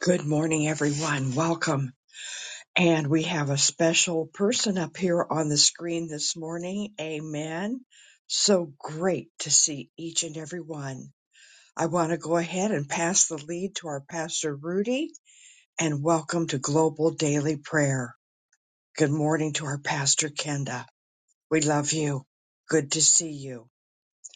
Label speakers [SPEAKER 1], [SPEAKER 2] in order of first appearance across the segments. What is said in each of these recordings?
[SPEAKER 1] Good morning, everyone. Welcome. And we have a special person up here on the screen this morning. Amen. So great to see each and every one. I want to go ahead and pass the lead to our pastor Rudy and welcome to Global Daily Prayer. Good morning to our pastor Kenda. We love you. Good to see you.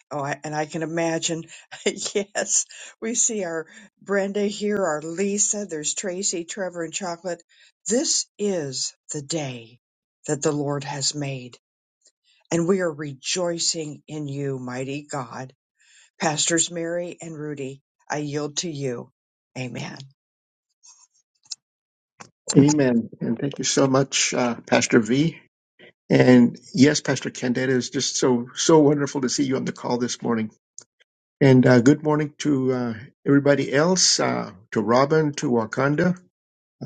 [SPEAKER 1] Oh, I, and I can imagine. yes, we see our Brenda here, our Lisa. There's Tracy, Trevor, and Chocolate. This is the day that the Lord has made, and we are rejoicing in you, mighty God. Pastors Mary and Rudy, I yield to you. Amen.
[SPEAKER 2] Amen. And thank you so much, uh, Pastor V. And yes, Pastor Kent, it is just so, so wonderful to see you on the call this morning. And uh, good morning to uh, everybody else, uh, to Robin, to Wakanda,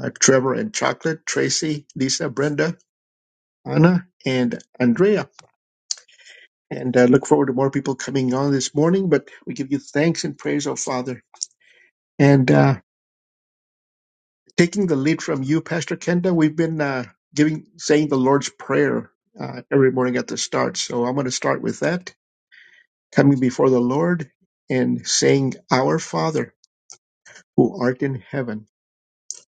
[SPEAKER 2] uh, Trevor and Chocolate, Tracy, Lisa, Brenda, Anna, and Andrea. And uh, look forward to more people coming on this morning, but we give you thanks and praise, oh Father. And uh, taking the lead from you, Pastor Kenda, we've been uh, giving saying the Lord's Prayer uh, every morning at the start. So I'm going to start with that, coming before the Lord and saying, "Our Father who art in heaven,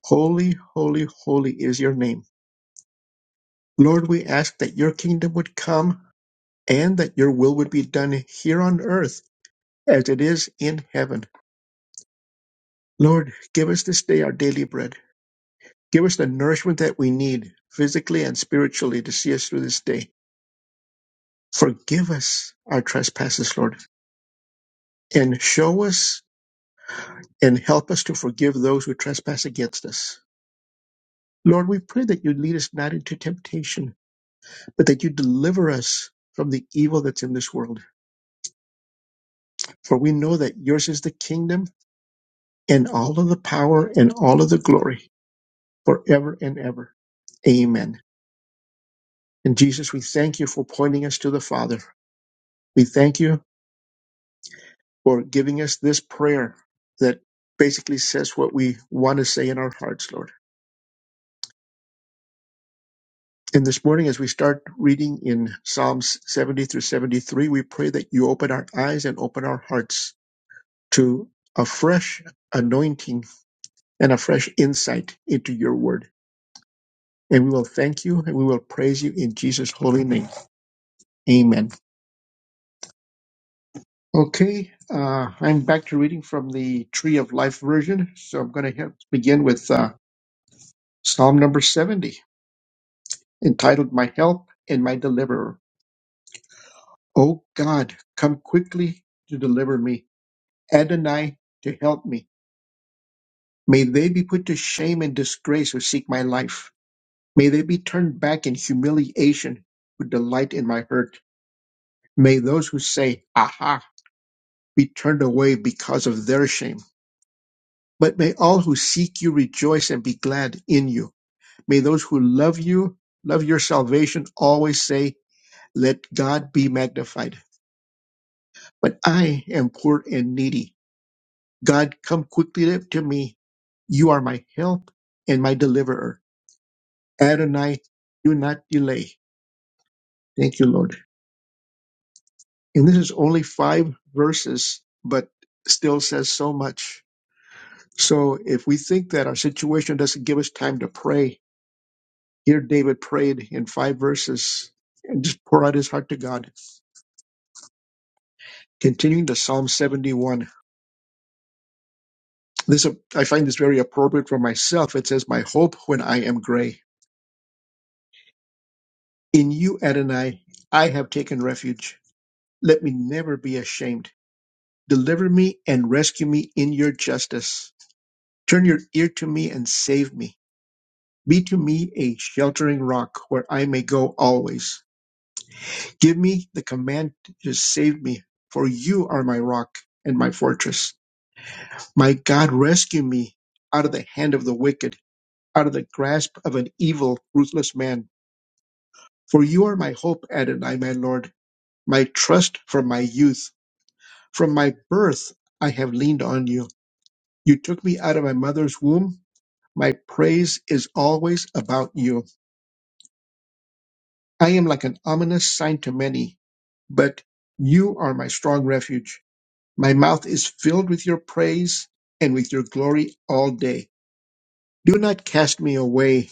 [SPEAKER 2] holy, holy, holy is your name. Lord, we ask that your kingdom would come and that your will would be done here on earth as it is in heaven. Lord, give us this day our daily bread. Give us the nourishment that we need physically and spiritually to see us through this day. Forgive us our trespasses, Lord, and show us and help us to forgive those who trespass against us. Lord, we pray that you lead us not into temptation, but that you deliver us from the evil that's in this world. For we know that yours is the kingdom and all of the power and all of the glory forever and ever. Amen. And Jesus, we thank you for pointing us to the Father. We thank you for giving us this prayer that basically says what we want to say in our hearts, Lord. And this morning, as we start reading in Psalms 70 through 73, we pray that you open our eyes and open our hearts to a fresh anointing and a fresh insight into your word. And we will thank you and we will praise you in Jesus' holy name. Amen. Okay, uh, I'm back to reading from the Tree of Life version. So I'm going to begin with uh, Psalm number 70, entitled My Help and My Deliverer. O God, come quickly to deliver me. Adonai to help me. May they be put to shame and disgrace who seek my life. May they be turned back in humiliation who delight in my hurt. May those who say, Aha, be turned away because of their shame. But may all who seek you rejoice and be glad in you. May those who love you, love your salvation, always say, Let God be magnified. But I am poor and needy. God, come quickly to me. You are my help and my deliverer. Adonai, do not delay. Thank you, Lord. And this is only five verses, but still says so much. So if we think that our situation doesn't give us time to pray, here David prayed in five verses and just pour out his heart to God. Continuing to Psalm 71. This I find this very appropriate for myself. It says, My hope when I am gray. In you, Adonai, I have taken refuge. Let me never be ashamed. Deliver me and rescue me in your justice Turn your ear to me and save me. Be to me a sheltering rock where I may go always. Give me the command to save me, for you are my rock and my fortress. My God, rescue me out of the hand of the wicked, out of the grasp of an evil, ruthless man. For you are my hope, Adonai, my Lord, my trust from my youth. From my birth I have leaned on you. You took me out of my mother's womb. My praise is always about you. I am like an ominous sign to many, but you are my strong refuge. My mouth is filled with your praise and with your glory all day. Do not cast me away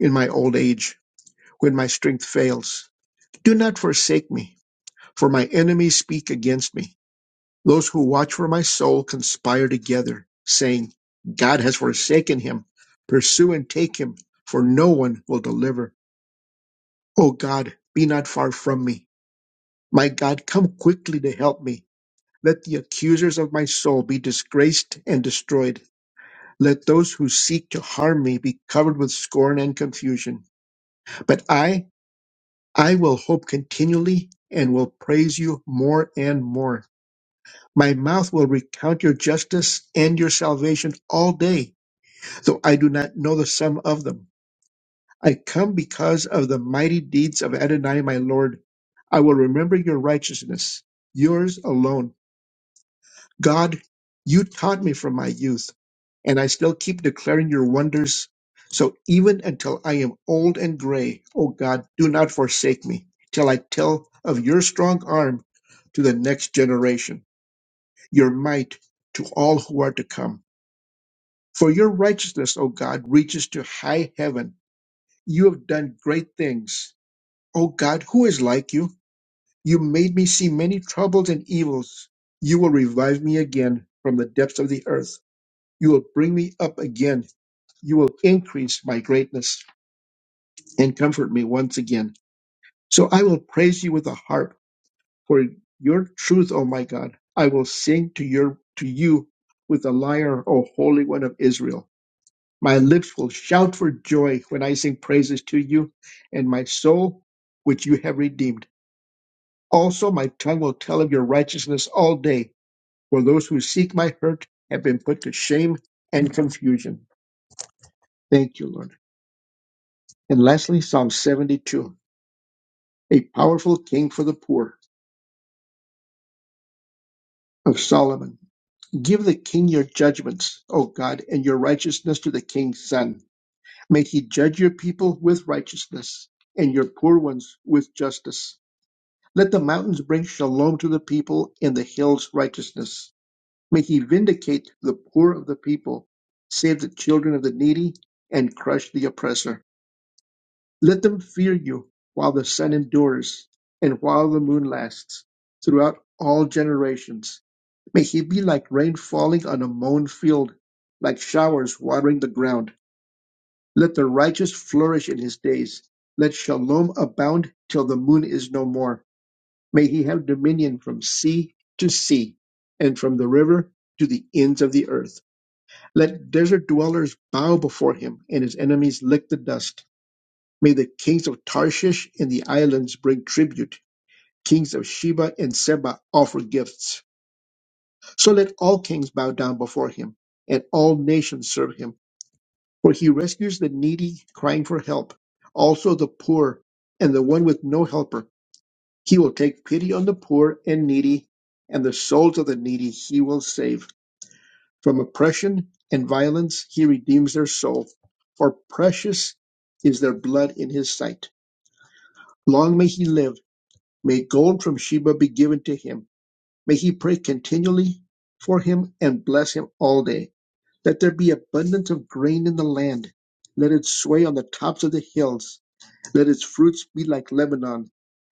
[SPEAKER 2] in my old age when my strength fails. Do not forsake me, for my enemies speak against me. Those who watch for my soul conspire together, saying, God has forsaken him. Pursue and take him, for no one will deliver. O God, be not far from me. My God, come quickly to help me. Let the accusers of my soul be disgraced and destroyed. Let those who seek to harm me be covered with scorn and confusion. But I, I will hope continually and will praise you more and more. My mouth will recount your justice and your salvation all day, though I do not know the sum of them. I come because of the mighty deeds of Adonai, my Lord. I will remember your righteousness, yours alone. God, you taught me from my youth, and I still keep declaring your wonders. So even until I am old and gray, O God, do not forsake me till I tell of your strong arm to the next generation, your might to all who are to come. For your righteousness, O God, reaches to high heaven. You have done great things. O God, who is like you? You made me see many troubles and evils. You will revive me again from the depths of the earth. You will bring me up again. You will increase my greatness and comfort me once again. So I will praise you with a harp for your truth, O my God. I will sing to your to you with a lyre, O Holy One of Israel. My lips will shout for joy when I sing praises to you, and my soul, which you have redeemed. Also, my tongue will tell of your righteousness all day, for those who seek my hurt have been put to shame and confusion. Thank you, Lord. And lastly, Psalm 72, a powerful king for the poor of Solomon. Give the king your judgments, O God, and your righteousness to the king's son. May he judge your people with righteousness and your poor ones with justice. Let the mountains bring shalom to the people and the hills righteousness. May he vindicate the poor of the people, save the children of the needy, and crush the oppressor. Let them fear you while the sun endures and while the moon lasts, throughout all generations. May he be like rain falling on a mown field, like showers watering the ground. Let the righteous flourish in his days. Let shalom abound till the moon is no more. May he have dominion from sea to sea and from the river to the ends of the earth. Let desert dwellers bow before him and his enemies lick the dust. May the kings of Tarshish and the islands bring tribute. Kings of Sheba and Seba offer gifts. So let all kings bow down before him, and all nations serve him. For he rescues the needy crying for help, also the poor and the one with no helper. He will take pity on the poor and needy, and the souls of the needy he will save. From oppression and violence he redeems their soul, for precious is their blood in his sight. Long may he live May gold from Sheba be given to him. May he pray continually for him and bless him all day. Let there be abundance of grain in the land. Let it sway on the tops of the hills. Let its fruits be like Lebanon,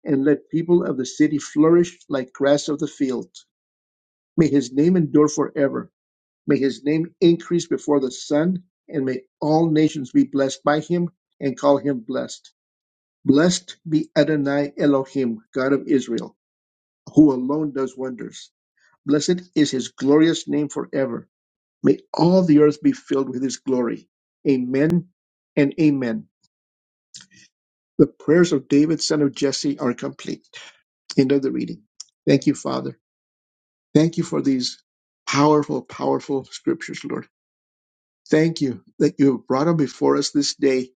[SPEAKER 2] and let people of the city flourish like grass of the field. May his name endure forever. May his name increase before the sun, and may all nations be blessed by him and call him blessed. Blessed be Adonai Elohim, God of Israel who alone does wonders. Blessed is his glorious name forever. May all the earth be filled with his glory. Amen and amen. The prayers of David, son of Jesse, are complete. End of the reading. Thank you, Father. Thank you for these powerful, powerful scriptures, Lord. Thank you that you have brought them before us this day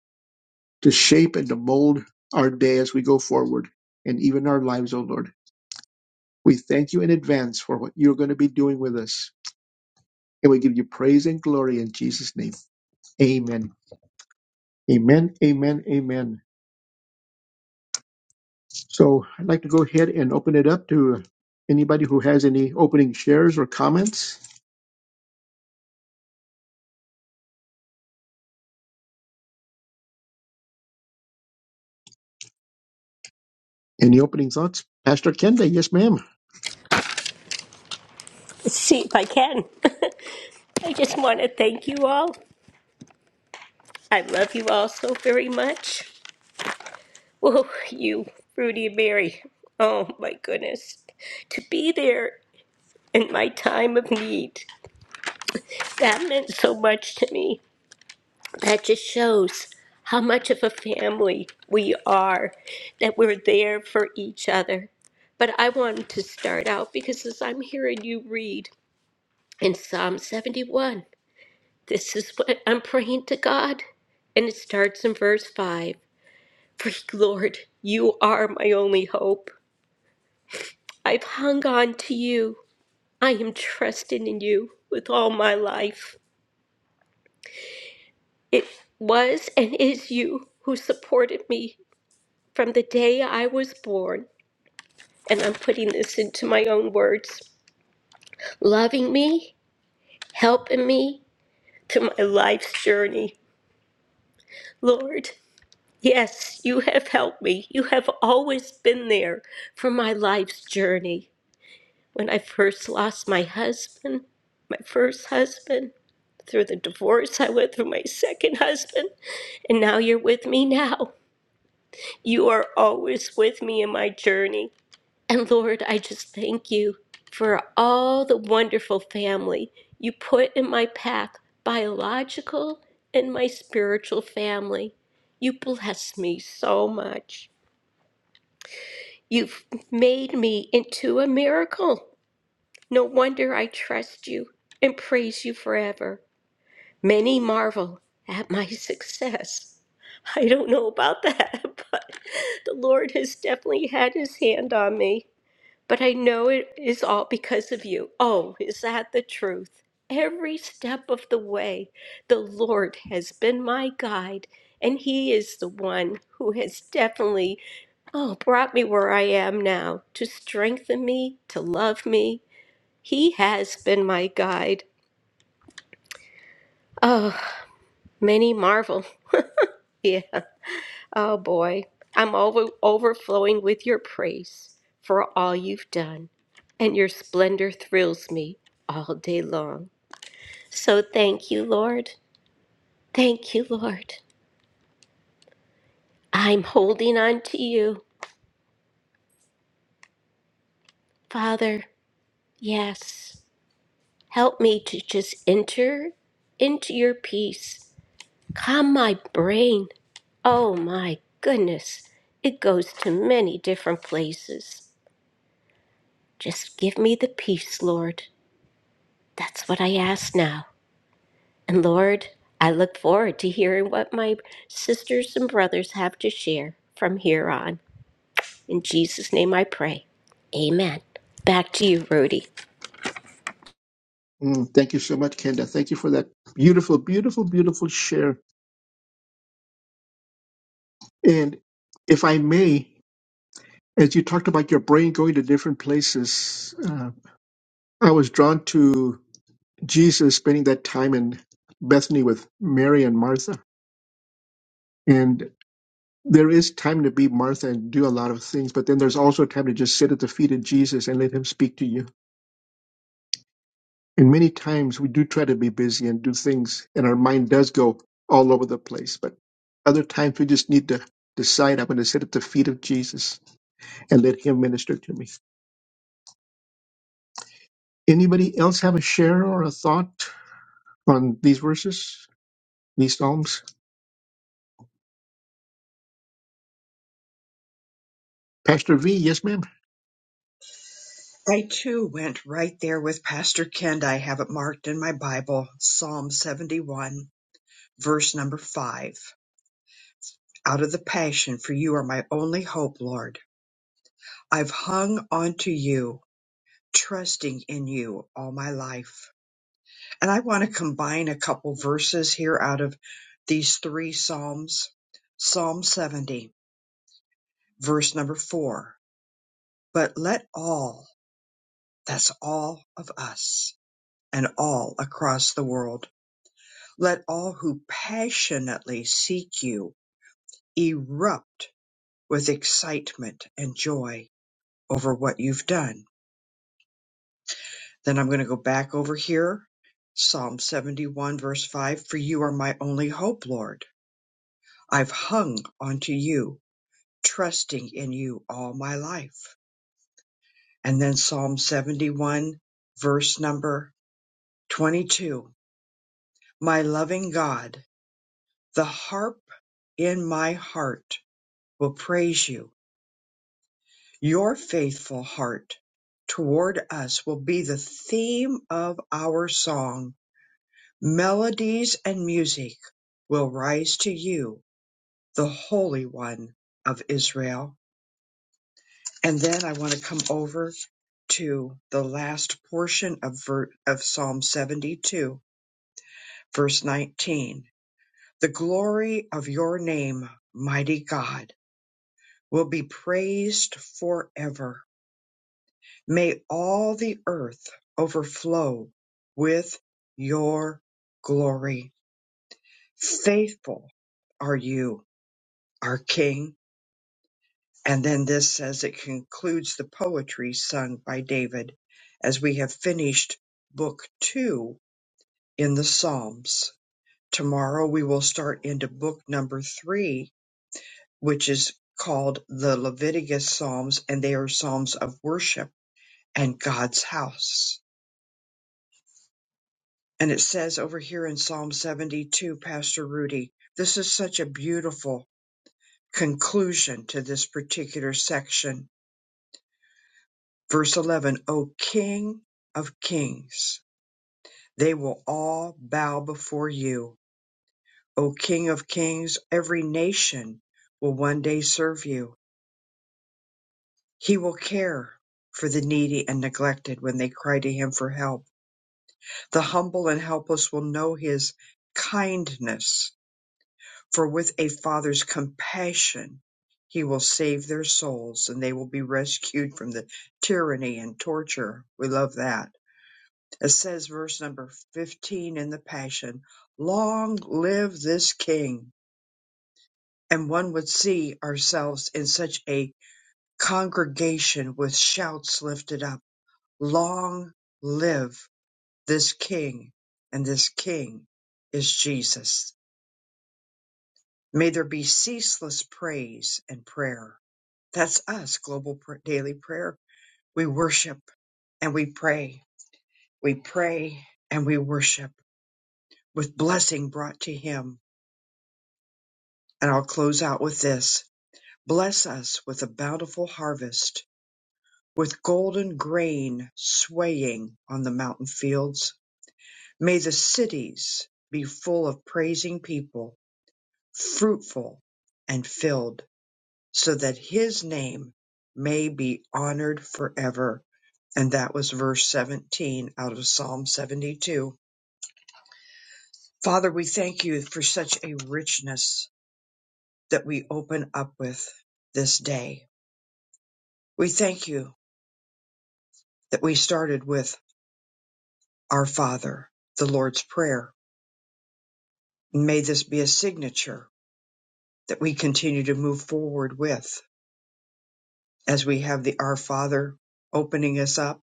[SPEAKER 2] to shape and to mold our day as we go forward and even our lives, O Lord. We thank you in advance for what you're going to be doing with us And we give you praise and glory in Jesus' name. Amen. Amen. Amen. Amen. So I'd like to go ahead and open it up to anybody who has any opening shares or comments, any opening thoughts. Pastor Kenda, yes, ma'am.
[SPEAKER 3] See if I can. I just want to thank you all. I love you all so very much. Whoa, you, Rudy and Mary. Oh my goodness. To be there in my time of need, that meant so much to me. That just shows how much of a family we are, that we're there for each other. But I wanted to start out because as I'm hearing you read in Psalm 71, This is what I'm praying to God. And it starts in verse 5 For Lord, you are my only hope. I've hung on to you. I am trusting in you with all my life. It was and is you who supported me from the day I was born. And I'm putting this into my own words loving me, helping me through my life's journey. Lord, Yes, you have helped me. You have always been there for my life's journey. When I first lost my husband, my first husband, through the divorce I went through my second husband, and now you're with me now. You are always with me in my journey. And Lord, I just thank you for all the wonderful family you put in my path, biological and my spiritual family. You bless me so much. You've made me into a miracle. No wonder I trust you and praise you forever. Many marvel at my success. I don't know about that, but the Lord has definitely had his hand on me. But I know it is all because of you. Oh, is that the truth? Every step of the way, the Lord has been my guide, and he is the one who has definitely Oh, brought me where I am now to strengthen me, to love me. He has been my guide. Oh, many marvel. Yeah. Oh boy, I'm over overflowing with your praise for all you've done, and your splendor thrills me all day long. So thank you, Lord. Thank you, Lord. I'm holding on to you, Father. Yes. Help me to just enter into your peace Calm my brain. Oh my goodness. It goes to many different places. Just give me the peace, Lord. That's what I ask now. And Lord, I look forward to hearing what my sisters and brothers have to share from here on. In Jesus' name I pray. Amen. Back to you, Rudy.
[SPEAKER 2] Mm, thank you so much, Kenda. Thank you for that beautiful, beautiful, beautiful share. And if I may, as you talked about your brain going to different places, uh, I was drawn to Jesus spending that time in Bethany with Mary and Martha. and. there is time to be Martha and do a lot of things, but then there's also time to just sit at the feet of Jesus and let him speak to you. And many times we do try to be busy and do things, and our mind does go all over the place. But other times we just need to decide I'm going to sit at the feet of Jesus and let him minister to me. Anybody else have a share or a thought on these verses, these Psalms? Pastor V, yes, ma'am.
[SPEAKER 1] I too went right there with Pastor Kent. I have it marked in my Bible, Psalm 71, verse number 5. Out of the passion, for you are my only hope, Lord. I've hung onto you, trusting in you all my life. And I want to combine a couple verses here out of these three Psalms. Psalm 70, verse number four. But let all, that's all of us and all across the world, let all who passionately seek you erupt with excitement and joy over what you've done Then I'm going to go back over here. Psalm 71 verse 5. For you are my only hope, Lord. I've hung onto you, trusting in you all my life. And then Psalm 71 verse number 22. My loving God, the harp in my heart will praise you. Your faithful heart toward us will be the theme of our song Melodies and music will rise to you, the Holy One of Israel. And then I want to come over to the last portion of, ver- of Psalm 72, verse 19. The glory of your name, mighty God, will be praised forever. May all the earth overflow with your glory. Faithful are you, our King And then this says it concludes the poetry sung by David as we have finished book two in the Psalms. Tomorrow we will start into book number three, which is called the Leviticus Psalms, and they are Psalms of worship and God's house. And it says over here in Psalm 72, Pastor Rudy, this is such a beautiful conclusion to this particular section Verse 11, O King of kings, they will all bow before you. O King of kings, every nation will one day serve you. He will care for the needy and neglected when they cry to him for help. The humble and helpless will know his kindness, for with a father's compassion, he will save their souls and they will be rescued from the tyranny and torture. We love that It says verse number 15 in the Passion, long live this King. And one would see ourselves in such a congregation with shouts lifted up, long live this King. And this King is Jesus. May there be ceaseless praise and prayer. That's us, Global Pr- Daily Prayer. We worship and we pray. We pray and we worship with blessing brought to Him And I'll close out with this. Bless us with a bountiful harvest, with golden grain swaying on the mountain fields. May the cities be full of praising people, fruitful and filled, so that his name may be honored forever. And that was verse 17 out of Psalm 72. Father, we thank you for such a richness that we open up with this day. We thank you that we started with Our Father, the Lord's Prayer. May this be a signature that we continue to move forward with as we have the Our Father opening us up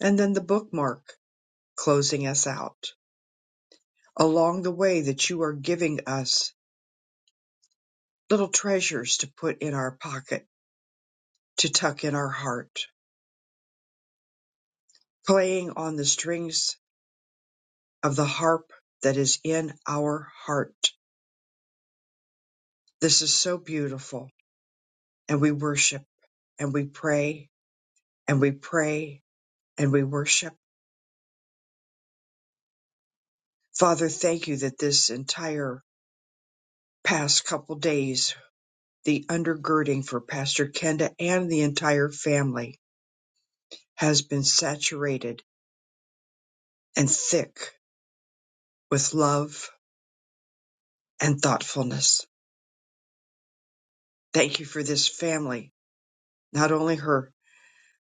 [SPEAKER 1] and then the bookmark closing us out. Along the way that you are giving us little treasures to put in our pocket, to tuck in our heart, playing on the strings of the harp that is in our heart. This is so beautiful and we worship and we pray and we pray and we worship. Father, thank you that this entire past couple days, the undergirding for Pastor Kenda and the entire family has been saturated and thick with love and thoughtfulness. Thank you for this family, not only her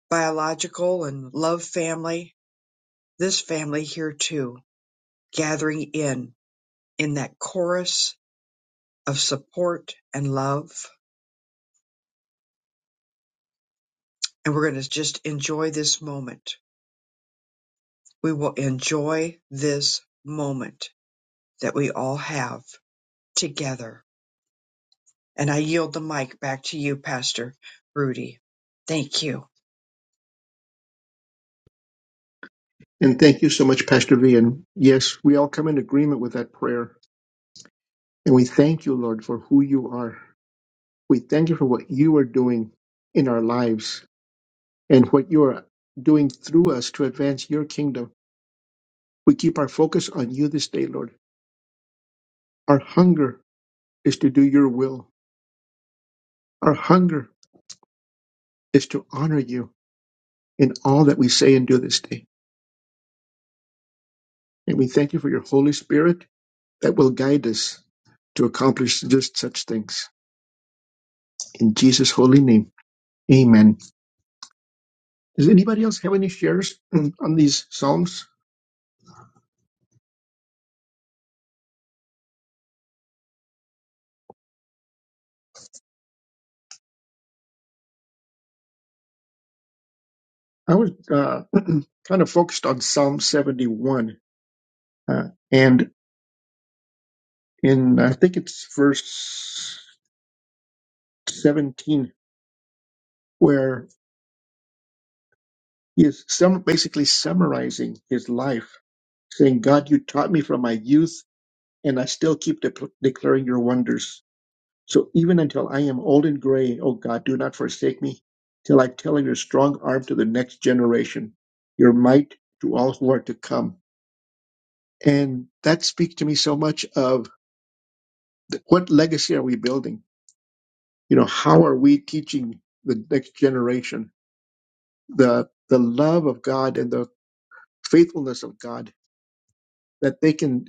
[SPEAKER 1] biological and love family, this family here too, gathering in in that chorus of support and love. And we're going to just enjoy this moment We will enjoy this moment that we all have together. And I yield the mic back to you, Pastor Rudy. Thank you.
[SPEAKER 2] And thank you so much, Pastor V. And yes, we all come in agreement with that prayer. And we thank you, Lord, for who you are. We thank you for what you are doing in our lives and what you are doing through us to advance your kingdom. We keep our focus on you this day, Lord. Our hunger is to do your will. Our hunger is to honor you in all that we say and do this day. And we thank you for your Holy Spirit that will guide us to accomplish just such things. In Jesus' holy name, amen. Does anybody else have any shares on these Psalms? I was uh, kind of focused on Psalm 71 Uh, and in, I think it's verse 17, where he is sum- basically summarizing his life, saying, God, you taught me from my youth, and I still keep de- declaring your wonders. So even until I am old and gray, oh God, do not forsake me till I tell of your strong arm to the next generation, your might to all who are to come. And that speaks to me so much of th- what legacy are we building? you know how are we teaching the next generation the the love of god and the faithfulness of god that they can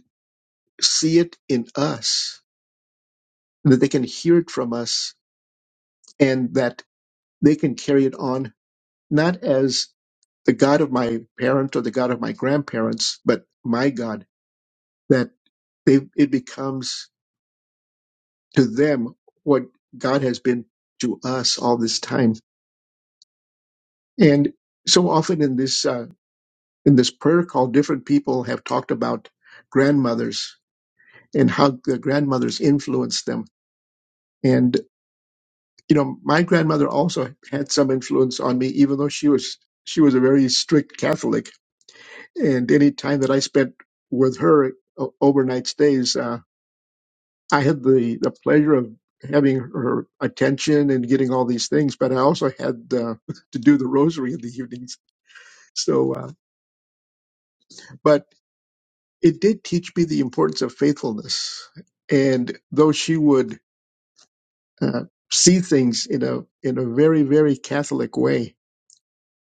[SPEAKER 2] see it in us that they can hear it from us and that they can carry it on not as the god of my parent or the god of my grandparents but my god that they it becomes to them what god has been to us all this time and so often in this uh, in this prayer call, different people have talked about grandmothers and how the grandmothers influenced them. And you know, my grandmother also had some influence on me, even though she was she was a very strict Catholic. And any time that I spent with her o- overnight stays, uh, I had the the pleasure of having her attention and getting all these things. But I also had uh, to do the rosary in the evenings. So, uh, but it did teach me the importance of faithfulness. And though she would uh, see things in a in a very very Catholic way,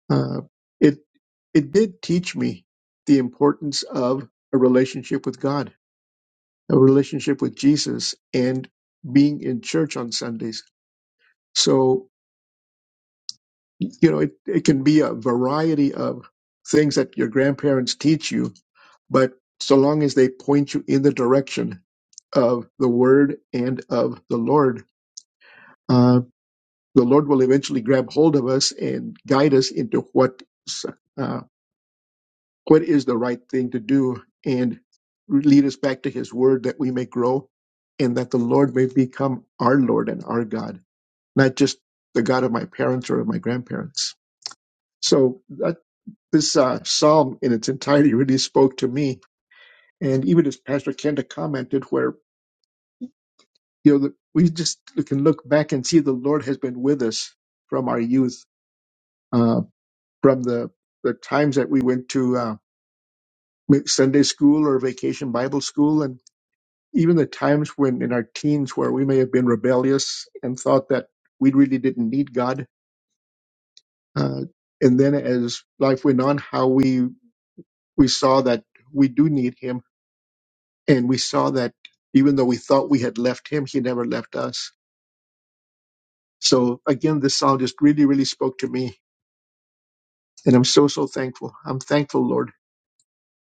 [SPEAKER 2] uh, it it did teach me the importance of a relationship with God, a relationship with Jesus, and being in church on Sundays. So you know it, it can be a variety of things that your grandparents teach you, but so long as they point you in the direction of the word and of the Lord. Uh, the Lord will eventually grab hold of us and guide us into what uh, what is the right thing to do, and lead us back to His Word that we may grow, and that the Lord may become our Lord and our God, not just the God of my parents or of my grandparents. So that this uh, psalm in its entirety really spoke to me, and even as Pastor Kenda commented, where you know, the- we just can look back and see the Lord has been with us from our youth, uh, from the, the times that we went to uh, Sunday school or vacation Bible school, and even the times when in our teens where we may have been rebellious and thought that we really didn't need God. Uh, and then as life went on, how we, we saw that we do need Him, and we saw that even though we thought we had left Him, He never left us. So again, this song just really, really spoke to me And I'm so, so thankful. I'm thankful, Lord,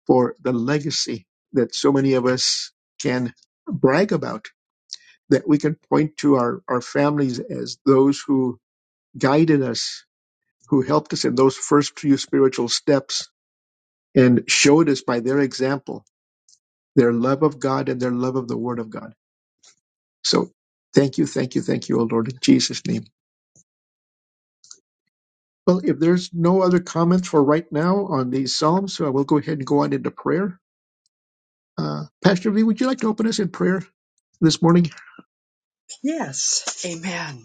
[SPEAKER 2] for the legacy that so many of us can brag about, that we can point to our, our families as those who guided us, who helped us in those first few spiritual steps and showed us by their example their love of God and their love of the Word of God. So thank you, thank you, thank you, O Lord, in Jesus' name. Well, if there's no other comments for right now on these Psalms, so I will go ahead and go on into prayer. Uh, Pastor V, would you like to open us in prayer this morning?
[SPEAKER 1] Yes. Amen.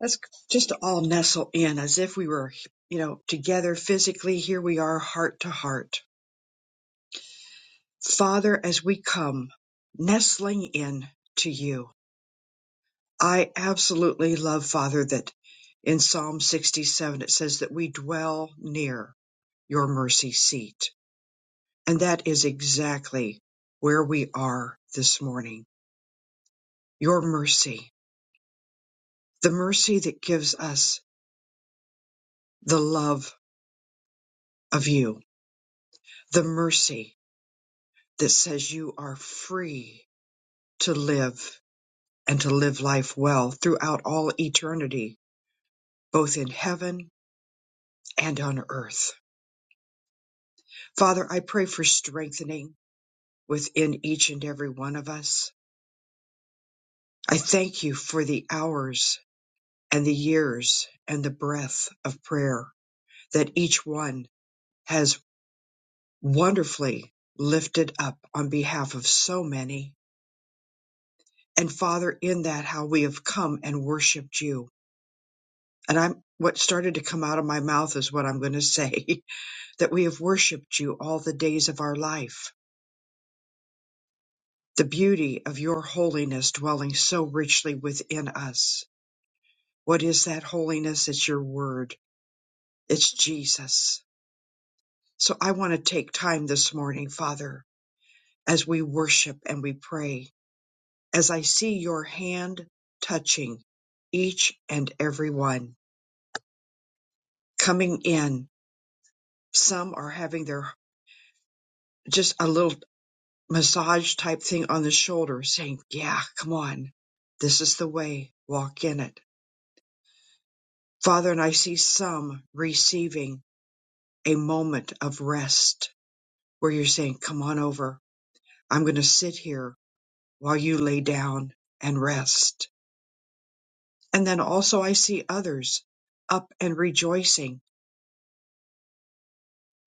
[SPEAKER 1] Let's just all nestle in as if we were, you know, together physically. Here we are, heart to heart. Father, as we come nestling in to you, I absolutely love, Father, that in Psalm 67 it says that we dwell near your mercy seat And that is exactly where we are this morning. Your mercy, the mercy that gives us the love of you, the mercy that says you are free to live and to live life well throughout all eternity, both in heaven and on earth. Father, I pray for strengthening within each and every one of us. I thank you for the hours and the years and the breath of prayer that each one has wonderfully lifted up on behalf of so many. And Father, in that, how we have come and worshiped you. And I'm what started to come out of my mouth is what I'm going to say that we have worshiped you all the days of our life. The beauty of your holiness dwelling so richly within us. What is that holiness? It's your word, it's Jesus. So I want to take time this morning, Father, as we worship and we pray as I see your hand touching each and every one coming in. Some are having their just a little massage type thing on the shoulder saying, yeah, come on. This is the way. Walk in it. Father, and I see some receiving a moment of rest where you're saying, come on over. I'm going to sit here while you lay down and rest. And then also I see others up and rejoicing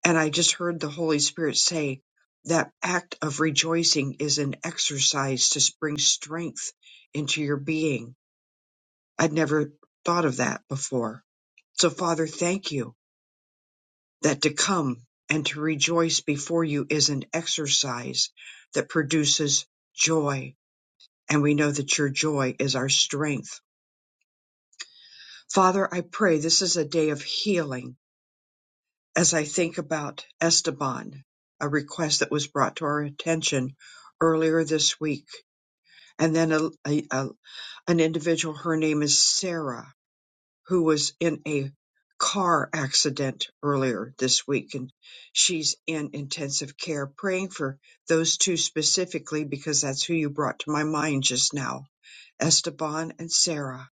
[SPEAKER 1] And I just heard the Holy Spirit say that act of rejoicing is an exercise to bring strength into your being. I'd never thought of that before. So, Father, thank you that to come and to rejoice before you is an exercise that produces joy. And we know that your joy is our strength. Father, I pray this is a day of healing as I think about Esteban, a request that was brought to our attention earlier this week, and then a, a- a- an individual, her name is Sarah, who was in a car accident earlier this week, and she's in intensive care. Praying for those two specifically because that's who you brought to my mind just now Esteban and Sarah,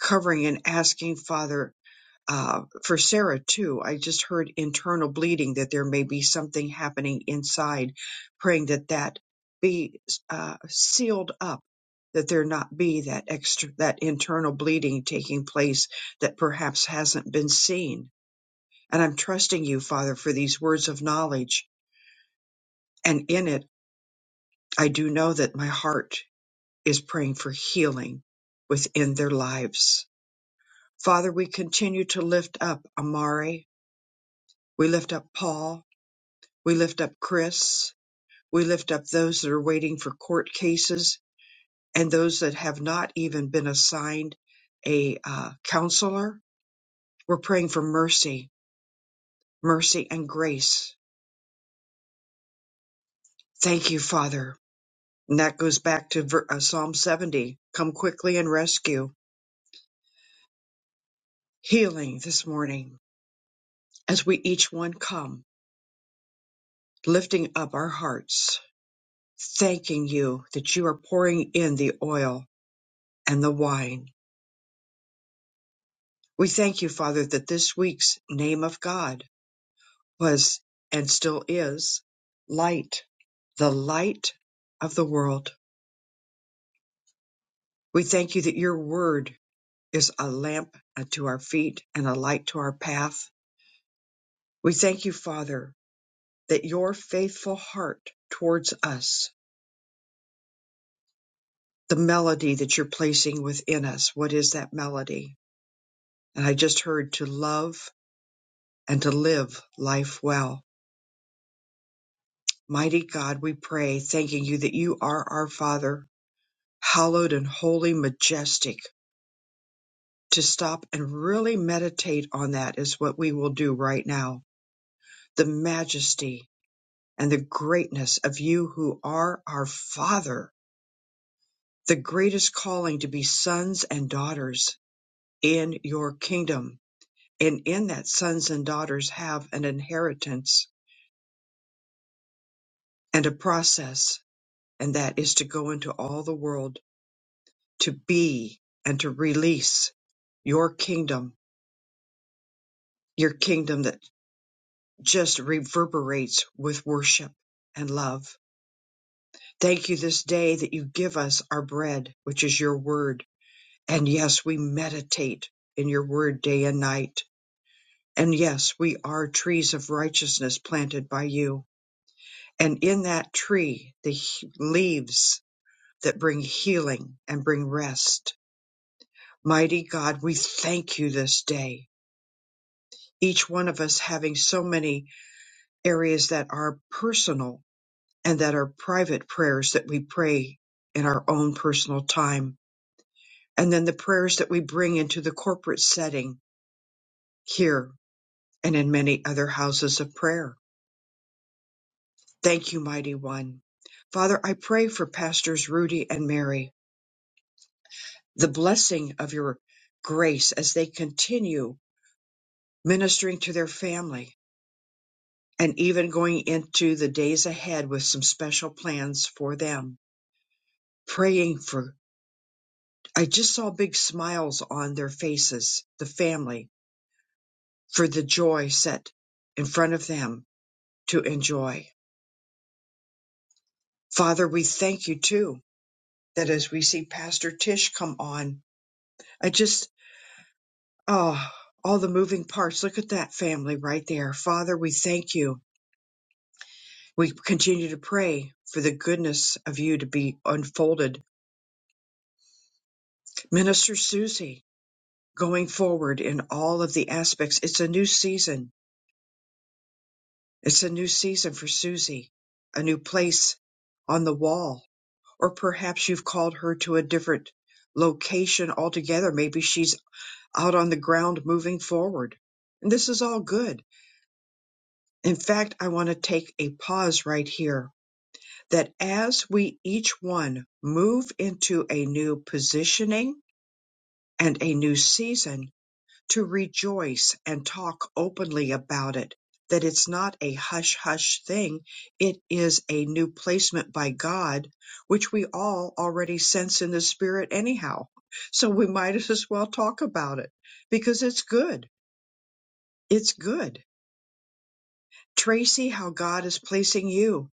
[SPEAKER 1] covering and asking, Father uh, for Sarah too, I just heard internal bleeding that there may be something happening inside, praying that that be uh, sealed up, that there not be that extra that internal bleeding taking place that perhaps hasn't been seen. And I'm trusting you, Father, for these words of knowledge. And in it, I do know that my heart is praying for healing within their lives. Father, we continue to lift up Amari. We lift up Paul. We lift up Chris. We lift up those that are waiting for court cases and those that have not even been assigned a uh, counselor. We're praying for mercy, mercy and grace. Thank you, Father. And that goes back to ver- uh, Psalm 70. Come quickly and rescue. Healing this morning as we each one come, lifting up our hearts, thanking you that you are pouring in the oil and the wine We thank you, Father, that this week's name of God was and still is light, the light of the world. We thank you that your word is a lamp unto our feet and a light to our path. We thank you, Father, that your faithful heart towards us, the melody that you're placing within us, what is that melody? And I just heard to love and to live life well. Mighty God, we pray, thanking you that you are our Father hallowed and holy, majestic. To stop and really meditate on that is what we will do right now. The majesty and the greatness of you who are our Father, the greatest calling to be sons and daughters in your kingdom. And in that, sons and daughters have an inheritance and a process, and that is to go into all the world to be and to release your kingdom, your kingdom that just reverberates with worship and love. Thank you this day that you give us our bread, which is your word. And yes, we meditate in your word day and night. And yes, we are trees of righteousness planted by you. And in that tree, the he- leaves that bring healing and bring rest. Mighty God, we thank you this day. Each one of us having so many areas that are personal and that are private prayers that we pray in our own personal time, and then the prayers that we bring into the corporate setting here and in many other houses of prayer. Thank you, Mighty One. Father, I pray for Pastors Rudy and Mary, the blessing of your grace as they continue ministering to their family and even going into the days ahead with some special plans for them, praying for I just saw big smiles on their faces, the family, for the joy set in front of them to enjoy. Father, we thank you too that as we see Pastor Tish come on, I just, oh, all the moving parts. Look at that family right there. Father, we thank you. We continue to pray for the goodness of you to be unfolded. Minister Susie, going forward in all of the aspects, it's a new season It's a new season for Susie, a new place on the wall, or perhaps you've called her to a different location altogether. Maybe she's out on the ground moving forward. And this is all good. In fact, I want to take a pause right here that as we each one move into a new positioning and a new season, to rejoice and talk openly about it, that it's not a hush hush thing. It is a new placement by God, which we all already sense in the spirit anyhow. So we might as well talk about it because it's good. It's good. Tracy, how God is placing you.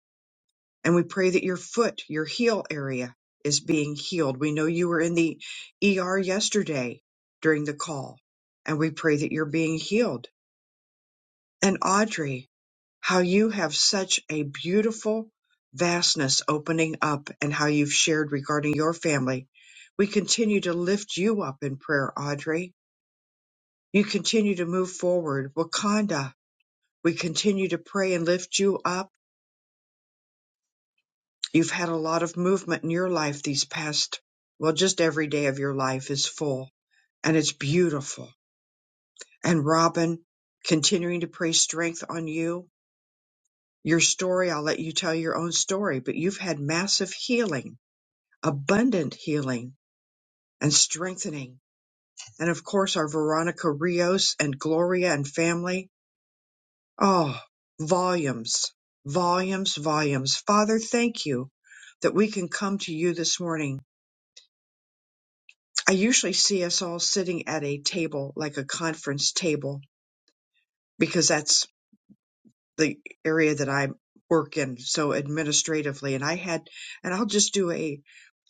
[SPEAKER 1] And we pray that your foot, your heel area is being healed. We know you were in the ER yesterday during the call and we pray that you're being healed And Audrey, how you have such a beautiful vastness opening up and how you've shared regarding your family. We continue to lift you up in prayer, Audrey. You continue to move forward. Wakanda, we continue to pray and lift you up. You've had a lot of movement in your life these past, well, just every day of your life is full and it's beautiful. And Robin, continuing to pray strength on you Your story, I'll let you tell your own story, but you've had massive healing, abundant healing and strengthening. And of course, our Veronica Rios and Gloria and family. Oh, volumes, volumes, volumes. Father, thank you that we can come to you this morning. I usually see us all sitting at a table, like a conference table, because that's the area that I work in so administratively and I had and I'll just do a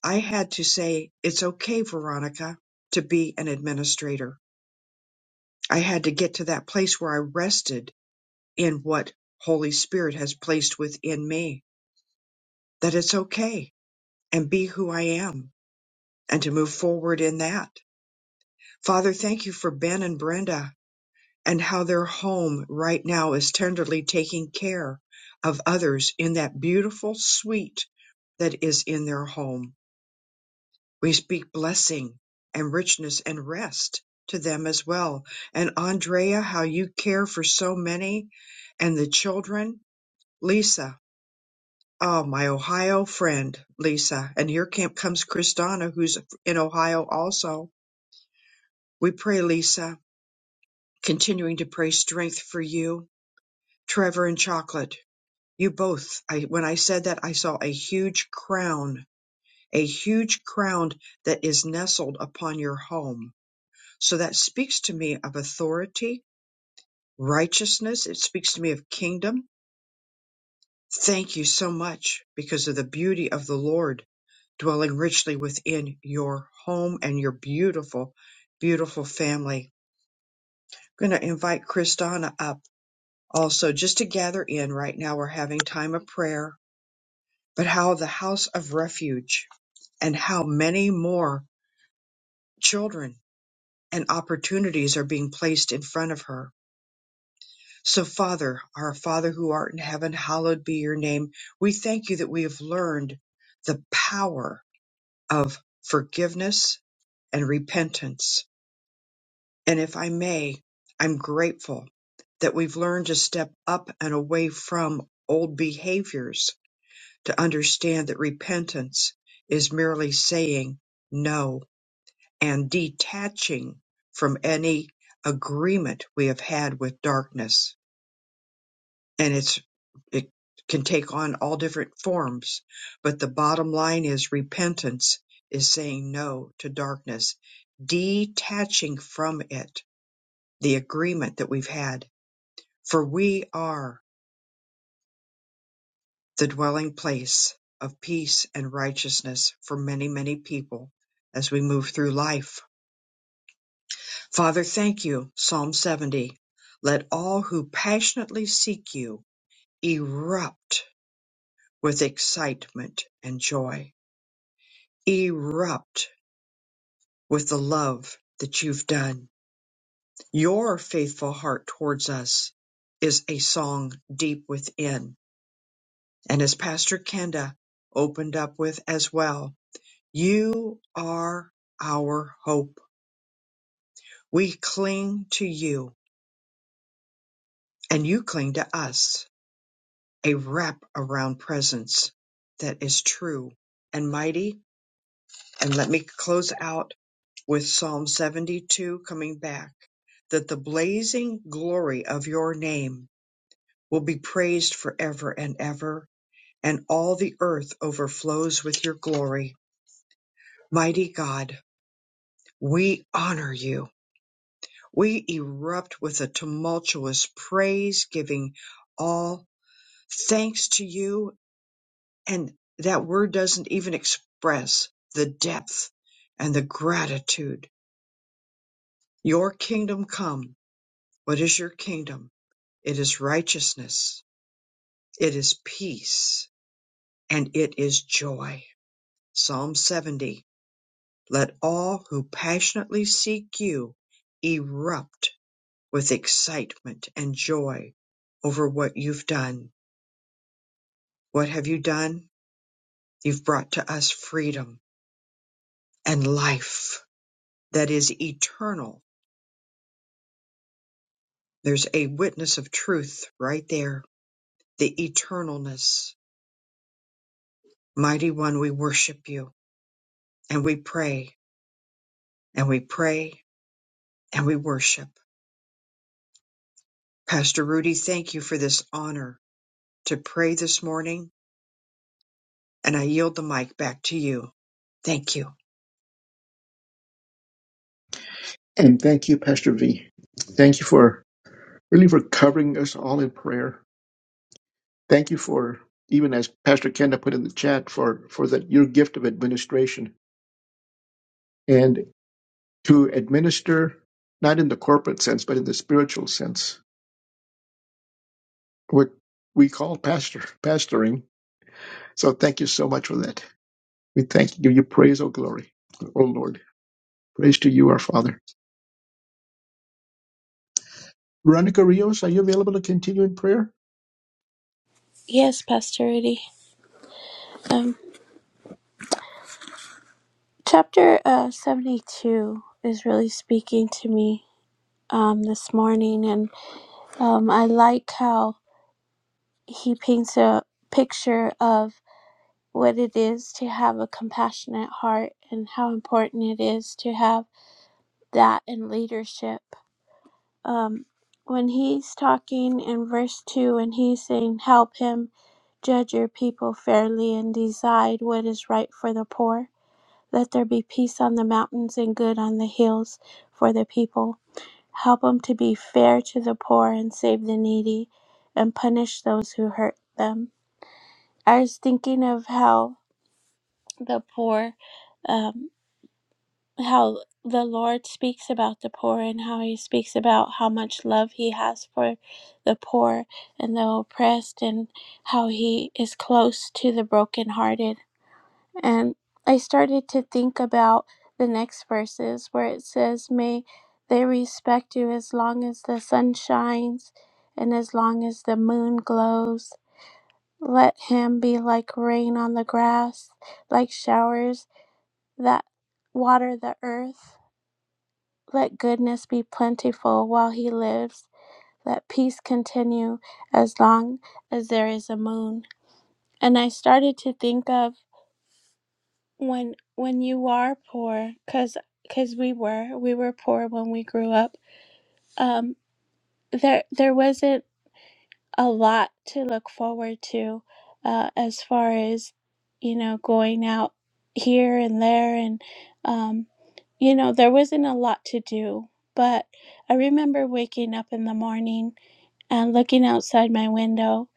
[SPEAKER 1] I had to say it's okay Veronica to be an administrator. I had to get to that place where I rested in what Holy Spirit has placed within me that it's okay and be who I am and to move forward in that. Father, thank you for Ben and Brenda and how their home right now is tenderly taking care of others in that beautiful suite that is in their home. We speak blessing and richness and rest to them as well. And Andrea, how you care for so many and the children. Lisa, oh, my Ohio friend, Lisa. And here comes Kristana, who's in Ohio also. We pray, Lisa, continuing to pray strength for you. Trevor and Chocolate. You both, I, when I said that, I saw a huge crown, a huge crown that is nestled upon your home. So that speaks to me of authority, righteousness. It speaks to me of kingdom. Thank you so much because of the beauty of the Lord dwelling richly within your home and your beautiful, beautiful family. I'm going to invite Kristana up also just to gather in right now. We're having time of prayer but how the house of refuge and how many more children and opportunities are being placed in front of her. So, Father, our Father who art in heaven, hallowed be your name. We thank you that we have learned the power of forgiveness and repentance. And if I may, I'm grateful that we've learned to step up and away from old behaviors to understand that repentance is merely saying no and detaching from any agreement we have had with darkness. And it's it can take on all different forms, but the bottom line is repentance is saying no to darkness, detaching from it the agreement that we've had, for we are the dwelling place of peace and righteousness for many, many people as we move through life Father, thank you. Psalm 70. Let all who passionately seek you erupt with excitement and joy, erupt with the love that you've done. Your faithful heart towards us is a song deep within. And as Pastor Kenda opened up with as well, you are our hope. We cling to you and you cling to us a wrap around presence that is true and mighty. And let me close out with Psalm 72 coming back that the blazing glory of your name will be praised forever and ever, and all the earth overflows with your glory. Mighty God, we honor you. We erupt with a tumultuous praise, giving all thanks to you And that word doesn't even express the depth and the gratitude. Your kingdom come. What is your kingdom? It is righteousness. It is peace and it is joy. Psalm 70. Let all who passionately seek you erupt with excitement and joy over what you've done. What have you done? You've brought to us freedom and life that is eternal There's a witness of truth right there, the eternalness. Mighty One, we worship you and we pray and we pray and we worship. Pastor Rudy, thank you for this honor to pray this morning, and I yield the mic back to you. Thank you.
[SPEAKER 2] And thank you, Pastor V. Thank you for really for covering us all in prayer. Thank you for even as Pastor Kenda put in the chat for for that your gift of administration and to administer not in the corporate sense but in the spiritual sense what we call pastor pastoring. So thank you so much for that. We thank you, give you praise, oh glory, oh Lord. Praise to you, our Father. Veronica Rios, are you available to continue in prayer?
[SPEAKER 4] Yes, Pastor Rudy. Um, chapter uh, 72 is really speaking to me um, this morning, and um, I like how he paints a picture of what it is to have a compassionate heart and how important it is to have that in leadership. Um, when he's talking in verse 2, and he's saying, Help him judge your people fairly and decide what is right for the poor Let there be peace on the mountains and good on the hills for the people. Help them to be fair to the poor and save the needy and punish those who hurt them. I was thinking of how the poor, um, how the Lord speaks about the poor and how he speaks about how much love he has for the poor and the oppressed and how he is close to the brokenhearted And I started to think about the next verses where it says, May they respect you as long as the sun shines and as long as the moon glows. Let him be like rain on the grass, like showers that water the earth. Let goodness be plentiful while he lives. Let peace continue as long as there is a moon. And I started to think of when when you are poor cuz cuz we were we were poor when we grew up um there there wasn't a lot to look forward to uh as far as you know going out here and there and um you know there wasn't a lot to do but i remember waking up in the morning and looking outside my window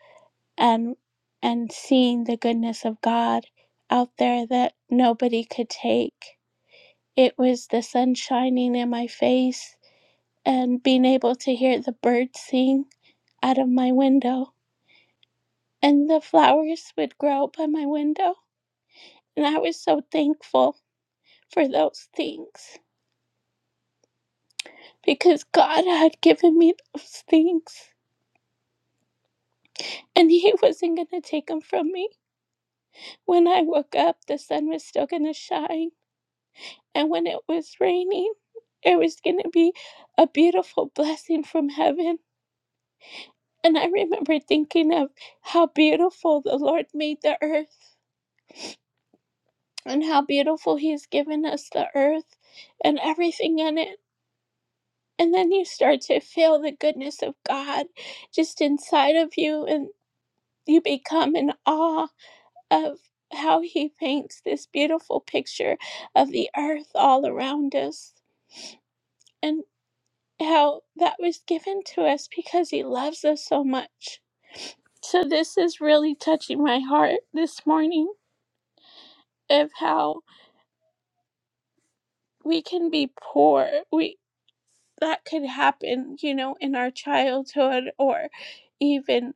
[SPEAKER 4] and and seeing the goodness of god out there that nobody could take it was the sun shining in my face and being able to hear the birds sing out of my window. And the flowers would grow by my window. And I was so thankful for those things because God had given me those things. And He wasn't going to take them from me. When I woke up, the sun was still going to shine. And when it was raining, it was going to be a beautiful blessing from heaven And I remember thinking of how beautiful the Lord made the earth and how beautiful He's given us the earth and everything in it. And then you start to feel the goodness of God just inside of you, and you become in awe of how He paints this beautiful picture of the earth all around us and how that was given to us because He loves us so much. So, this is really touching my heart this morning of how we can be poor. We that could happen, you know, in our childhood or even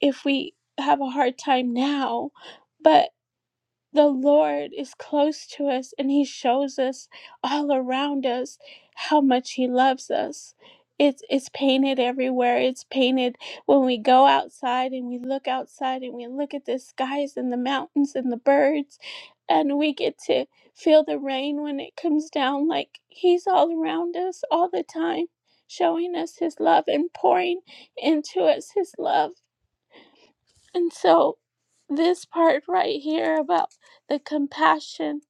[SPEAKER 4] if we have a hard time now. But the Lord is close to us and He shows us all around us how much He loves us. It's, it's painted everywhere. It's painted when we go outside and we look outside and we look at the skies and the mountains and the birds, and we get to feel the rain when it comes down. Like He's all around us all the time, showing us His love and pouring into us His love and so, this part right here about the compassion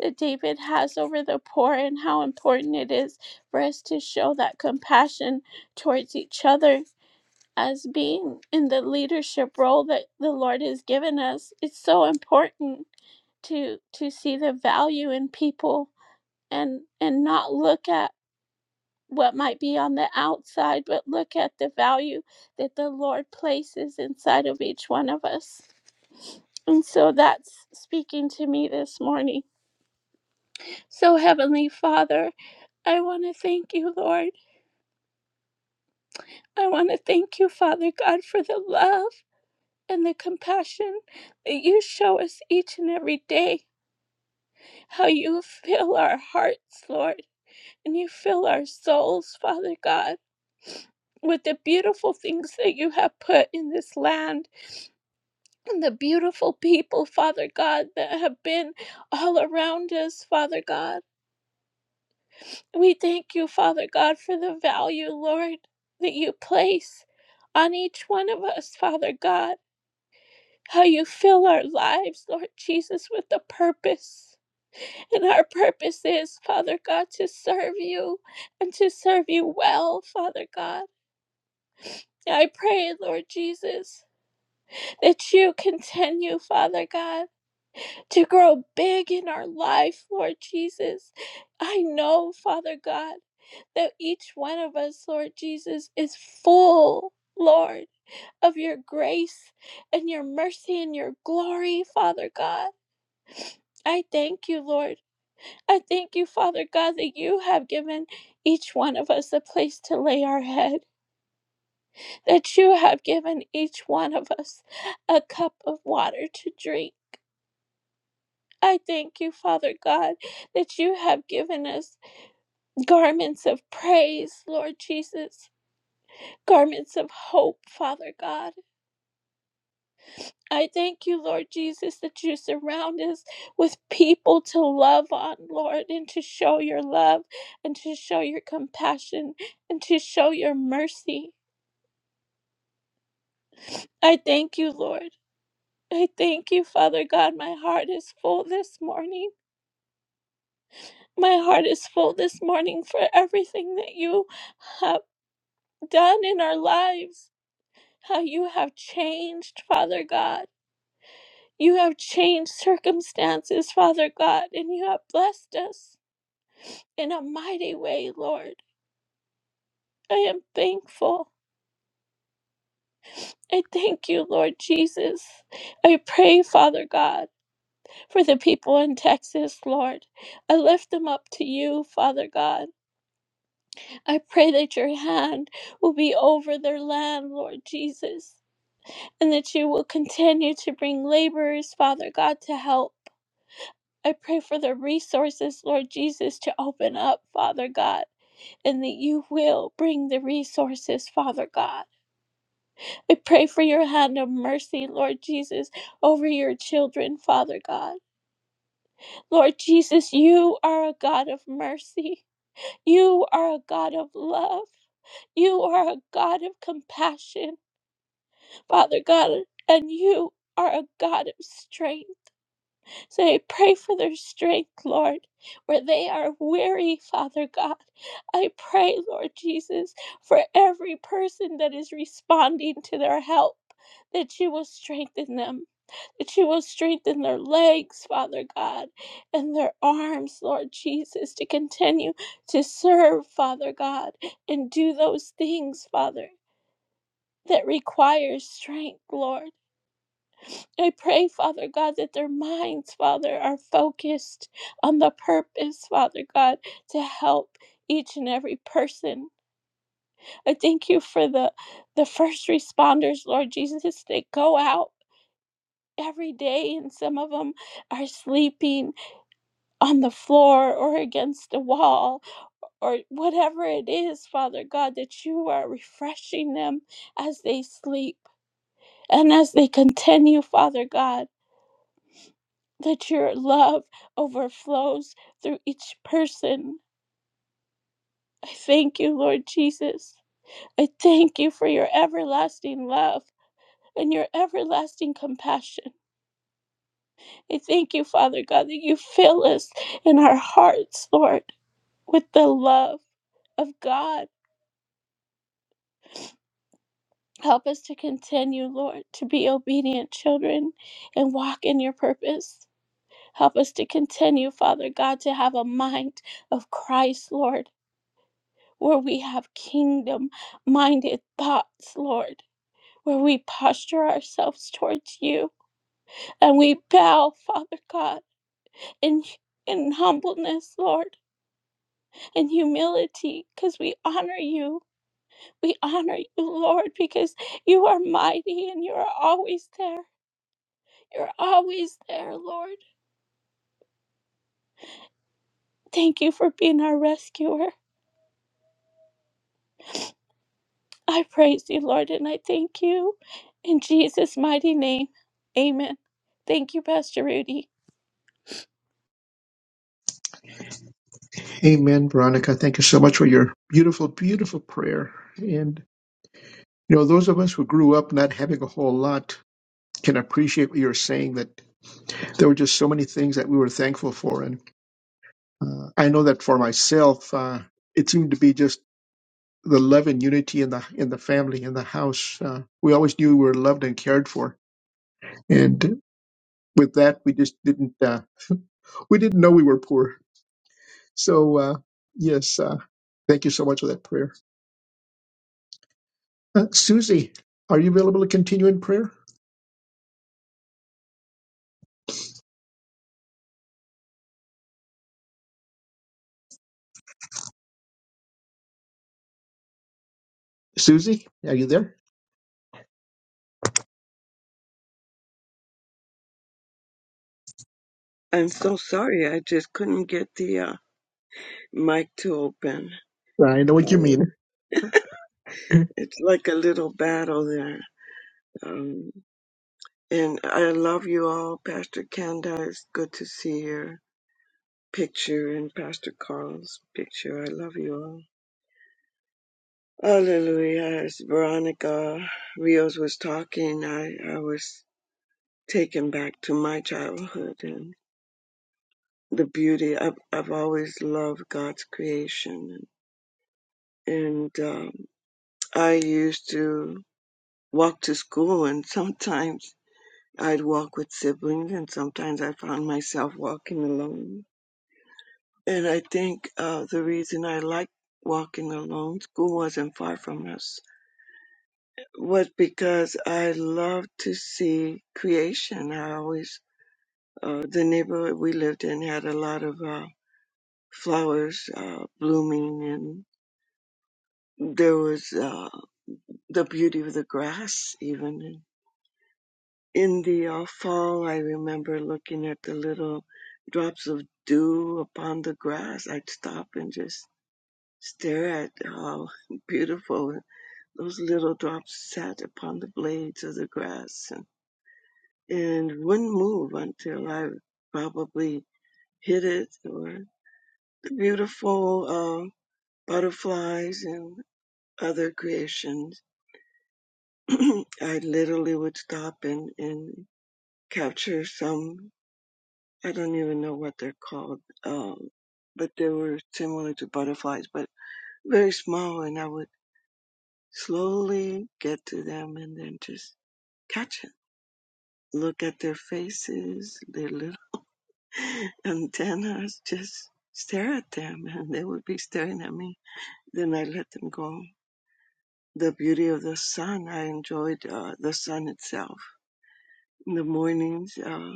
[SPEAKER 4] that David has over the poor and how important it is for us to show that compassion towards each other as being in the leadership role that the Lord has given us. It's so important to to see the value in people and and not look at what might be on the outside, but look at the value that the Lord places inside of each one of us. And so that's speaking to me this morning. So, Heavenly Father, I want to thank you, Lord. I want to thank you, Father God, for the love and the compassion that you show us each and every day. How you fill our hearts, Lord, and you fill our souls, Father God. With the beautiful things that you have put in this land and the beautiful people, Father God, that have been all around us, Father God. We thank you, Father God, for the value, Lord, that you place on each one of us, Father God. How you fill our lives, Lord Jesus, with a purpose. And our purpose is, Father God, to serve you and to serve you well, Father God. I pray, Lord Jesus, that you continue, Father God. to grow big in our life, Lord Jesus. I know, Father God, that each one of us, Lord Jesus, is full, Lord, of your grace and your mercy and your glory, Father God. I thank you, Lord. I thank you, Father God, that you have given each one of us a place to lay our head, that you have given each one of us a cup of water to drink. I thank you, Father God, that you have given us garments of praise, Lord Jesus, garments of hope, Father God. I thank you, Lord Jesus, that you surround us with people to love on, Lord, and to show your love, and to show your compassion, and to show your mercy. I thank you, Lord. I thank you, Father God. My heart is full this morning. My heart is full this morning for everything that you have. done in our lives, how you have changed, Father God. You have changed circumstances, Father God, and you have blessed us in a mighty way, Lord. I am thankful. I thank you, Lord Jesus. I pray, Father God, for the people in Texas, Lord. I lift them up to you, Father God. I pray that your hand will be over their land, Lord Jesus. and that you will continue to bring laborers, Father God, to help. I pray for the resources, Lord Jesus, to open up, Father God, and that you will bring the resources, Father God. I pray for your hand of mercy, Lord Jesus, over your children, Father God. Lord Jesus, you are a God of mercy. You are a God of love. You are a God of compassion, Father God, and you are a God of strength. So I pray for their strength, Lord, where they are weary, Father God. I pray, Lord Jesus, for every person that is responding to their help, that you will strengthen them, that you will strengthen their legs, Father God, and their arms, Lord Jesus, to continue to serve, Father God, and do those things, Father, that require strength, Lord. I pray, Father God, that their minds, Father, are focused on the purpose, Father God, to help each and every person. I thank you for the the first responders, Lord Jesus. They go out every day and some of them are sleeping on the floor or against a wall or whatever it is, Father God, that you are refreshing them as they sleep and as they continue, Father God. that your love overflows through each person. I thank you, Lord Jesus. I thank you for your everlasting love and your everlasting compassion. I thank you, Father God, that you fill us in our hearts, Lord, with the love of God. Help us to continue, Lord, to be obedient children and walk in your purpose. Help us to continue, Father God, to have a mind of Christ, Lord. where we have kingdom minded thoughts, Lord, where we posture ourselves towards you and we bow, Father God, in, in humbleness, Lord, in humility, because we honor you. We honor you, Lord, because you are mighty and you are always there. You're always there, Lord. Thank you for being our rescuer. I praise you, Lord, and I thank you. In Jesus' mighty name, amen. Thank you, Pastor Rudy.
[SPEAKER 2] Amen, Veronica. Thank you so much for your beautiful, beautiful prayer. And, you know, those of us who grew up not having a whole lot can appreciate what you're saying, that there were just so many things that we were thankful for. And uh, I know that for myself, uh, it seemed to be just the love and unity in the in the family in the house uh, we always knew we were loved and cared for and with that we just didn't uh, we didn't know we were poor so uh, yes uh, thank you so much for that prayer Uh, Susie, are you available to continue in prayer? Susie, are you there?
[SPEAKER 5] I'm so sorry. I just couldn't get the uh, mic to open.
[SPEAKER 2] I know what you
[SPEAKER 5] Um,
[SPEAKER 2] mean.
[SPEAKER 5] It's like a little battle there. Um, and I love you all, Pastor Kanda. It's good to see your picture and Pastor Carl's picture. I love you all. Hallelujah. As Veronica Rios was talking, I, I was taken back to my childhood and the beauty. I've, I've always loved God's creation. And um, I used to walk to school and sometimes I'd walk with siblings and sometimes I found myself walking alone. And I think uh, the reason I liked walking alone, school wasn't far from us, was because I loved to see creation. I always, uh, the neighborhood we lived in had a lot of uh, flowers uh, blooming and there was uh, the beauty of the grass even. in the uh, fall, I remember looking at the little drops of dew upon the grass. I'd stop and just stare at how beautiful those little drops sat upon the blades of the grass and, and wouldn't move until I probably hit it or the beautiful uh, butterflies and other creations. I literally would stop and, and capture some I don't even know what they're called, um, but they were similar to butterflies, but very small. And I would slowly get to them and then just catch it. Look at their faces, their little antennas, just stare at them, and they would be staring at me. Then I let them go. The beauty of the sun, I enjoyed uh, the sun itself. In the mornings, uh,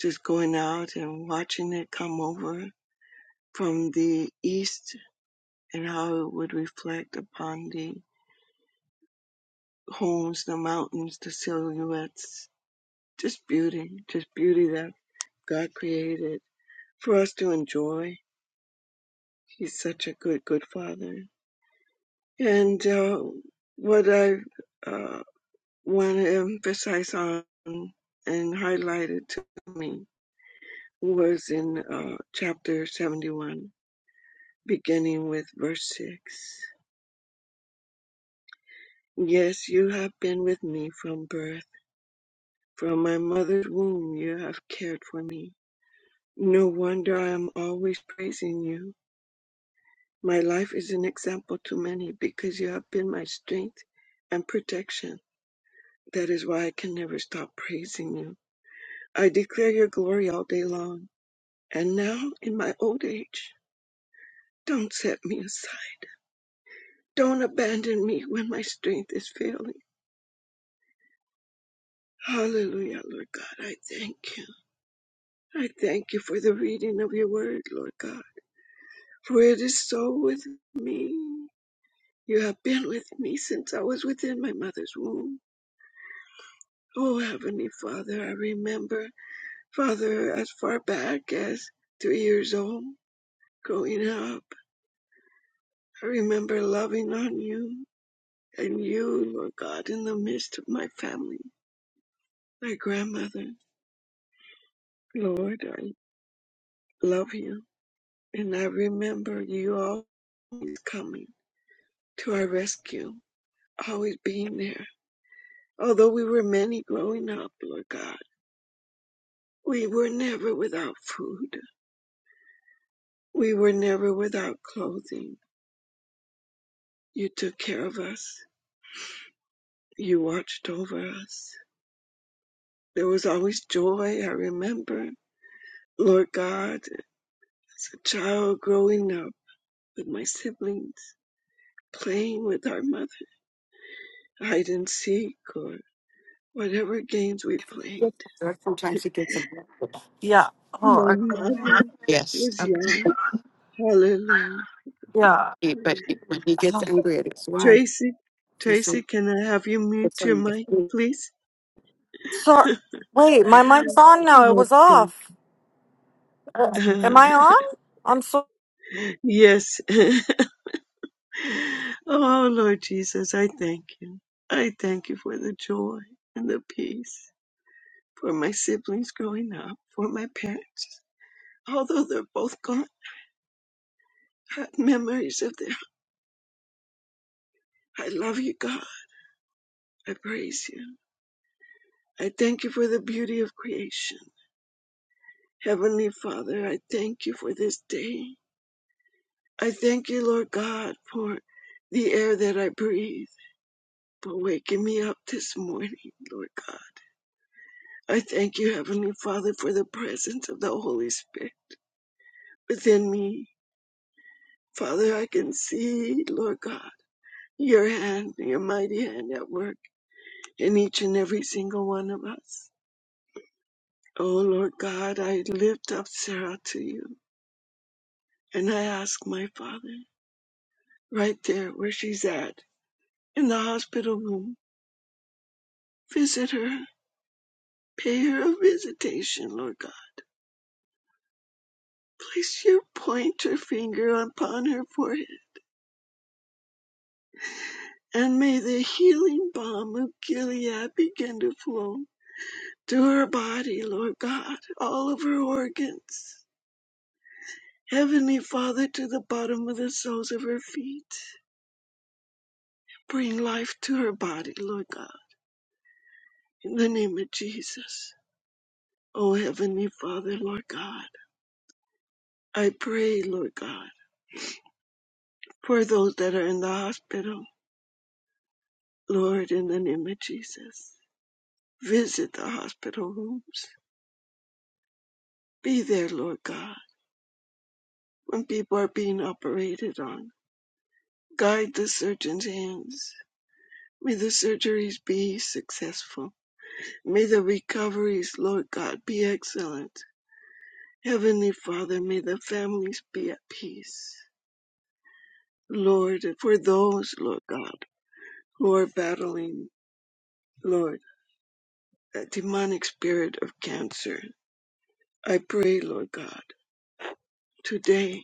[SPEAKER 5] just going out and watching it come over from the east and how it would reflect upon the homes, the mountains, the silhouettes. Just beauty, just beauty that God created for us to enjoy. He's such a good, good father. And uh, what I uh, want to emphasize on and highlighted to me was in uh, chapter 71, beginning with verse 6. Yes, you have been with me from birth. From my mother's womb, you have cared for me. No wonder I am always praising you. My life is an example to many because you have been my strength and protection. That is why I can never stop praising you. I declare your glory all day long. And now, in my old age, don't set me aside. Don't abandon me when my strength is failing. Hallelujah, Lord God. I thank you. I thank you for the reading of your word, Lord God. For it is so with me. You have been with me since I was within my mother's womb. Oh, Heavenly Father, I remember, Father, as far back as three years old, growing up. I remember loving on you and you, Lord God, in the midst of my family, my grandmother. Lord, I love you. And I remember you always coming to our rescue, always being there. Although we were many growing up, Lord God, we were never without food. We were never without clothing. You took care of us. You watched over us. There was always joy, I remember. Lord God, as a child growing up with my siblings, playing with our mother, hide and seek, or whatever games we played.
[SPEAKER 6] Yeah. Oh,
[SPEAKER 5] My
[SPEAKER 6] okay.
[SPEAKER 5] mother was young. Hallelujah.
[SPEAKER 6] yeah. Oh,
[SPEAKER 5] Tracy, Tracy, can I have you mute your mic, please?
[SPEAKER 6] sorry. Wait, my mic's on now. It
[SPEAKER 5] oh,
[SPEAKER 6] was
[SPEAKER 5] thank-
[SPEAKER 6] off. Am I on? I'm so.
[SPEAKER 5] Yes. oh, Lord Jesus, I thank you. I thank you for the joy and the peace for my siblings growing up, for my parents. Although they're both gone, I have memories of them. I love you, God. I praise you. I thank you for the beauty of creation. Heavenly Father, I thank you for this day. I thank you, Lord God, for the air that I breathe, for waking me up this morning, Lord God. I thank you, Heavenly Father, for the presence of the Holy Spirit within me. Father, I can see, Lord God, your hand, your mighty hand at work in each and every single one of us. Oh, Lord God, I lift up Sarah to you and I ask my Father, right there where she's at, in the hospital room, visit her, pay her a visitation, Lord God. Place your pointer finger upon her forehead and may the healing balm of Gilead begin to flow to her body, Lord God, all of her organs. Heavenly Father, to the bottom of the soles of her feet, bring life to her body, Lord God, in the name of Jesus. Oh, Heavenly Father, Lord God, I pray, Lord God, for those that are in the hospital, Lord, in the name of Jesus. Visit the hospital rooms. Be there, Lord God, when people are being operated on. Guide the surgeon's hands. May the surgeries be successful. May the recoveries, Lord God, be excellent. Heavenly Father, may the families be at peace. Lord, for those, Lord God, who are battling, Lord, a demonic spirit of cancer, I pray, Lord God, today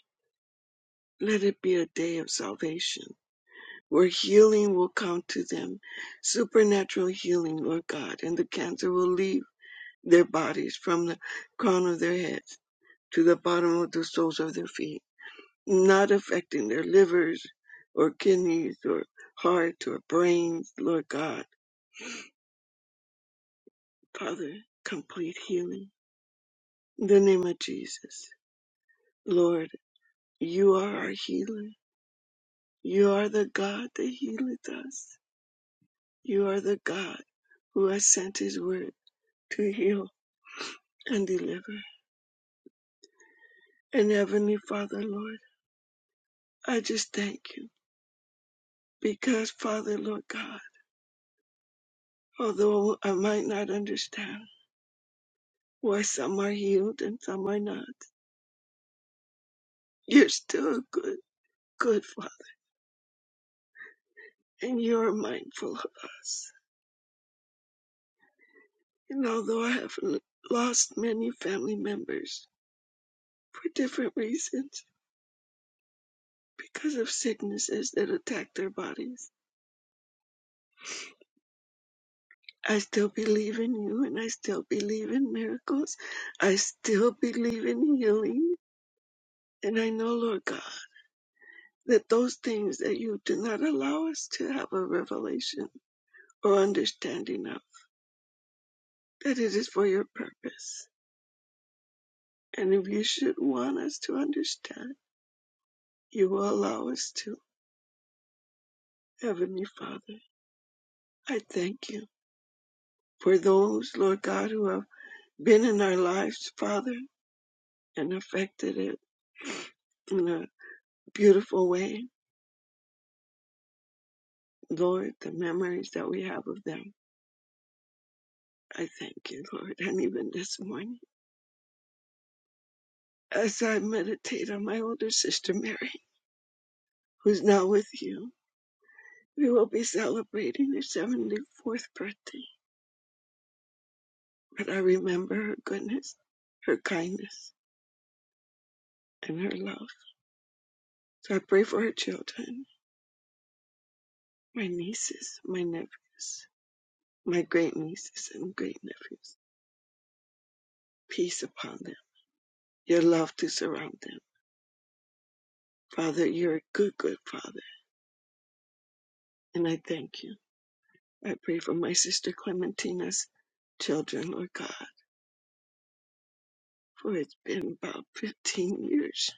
[SPEAKER 5] let it be a day of salvation where healing will come to them, supernatural healing, Lord God, and the cancer will leave their bodies from the crown of their heads to the bottom of the soles of their feet, not affecting their livers or kidneys or heart or brains, Lord God. Father, complete healing. In the name of Jesus. Lord, you are our healer. You are the God that healeth us. You are the God who has sent his word to heal and deliver. And Heavenly Father, Lord, I just thank you because, Father, Lord God, Although I might not understand why some are healed and some are not, you're still a good, good Father, and you're mindful of us. And although I have l- lost many family members for different reasons, because of sicknesses that attack their bodies, I still believe in you and I still believe in miracles. I still believe in healing. And I know, Lord God, that those things that you do not allow us to have a revelation or understanding of, that it is for your purpose. And if you should want us to understand, you will allow us to. Heavenly Father, I thank you for those, Lord God, who have been in our lives, Father, and affected it in a beautiful way. Lord, the memories that we have of them. I thank you, Lord. And even this morning, as I meditate on my older sister Mary, who's now with you, We will be celebrating her 74th birthday, but I remember her goodness, her kindness, and her love. So I pray for her children, my nieces, my nephews, my great nieces and great nephews. Peace upon them, your love to surround them. Father, you're a good, good father, and I thank you. I pray for my sister Clementina's children, Lord God, for it's been about 15 years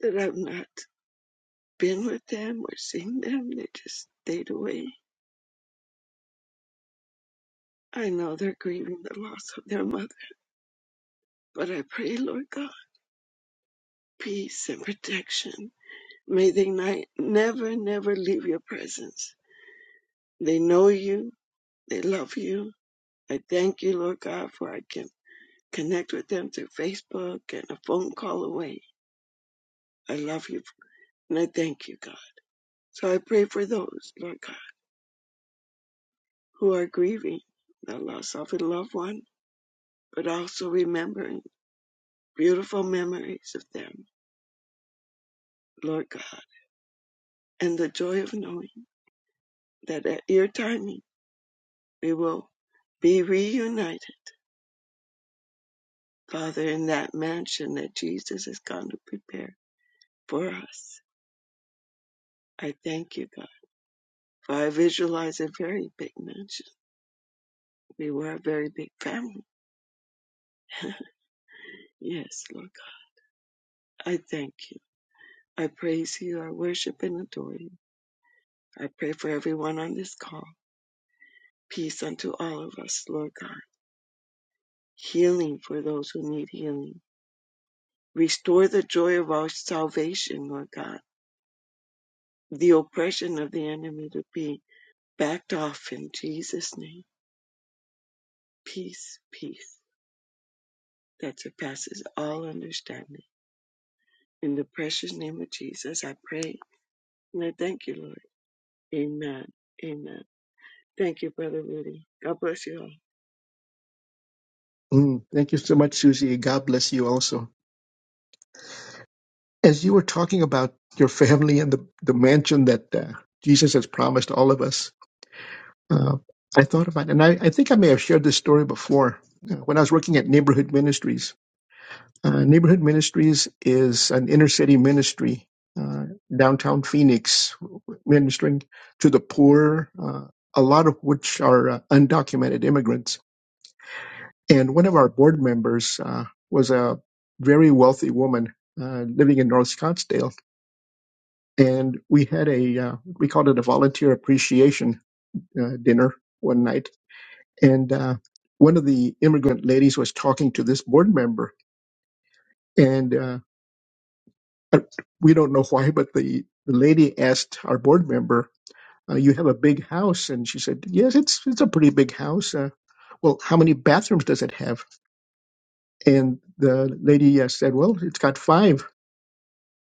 [SPEAKER 5] that I've not been with them or seen them. They just stayed away. I know they're grieving the loss of their mother, but I pray, Lord God, peace and protection. May they ni- never, never leave your presence. They know you. They love you. I thank you, Lord God, for I can connect with them through Facebook and a phone call away. I love you and I thank you, God. So I pray for those, Lord God, who are grieving the loss of a loved one, but also remembering. beautiful memories of them, Lord God, and the joy of knowing that at your timing we will be reunited, Father, in that mansion that Jesus has gone to prepare for us. I thank you, God, for I visualize a very big mansion. We were a very big family. yes, Lord God, I thank you. I praise you. I worship and adore you. I pray for everyone on this call. Peace unto all of us, Lord God. Healing for those who need healing Restore the joy of our salvation, Lord God. The oppression of the enemy to be backed off in Jesus' name. Peace, peace that surpasses all understanding. In the precious name of Jesus, I pray. And I thank you, Lord. Amen. Amen. Thank you, Brother Rudy. God bless you all.
[SPEAKER 2] Mm, thank you so much, Susie. God bless you also. As you were talking about your family and the, the mansion that uh, Jesus has promised all of us, uh, I thought about, and I, I think I may have shared this story before. Uh, When I was working at Neighborhood Ministries, Uh, Neighborhood Ministries is an inner city ministry, uh, downtown Phoenix, ministering to the poor, uh, a lot of which are uh, undocumented immigrants. And one of our board members uh, was a very wealthy woman uh, living in North Scottsdale. And we had a, uh, we called it a volunteer appreciation uh, dinner one night. And uh, one of the immigrant ladies was talking to this board member. and uh, uh, we don't know why, but the, the lady asked our board member, uh, "You have a big house?" And she said, "Yes, it's it's a pretty big house." Uh, well, how many bathrooms does it have? And the lady uh, said, "Well, it's got five."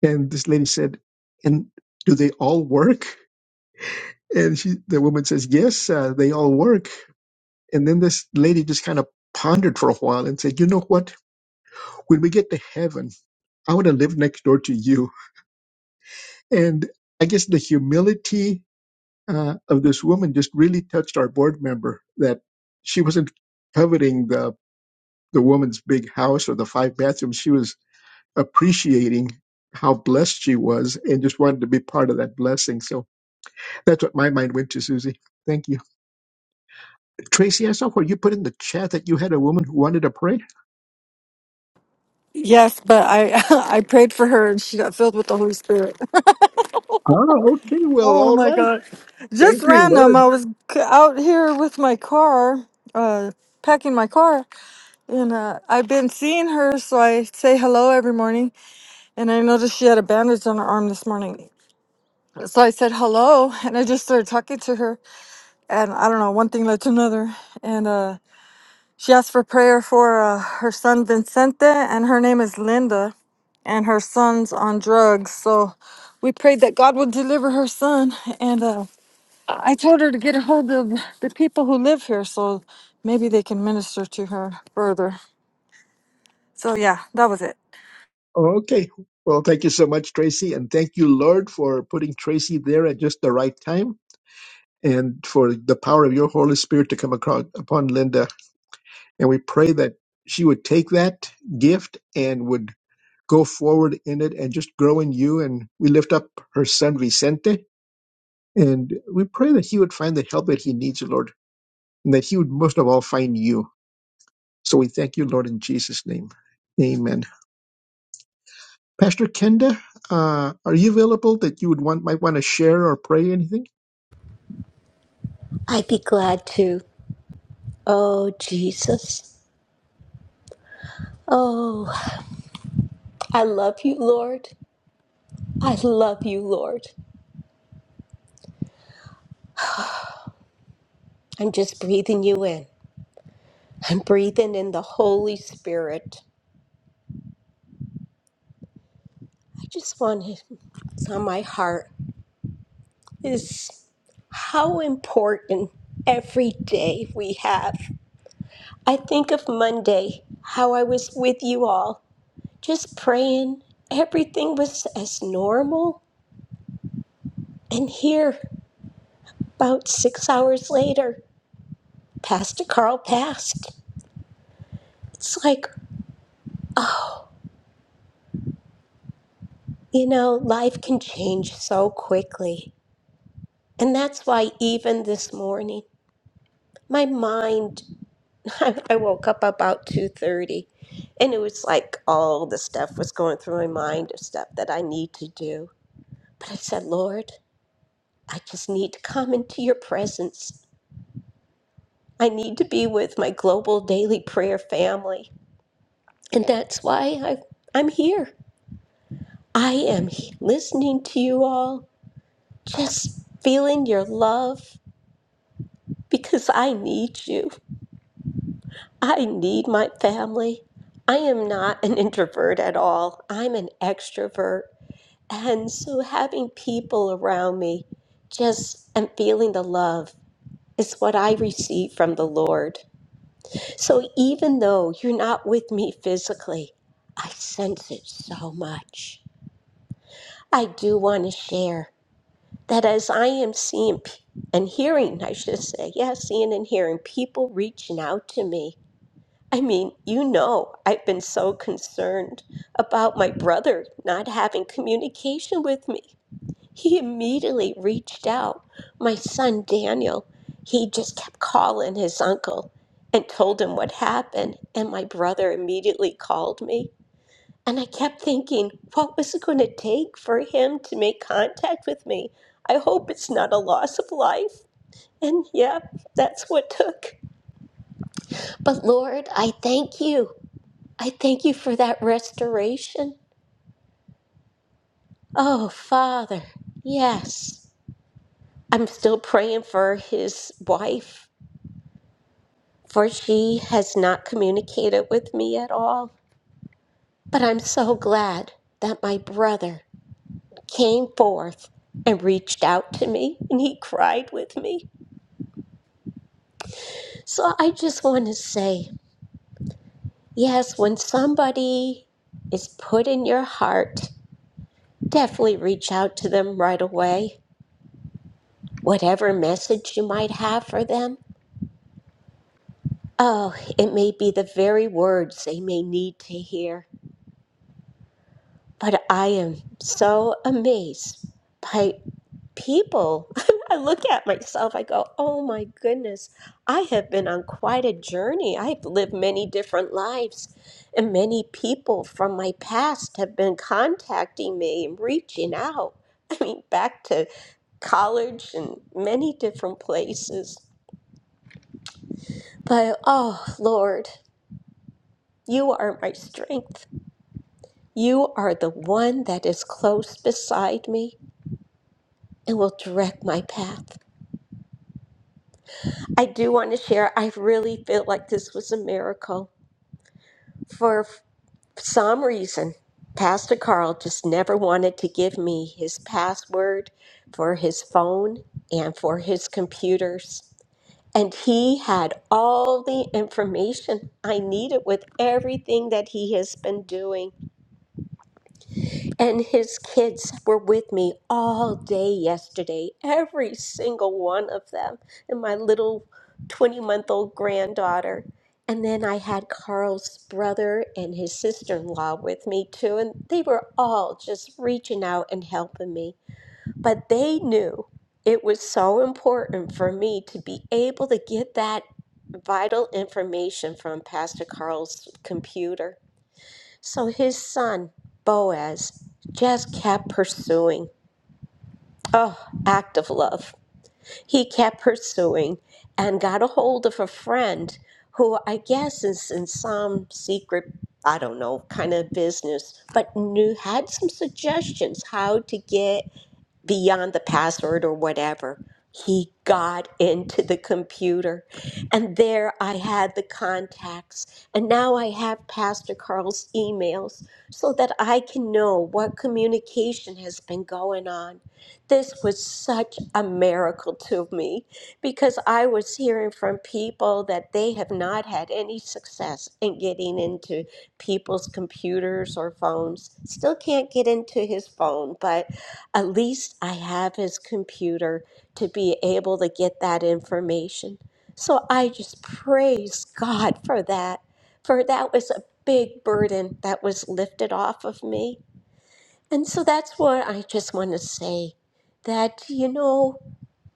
[SPEAKER 2] And this lady said, "And do they all work?" And she, the woman says, "Yes, uh, they all work." And then this lady just kind of pondered for a while and said, "You know what? When we get to heaven, I want to live next door to you." And I guess the humility uh, of this woman just really touched our board member that she wasn't coveting the the woman's big house or the five bathrooms she was appreciating how blessed she was and just wanted to be part of that blessing so that's what my mind went to susie thank you tracy i saw where you put in the chat that you had a woman who wanted to pray
[SPEAKER 6] Yes, but I I prayed for her and she got filled with the Holy Spirit.
[SPEAKER 2] oh okay well
[SPEAKER 6] Oh
[SPEAKER 2] all
[SPEAKER 6] my
[SPEAKER 2] right
[SPEAKER 6] god. Just
[SPEAKER 2] thank you
[SPEAKER 6] random,
[SPEAKER 2] lord
[SPEAKER 6] I was c- out here with my car, uh, packing my car, and uh, I've been seeing her, so I say hello every morning. And I noticed she had a bandage on her arm this morning, so I said hello, and I just started talking to her. and I don't know, one thing led to another. And uh, she asked for prayer for uh, her son Vincente, and her name is Linda, and her son's on drugs. So we prayed that God would deliver her son. And uh, I told her to get a hold of the people who live here so maybe they can minister to her further. So yeah, that was it.
[SPEAKER 2] Okay. Well, thank you so much, Tracy. And thank you, Lord, for putting Tracy there at just the right time and for the power of your Holy Spirit to come across upon Linda. And we pray that she would take that gift and would go forward in it and just grow in you. And we lift up her son, Vicente, and we pray that he would find the help that he needs, Lord, and that he would most of all find you. So we thank you, Lord, in Jesus' name. Amen. Pastor Kenda, uh, are you available that you would want might want to share or pray anything?
[SPEAKER 3] I'd be glad to. Oh, Jesus. Oh, I love you, Lord. I love you, Lord. I'm just breathing you in. I'm breathing in the Holy Spirit. I just want him. It's on my heart. Is how important every day we have. I think of Monday, how I was with you all, just praying. Everything was as normal. And here, about six hours later, Pastor Carl passed. It's like, oh, you know, life can change so quickly. And that's why, even this morning, my mind i woke up about 2.30 and it was like all the stuff was going through my mind of stuff that i need to do but i said lord i just need to come into your presence i need to be with my global daily prayer family and that's why I, i'm here i am he- listening to you all just feeling your love because i need you I need my family. I am not an introvert at all. I'm an extrovert. And so having people around me just and feeling the love is what I receive from the Lord. So even though you're not with me physically, I sense it so much. I do want to share that as I am seeing p- and hearing, I should say, yes, seeing and hearing people reaching out to me I mean, you know, I've been so concerned about my brother not having communication with me. He immediately reached out. My son Daniel, he just kept calling his uncle and told him what happened. And my brother immediately called me. And I kept thinking, what was it going to take for him to make contact with me? I hope it's not a loss of life. And yeah, that's what took. But Lord, I thank you. I thank you for that restoration. Oh, Father, yes. I'm still praying for his wife, for she has not communicated with me at all. But I'm so glad that my brother came forth and reached out to me and he cried with me. So I just want to say yes, when somebody is put in your heart, definitely reach out to them right away. Whatever message you might have for them, Oh, it may be the very words they may need to hear, but I am so amazed by people. I look at myself, I go, oh my goodness, I have been on quite a journey. I've lived many different lives, and many people from my past have been contacting me and reaching out. I mean, back to college and many different places. But oh, Lord, you are my strength. You are the one that is close beside me and will direct my path. I do want to share, I really feel like this was a miracle. For some reason, Pastor Carl just never wanted to give me his password for his phone and for his computers. And he had all the information I needed with everything that he has been doing. And his kids were with me all day yesterday, every single one of them, and my little 20 month old granddaughter. And then I had Carl's brother and his sister in law with me too, and they were all just reaching out and helping me. But they knew it was so important for me to be able to get that vital information from Pastor Carl's computer. So his son, Boaz, just kept pursuing. Oh, act of love. He kept pursuing and got a hold of a friend who I guess is in some secret, I don't know, kind of business, but knew had some suggestions how to get beyond the password or whatever. He got into the computer, and there I had the contacts. And now I have Pastor Carl's emails so that I can know what communication has been going on. This was such a miracle to me because I was hearing from people that they have not had any success in getting into people's computers or phones. Still can't get into his phone, but at least I have his computer to be able to get that information. So I just praise God for that, for that was a big burden that was lifted off of me. And so that's what I just want to say that, you know,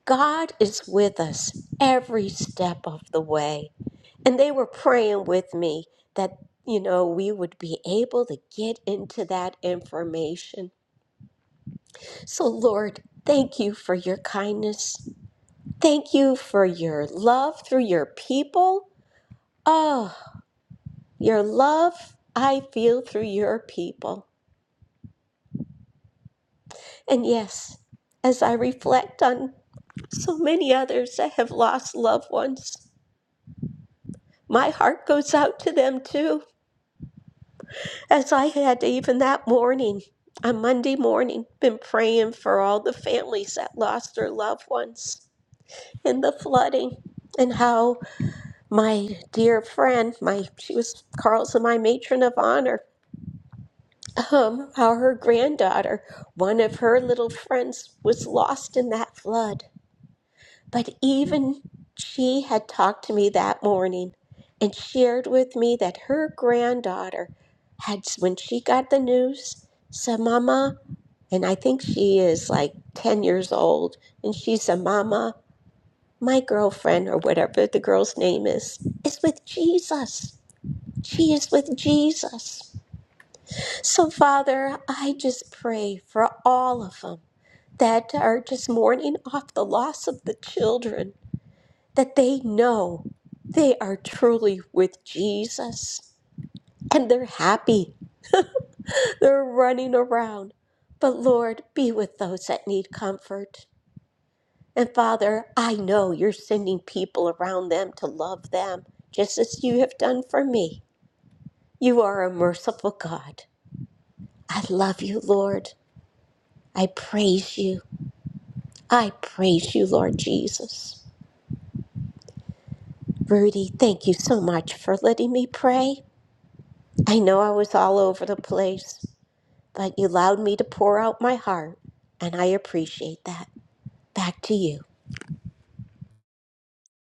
[SPEAKER 3] God is with us every step of the way. And they were praying with me that, you know, we would be able to get into that information so, Lord, thank you for your kindness. Thank you for your love through your people. Oh, your love I feel through your people. And yes, as I reflect on so many others that have lost loved ones, my heart goes out to them too. As I had even that morning, on Monday morning, been praying for all the families that lost their loved ones in the flooding and how my dear friend, my she was Carl's and my matron of honor. Um, how her granddaughter, one of her little friends, was lost in that flood. But even she had talked to me that morning and shared with me that her granddaughter had, when she got the news, said, Mama, and I think she is like 10 years old, and she said, Mama, my girlfriend, or whatever the girl's name is, is with Jesus. She is with Jesus. So, Father, I just pray for all of them that are just mourning off the loss of the children, that they know they are truly with Jesus and they're happy. They're running around. But, Lord, be with those that need comfort. And, Father, I know you're sending people around them to love them, just as you have done for me. You are a merciful God. I love you, Lord. I praise you. I praise you, Lord Jesus. Rudy, thank you so much for letting me pray. I know I was all over the place, but you allowed me to pour out my heart, and I appreciate that. Back to you.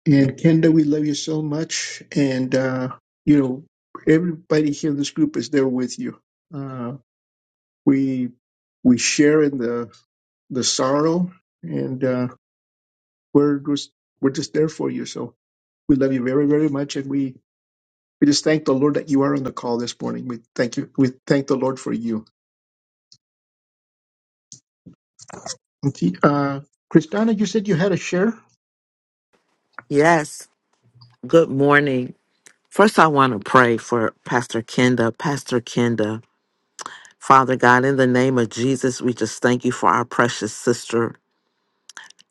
[SPEAKER 2] And Kenda, we love you so much, and uh, you know everybody here in this group is there with you. Uh, we we share in the the sorrow, and uh, we're just we're just there for you. So we love you very very much, and we we just thank the Lord that you are on the call this morning. We thank you. We thank the Lord for you. The, Uh, Kristana, you said you had a share?
[SPEAKER 7] Yes. Good morning. First, I want to pray for Pastor Kenda. Pastor Kenda, Father God, in the name of Jesus, we just thank you for our precious sister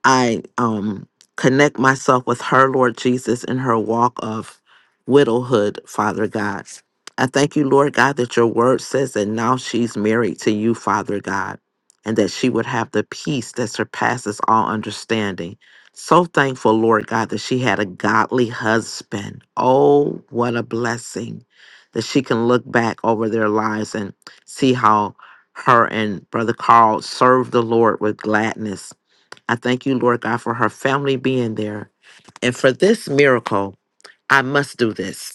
[SPEAKER 7] I um connect myself with her, Lord Jesus, in her walk of widowhood, Father God. I thank you, Lord God, that your word says that now she's married to you, Father God, and that she would have the peace that surpasses all understanding. So thankful, Lord God, that she had a godly husband. Oh, what a blessing that she can look back over their lives and see how her and Brother Carl served the Lord with gladness I thank you, Lord God, for her family being there. And for this miracle, I must do this.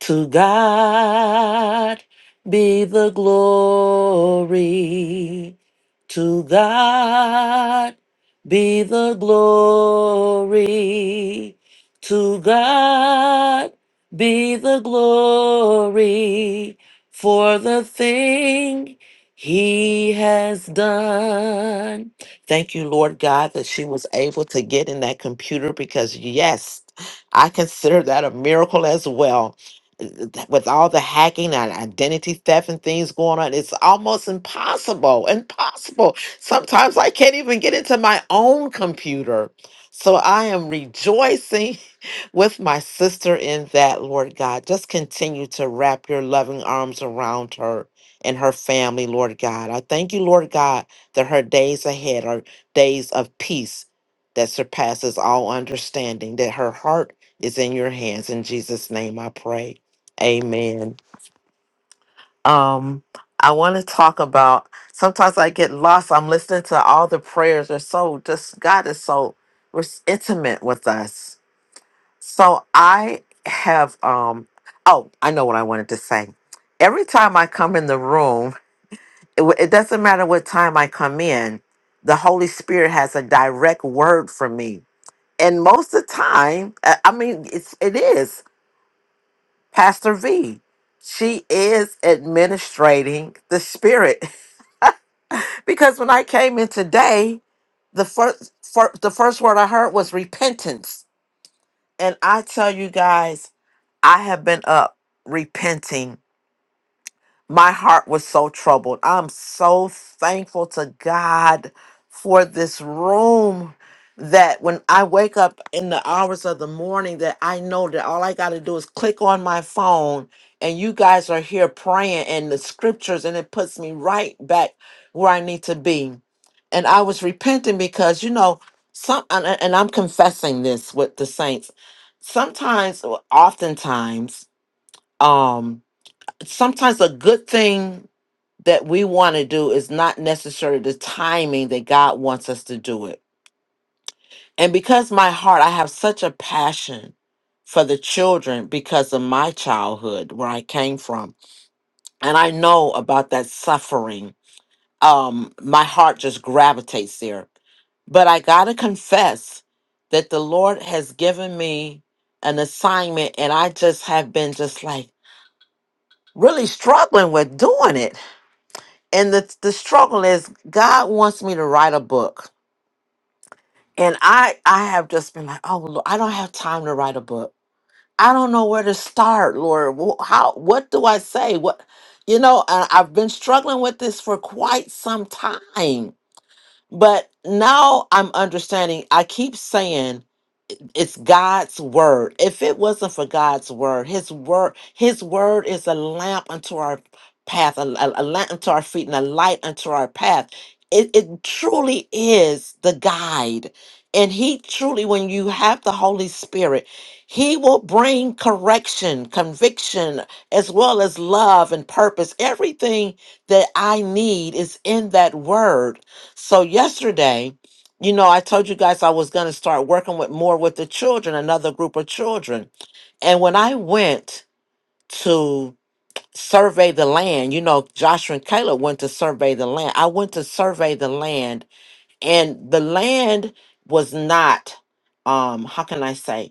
[SPEAKER 7] To God be the glory. To God be the glory. To God be the glory for the thing he has done. Thank you, Lord God, that she was able to get in that computer because, yes, I consider that a miracle as well with all the hacking and identity theft and things going on, it's almost impossible. Impossible. Sometimes I can't even get into my own computer. So I am rejoicing with my sister in that, Lord God. Just continue to wrap your loving arms around her and her family, Lord God. I thank you, Lord God, that her days ahead are days of peace that surpasses all understanding, that her heart is in your hands. In Jesus' name I pray. Amen. Um, I want to talk about sometimes I get lost. I'm listening to all the prayers. They're so just God is so res- intimate with us. So I have um oh, I know what I wanted to say. Every time I come in the room, it, w- it doesn't matter what time I come in, the Holy Spirit has a direct word for me. And most of the time, I I mean, it's it is. Pastor V. She is administrating the spirit because when I came in today, the first fir- the first word I heard was repentance, and I tell you guys, I have been up repenting my heart was so troubled. I'm so thankful to God for this room that when I wake up in the hours of the morning that I know that all I got to do is click on my phone and you guys are here praying and the scriptures and it puts me right back where I need to be. And I was repenting because you know some and and- I'm confessing this with the saints. Sometimes or oftentimes um sometimes a good thing that we want to do is not necessarily the timing that God wants us to do it. And because my heart, I have such a passion for the children because of my childhood where I came from. And I know about that suffering. Um, my heart just gravitates there. But I got to confess that the Lord has given me an assignment, and I just have been just like really struggling with doing it. and the the struggle is God wants me to write a book, and I I have just been like, oh Lord, I don't have time to write a book. I don't know where to start, Lord. Wh- How what do I say? What you know? I, I've been struggling with this for quite some time, but now I'm understanding. I keep saying it's God's word. If it wasn't for God's word, His word, His word is a lamp unto our path, a, a- a lamp unto our feet, and a light unto our path. It, it truly is the guide. And he truly, when you have the Holy Spirit, he will bring correction, conviction, as well as love and purpose. Everything that I need is in that word. So, yesterday, you know, I told you guys I was going to start working with more with the children, another group of children. And when I went to survey the land, you know, Joshua and Caleb went to survey the land. I went to survey the land, and the land was not, um, how can I say?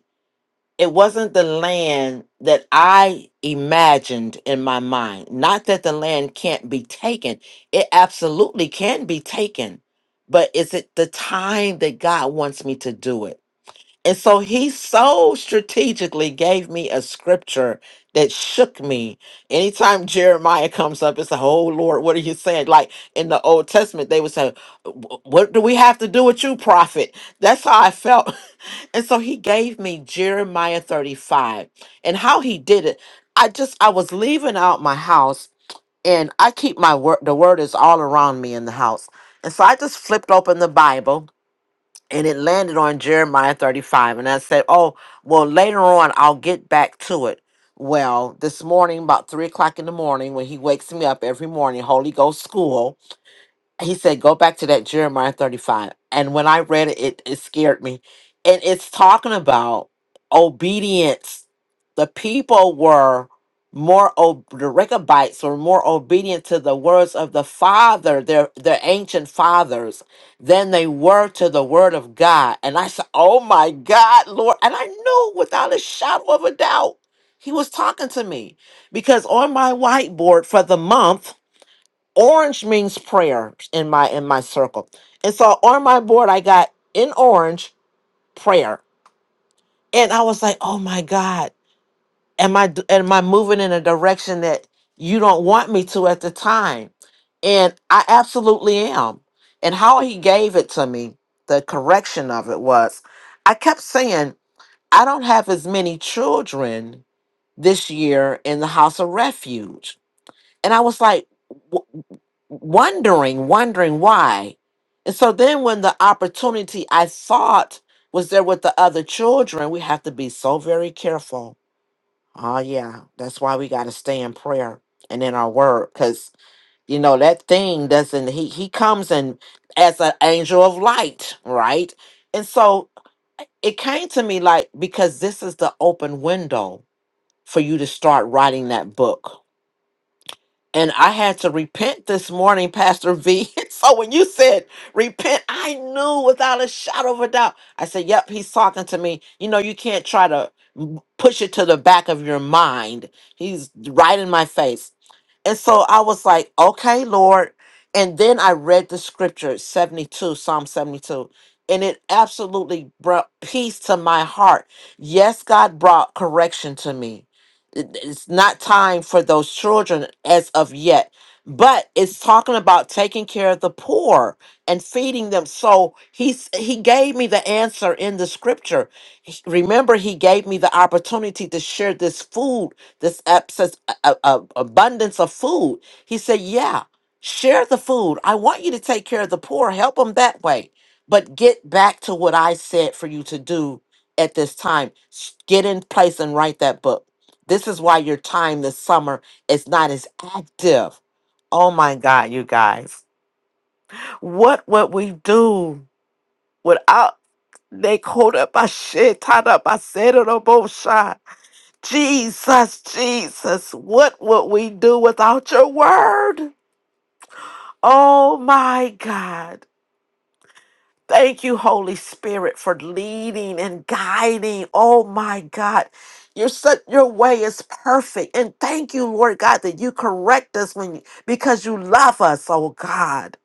[SPEAKER 7] it wasn't the land that I imagined in my mind. Not that the land can't be taken, it absolutely can be taken, but is it the time that God wants me to do it? And so he so strategically gave me a scripture that shook me. Anytime Jeremiah comes up, it's like, oh Lord, what are you saying? Like in the Old Testament, they would say, "Wh- What do we have to do with you, prophet? That's how I felt and so he gave me Jeremiah 35. And how he did it, I just I was leaving out my house and I keep my word the word is all around me in the house. And so I just flipped open the Bible and it landed on Jeremiah 35 and I said, "Oh, well later on I'll get back to it." Well, this morning, about three o'clock in the morning, when he wakes me up every morning, Holy Ghost school, he said, go back to that Jeremiah 35. And when I read it, it, it scared me. And it's talking about obedience. The people were more, ob- the Rechabites were more obedient to the words of the Father, their, their ancient fathers, than they were to the Word of God. And I said, oh my God, Lord. And I knew without a shadow of a doubt, He was talking to me because on my whiteboard for the month, orange means prayer in my in my circle and so on my board i got in orange prayer and i was like oh my god am i d- am i moving in a direction that you don't want me to at the time and i absolutely am and how he gave it to me the correction of it was i kept saying i don't have as many children this year in the house of refuge and i was like wondering, wondering why. And so then when the opportunity I thought was there with the other children, we have to be so very careful. Oh yeah, that's why we got to stay in prayer and in our word cuz you know that thing doesn't he he comes in as an angel of light, right? And so it came to me like because this is the open window for you to start writing that book and I had to repent this morning, Pastor V. so when you said repent, I knew without a shadow of a doubt. I said, Yep, he's talking to me. You know, you can't try to m- push it to the back of your mind. He's right in my face. And so I was like, okay, Lord. And then I read the scripture, 72, Psalm 72, and it absolutely brought peace to my heart. Yes, God brought correction to me it- It's not time for those children as of yet, but it's talking about taking care of the poor and feeding them. So he's he gave me the answer in the scripture. He- Remember, he gave me the opportunity to share this food, this abscess, a, a- a- abundance of food. He said, "Yeah, share the food. I want you to take care of the poor, help them that way." but get back to what I said for you to do at this time. S- Get in place and write that book this is why your time this summer is not as active. Oh my God, you guys. What would we do without they called up my shit, tied up my said it on both sides? Jesus, Jesus, what would we do without your word? Oh my God. Thank you, Holy Spirit, for leading and guiding. Oh my God. Your such your way is perfect. And thank you, Lord God, that you correct us when you, because you love us, oh God.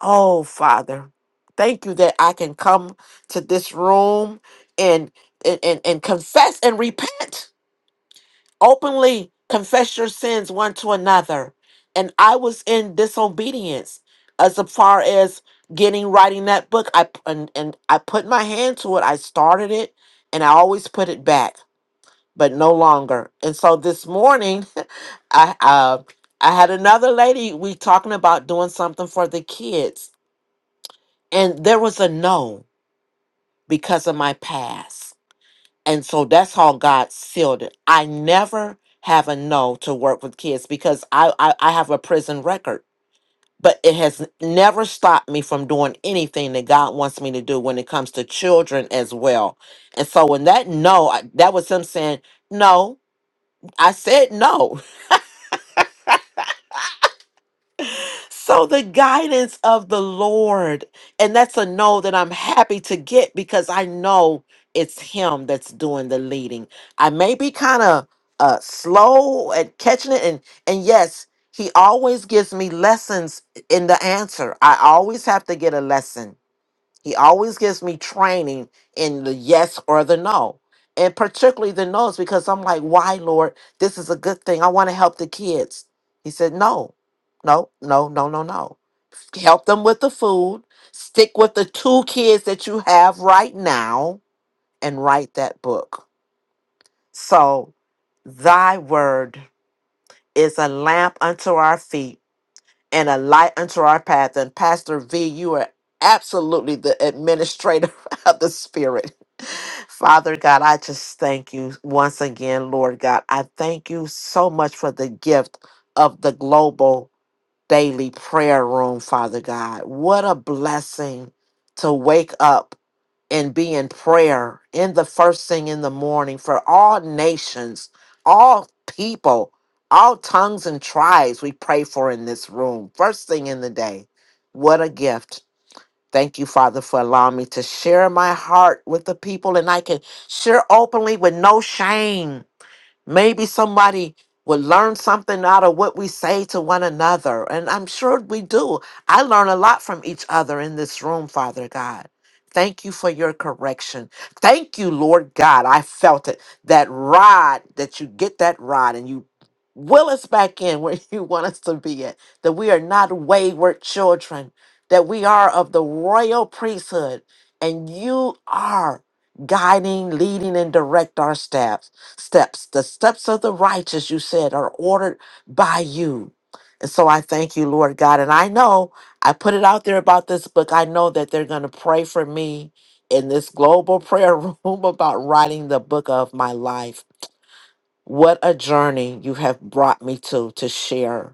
[SPEAKER 7] Oh Father. Thank you that I can come to this room and and, and, and confess and repent. Openly confess your sins one to another. And I was in disobedience as far as getting writing that book. I and, and I put my hand to it. I started it and I always put it back, but no longer. And so this morning I uh I had another lady we talking about doing something for the kids and there was a no because of my past. And so that's how God sealed it. I never have a no to work with kids because I, I, I have a prison record. But it has never stopped me from doing anything that God wants me to do when it comes to children as well. And so when that no, I- that was him saying, No, I said no. So the guidance of the Lord, and that's a no that I'm happy to get because I know it's Him that's doing the leading. I may be kind of uh, slow at catching it, and and yes, He always gives me lessons in the answer. I always have to get a lesson he always gives me training in the yes or the no. And particularly the no's because I'm like, why, Lord? This is a good thing. I want to help the kids. He said, no, no, no, no, no, no. Help them with the food. Stick with the two kids that you have right now and write that book. So, thy word is a lamp unto our feet and a light unto our path. And Pastor V, you are absolutely the administrator of the Spirit. Father God, I just thank you once again, Lord God. I thank you so much for the gift of the global daily prayer room, Father God. What a blessing to wake up and be in prayer in the first thing in the morning for all nations, all people, all tongues and tribes we pray for in this room. First thing in the day. What a gift. Thank you, Father, for allowing me to share my heart with the people and I can share openly with no shame Maybe somebody will learn something out of what we say to one another. And I'm sure we do. I learn a lot from each other in this room, Father God. Thank you for your correction. Thank you, Lord God. I felt it. That rod, that you get that rod and you will us back in where you want us to be at. That we are not wayward children, that we are of the royal priesthood. And you are guiding, leading, and direct our steps steps. The steps of the righteous, you said, are ordered by you. And so I thank you, Lord God. And I know I put it out there about this book. I know that they're going to pray for me in this global prayer room about writing the book of my life. What a journey you have brought me to to share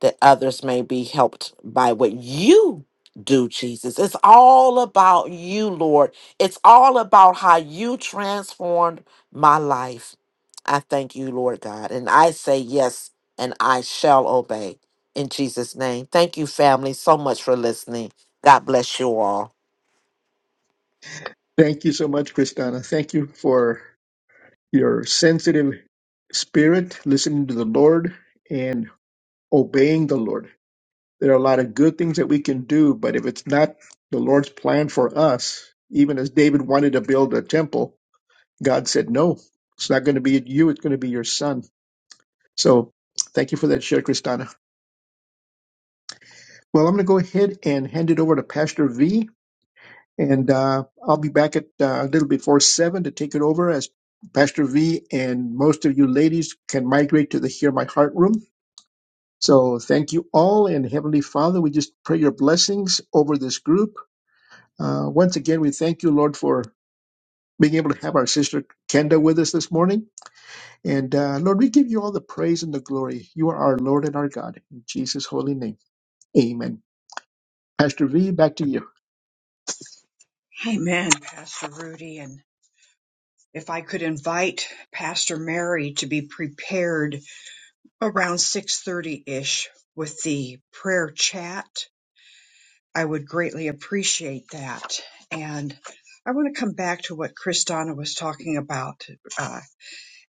[SPEAKER 7] that others may be helped by what you do, Jesus. It's all about you, Lord. It's all about how you transformed my life. I thank you, Lord God. And I say yes, and I shall obey in Jesus' name. Thank you, family, so much for listening. God bless you all.
[SPEAKER 2] Thank you so much, Kristana. Thank you for your sensitive spirit, listening to the Lord and obeying the Lord. There are a lot of good things that we can do, but if it's not the Lord's plan for us, even as David wanted to build a temple, God said, no, it's not going to be you, it's going to be your son. So thank you for that share, Kristana. Well, I'm going to go ahead and hand it over to Pastor V And uh, I'll be back at uh, a little before seven to take it over as Pastor V and most of you ladies can migrate to the Hear My Heart room. So thank you all. And Heavenly Father, we just pray your blessings over this group. Uh, once again, we thank you, Lord, for being able to have our sister Kenda with us this morning. And uh, Lord, we give you all the praise and the glory. You are our Lord and our God. In Jesus' holy name, amen. Pastor V, back to you.
[SPEAKER 1] Amen, Pastor Rudy. And if I could invite Pastor Mary to be prepared around 6:30 ish with the prayer chat I would greatly appreciate that. And I want to come back to what Kristana was talking about. Uh,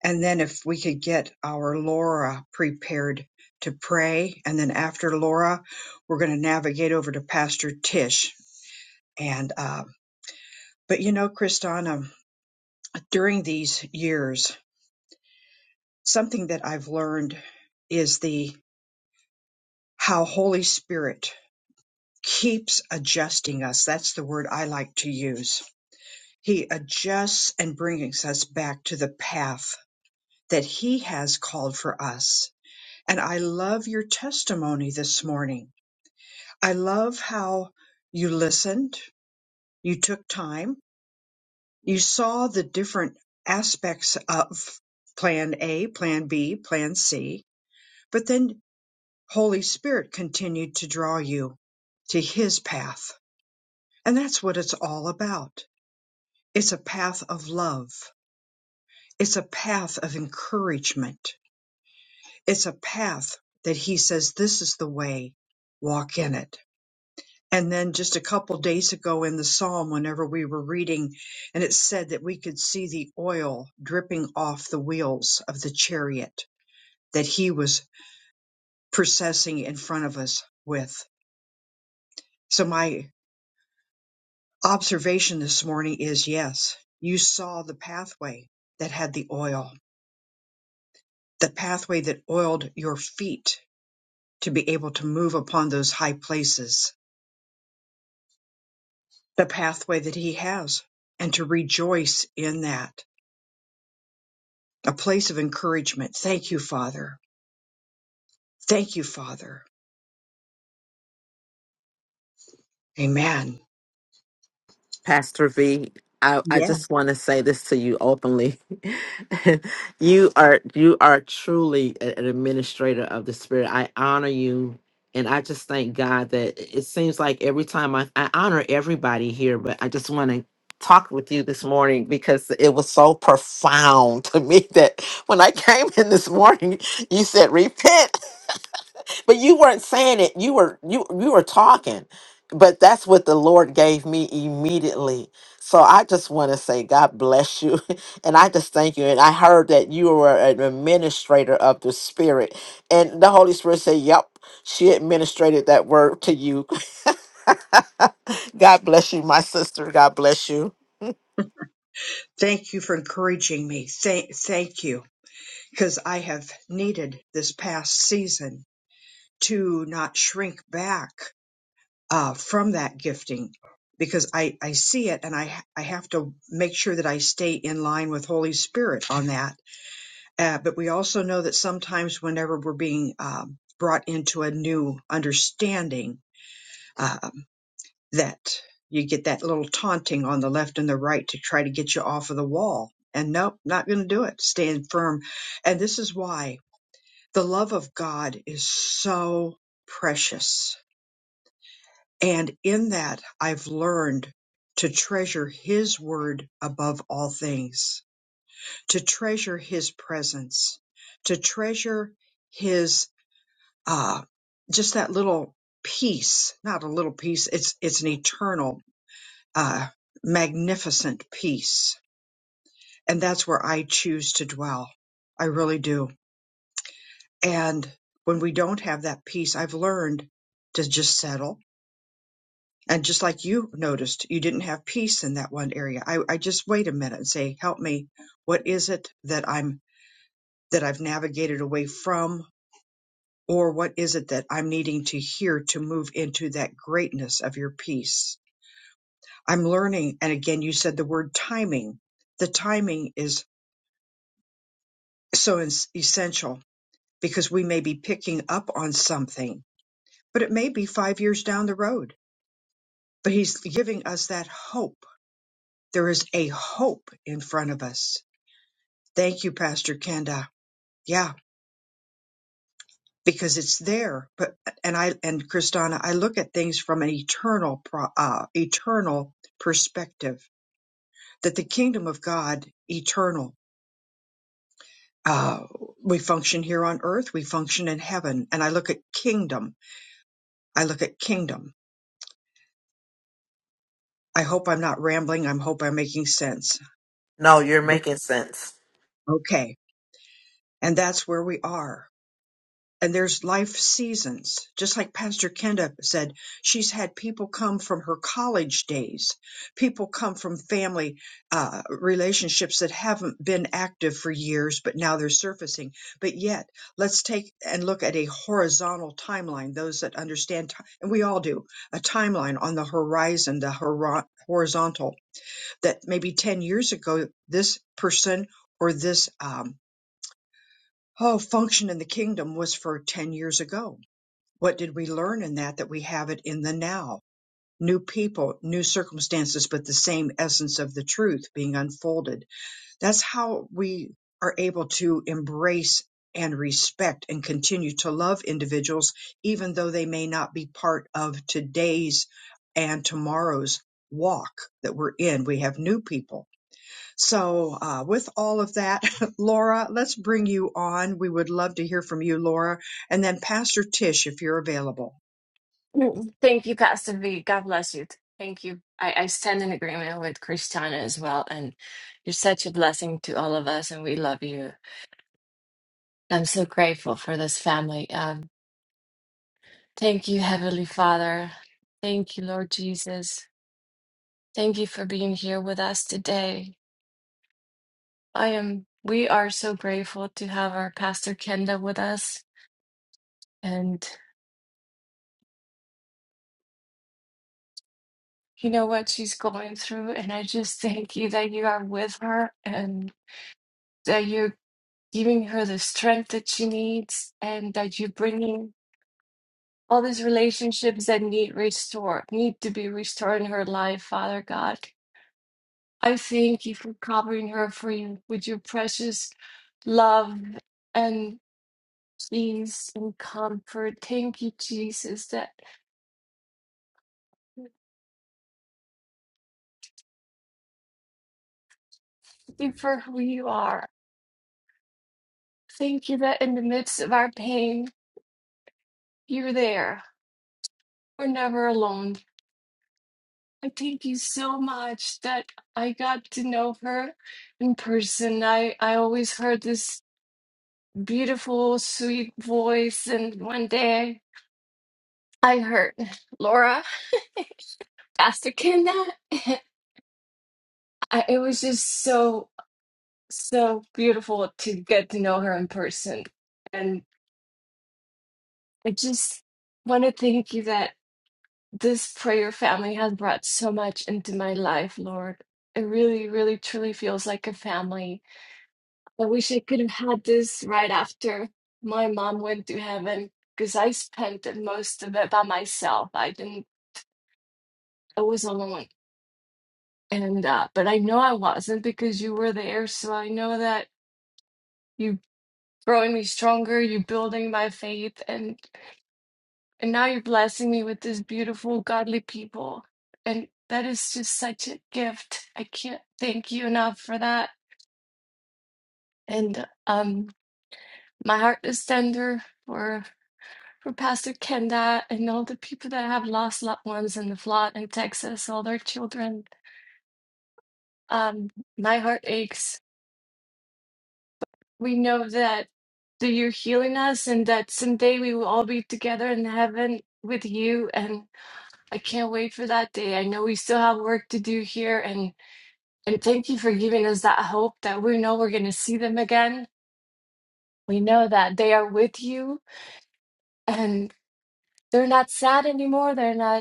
[SPEAKER 1] and then if we could get our Laura prepared to pray. And then after Laura, we're going to navigate over to Pastor Tish. And, uh, but you know, Kristana, during these years, something that I've learned is the how Holy Spirit keeps adjusting us. That's the word I like to use He adjusts and brings us back to the path that He has called for us. And I love your testimony this morning. I love how you listened, you took time, you saw the different aspects of plan A, plan B, plan C, but then Holy Spirit continued to draw you to His path. And that's what it's all about. It's a path of love. It's a path of encouragement It's a path that he says, This is the way, walk in it. And then just a couple days ago in the psalm, whenever we were reading, and it said that we could see the oil dripping off the wheels of the chariot that he was processing in front of us with. So, my observation this morning is yes, you saw the pathway that had the oil, the pathway that oiled your feet to be able to move upon those high places the pathway that he has and to rejoice in that. A place of encouragement. Thank you, Father. Thank you, Father. Amen.
[SPEAKER 7] Pastor V, I, I
[SPEAKER 1] Yeah.
[SPEAKER 7] just want to say this to you openly. you are you are truly a- an administrator of the spirit. I honor you and I just thank God that it seems like every time I, I honor everybody here, but I just want to talk with you this morning because it was so profound to me that when I came in this morning, you said repent. But you weren't saying it. You were you you were talking. But that's what the Lord gave me immediately. So I just want to say God bless you. And I just thank you. And I heard that you were an administrator of the Spirit. And the Holy Spirit said, Yep, she administrated that word to you. God bless you, my sister. God bless you.
[SPEAKER 1] Thank you for encouraging me. Thank, thank you. Cause I have needed this past season to not shrink back uh, from that gifting because I, I see it and I, I have to make sure that I stay in line with Holy Spirit on that Uh, but we also know that sometimes whenever we're being um, brought into a new understanding, um, that you get that little taunting on the left and the right to try to get you off of the wall. And nope, not going to do it. Stand firm. And this is why the love of God is so precious. And in that, I've learned to treasure His word above all things, to treasure His presence, to treasure His uh, just that little peace, not a little peace, it's, it's an eternal, uh, magnificent peace. And that's where I choose to dwell. I really do. And when we don't have that peace, I've learned to just settle. And just like you noticed, you didn't have peace in that one area. I, I just wait a minute and say, help me. What is it that I'm, that I've navigated away from? Or what is it that I'm needing to hear to move into that greatness of your peace? I'm learning. And again, you said the word timing. The timing is so es- essential because we may be picking up on something, but it may be five years down the road. But he's giving us that hope. There is a hope in front of us. Thank you, Pastor Kenda. Yeah, because it's there. But and I and Kristana, I look at things from an eternal, pro, uh, eternal perspective. That the kingdom of God eternal uh, we function here on earth, we function in heaven. And I look at kingdom. I look at kingdom. I hope I'm not rambling. I hope I'm making sense.
[SPEAKER 7] No, you're
[SPEAKER 1] But
[SPEAKER 7] making sense.
[SPEAKER 1] okay. And that's where we are. and there's life seasons. Just like Pastor Kenda said, she's had people come from her college days, people come from family uh, relationships that haven't been active for years, but now they're surfacing. But yet, let's take and look at a horizontal timeline. Those that understand, ti- and we all do, a timeline on the horizon, the hor- horizontal, that maybe 10 years ago, this person or this um, oh, function in the kingdom was for 10 years ago what did we learn in that? That we have it in the now. New people, new circumstances, but the same essence of the truth being unfolded. That's how we are able to embrace and respect and continue to love individuals, even though they may not be part of today's and tomorrow's walk that we're in. We have new people. So, uh, with all of that, Laura, let's bring you on. We would love to hear from you, Laura. And then Pastor Tish, if you're available.
[SPEAKER 8] Mm. Thank you, Pastor V. God bless you. Thank you. I, I stand in agreement with Christiana as well. And you're such a blessing to all of us, and we love you. I'm so grateful for this family. Um, thank you, Heavenly Father. Thank you, Lord Jesus. Thank you for being here with us today. I am, we are so grateful to have our Pastor Kenda with us. And you know what she's going through. And I just thank you that you are with her and. that you. giving her the strength that she needs and that you're bringing all these relationships that need restored need to be restored in her life father god i thank you for covering her for you with your precious love and peace and comfort thank you jesus that thank you for who you are thank you that in the midst of our pain you're there we're never alone I thank you so much that I got to know her in person. I, I always heard this beautiful, sweet voice, and one day I heard Laura, Pastor Kenda. I, it was just so, so beautiful to get to know her in person. And I just want to thank you that this prayer family has brought so much into my life, Lord. It really, really, truly feels like a family I wish I could have had this right after my mom went to heaven because I spent the most of it by myself. I didn't, I was alone. And, uh, but I know I wasn't because you were there. So I know that you growing me stronger, you building my faith, and, and now you're blessing me with this beautiful, godly people. And that is just such a gift. I can't thank you enough for that. And, um, my heart is tender for. for Pastor Kenda and all the people that have lost loved ones in the flood in Texas, all their children. Um, my heart aches. We know that, that you're healing us and that someday we will all be together in heaven with you. And I can't wait for that day. I know we still have work to do here. And, and thank you for giving us that hope that we know we're going to see them again. We know that they are with you and they're not sad anymore. They're not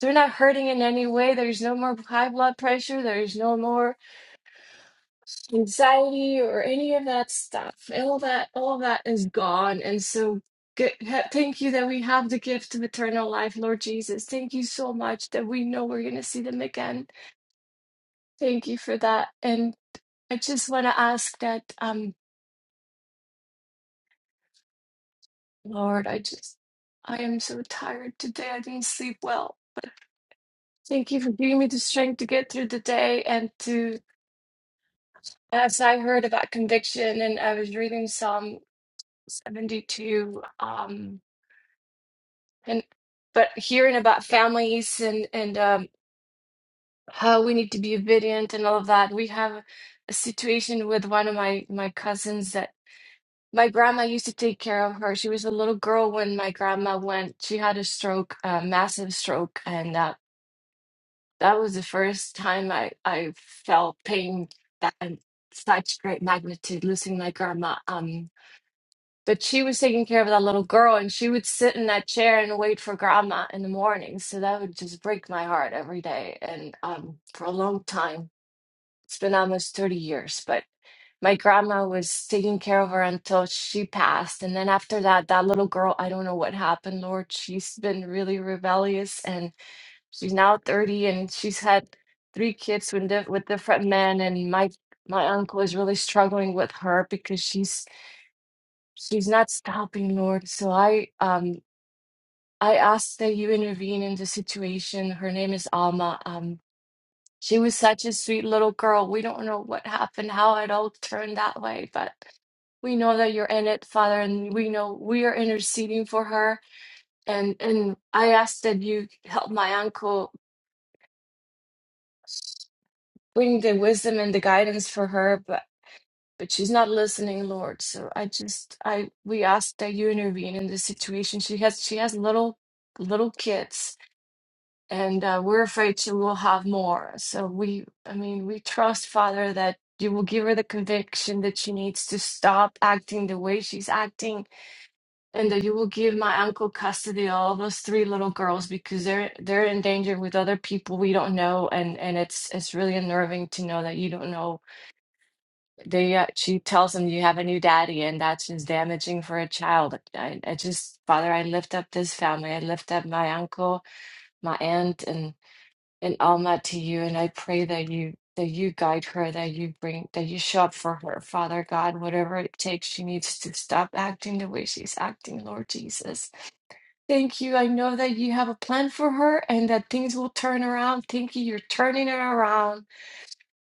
[SPEAKER 8] They're not hurting in any way. There's no more high blood pressure. There's no more anxiety or any of that stuff. All that, all that is gone. And so, good, ha- thank you that we have the gift of eternal life, Lord Jesus. Thank you so much that we know we're going to see them again. Thank you for that. And I just want to ask that, um, Lord, I just, I am so tired today. I didn't sleep well. Thank you for giving me the strength to get through the day and to As I heard about conviction, and I was reading Psalm 72, um, and but hearing about families and and um, how we need to be obedient and all of that. We have a situation with one of my my cousins that my grandma used to take care of her. She was a little girl when my grandma went. She had a stroke, a massive stroke, and uh, that was the first time I I felt pain that in such great magnitude losing my grandma. Um, But she was taking care of that little girl, and she would sit in that chair and wait for grandma in the morning. So that would just break my heart every day. And um, for a long time, it's been almost 30 years, but my grandma was taking care of her until she passed. And then after that, that little girl, I don't know what happened, Lord. She's been really rebellious, and she's now 30, and she's had three kids with, di- with different men. And my my uncle is really struggling with her because she's she's not stopping, Lord. So I um I ask that you intervene in the situation. Her name is Alma. Um she was such a sweet little girl. We don't know what happened, how it all turned that way, but we know that you're in it, Father, and we know we are interceding for her. And and I ask that you help my uncle bring the wisdom and the guidance for her. but she's not listening, Lord. So I just I we ask that you intervene in this situation. She has she has little little kids, and uh, we're afraid she will have more. So we I mean we trust Father that you will give her the conviction that she needs to stop acting the way she's acting, and that you will give my uncle custody of all those three little girls because they're they're in danger with other people we don't know, and and it's it's really unnerving to know that you don't know they uh, she tells him you have a new daddy and that's just damaging for a child I, I just father i lift up this family i lift up my uncle my aunt and and alma to you and i pray that you that you guide her that you bring that you show up for her father god whatever it takes she needs to stop acting the way she's acting lord jesus thank you i know that you have a plan for her and that things will turn around thank you you're turning it around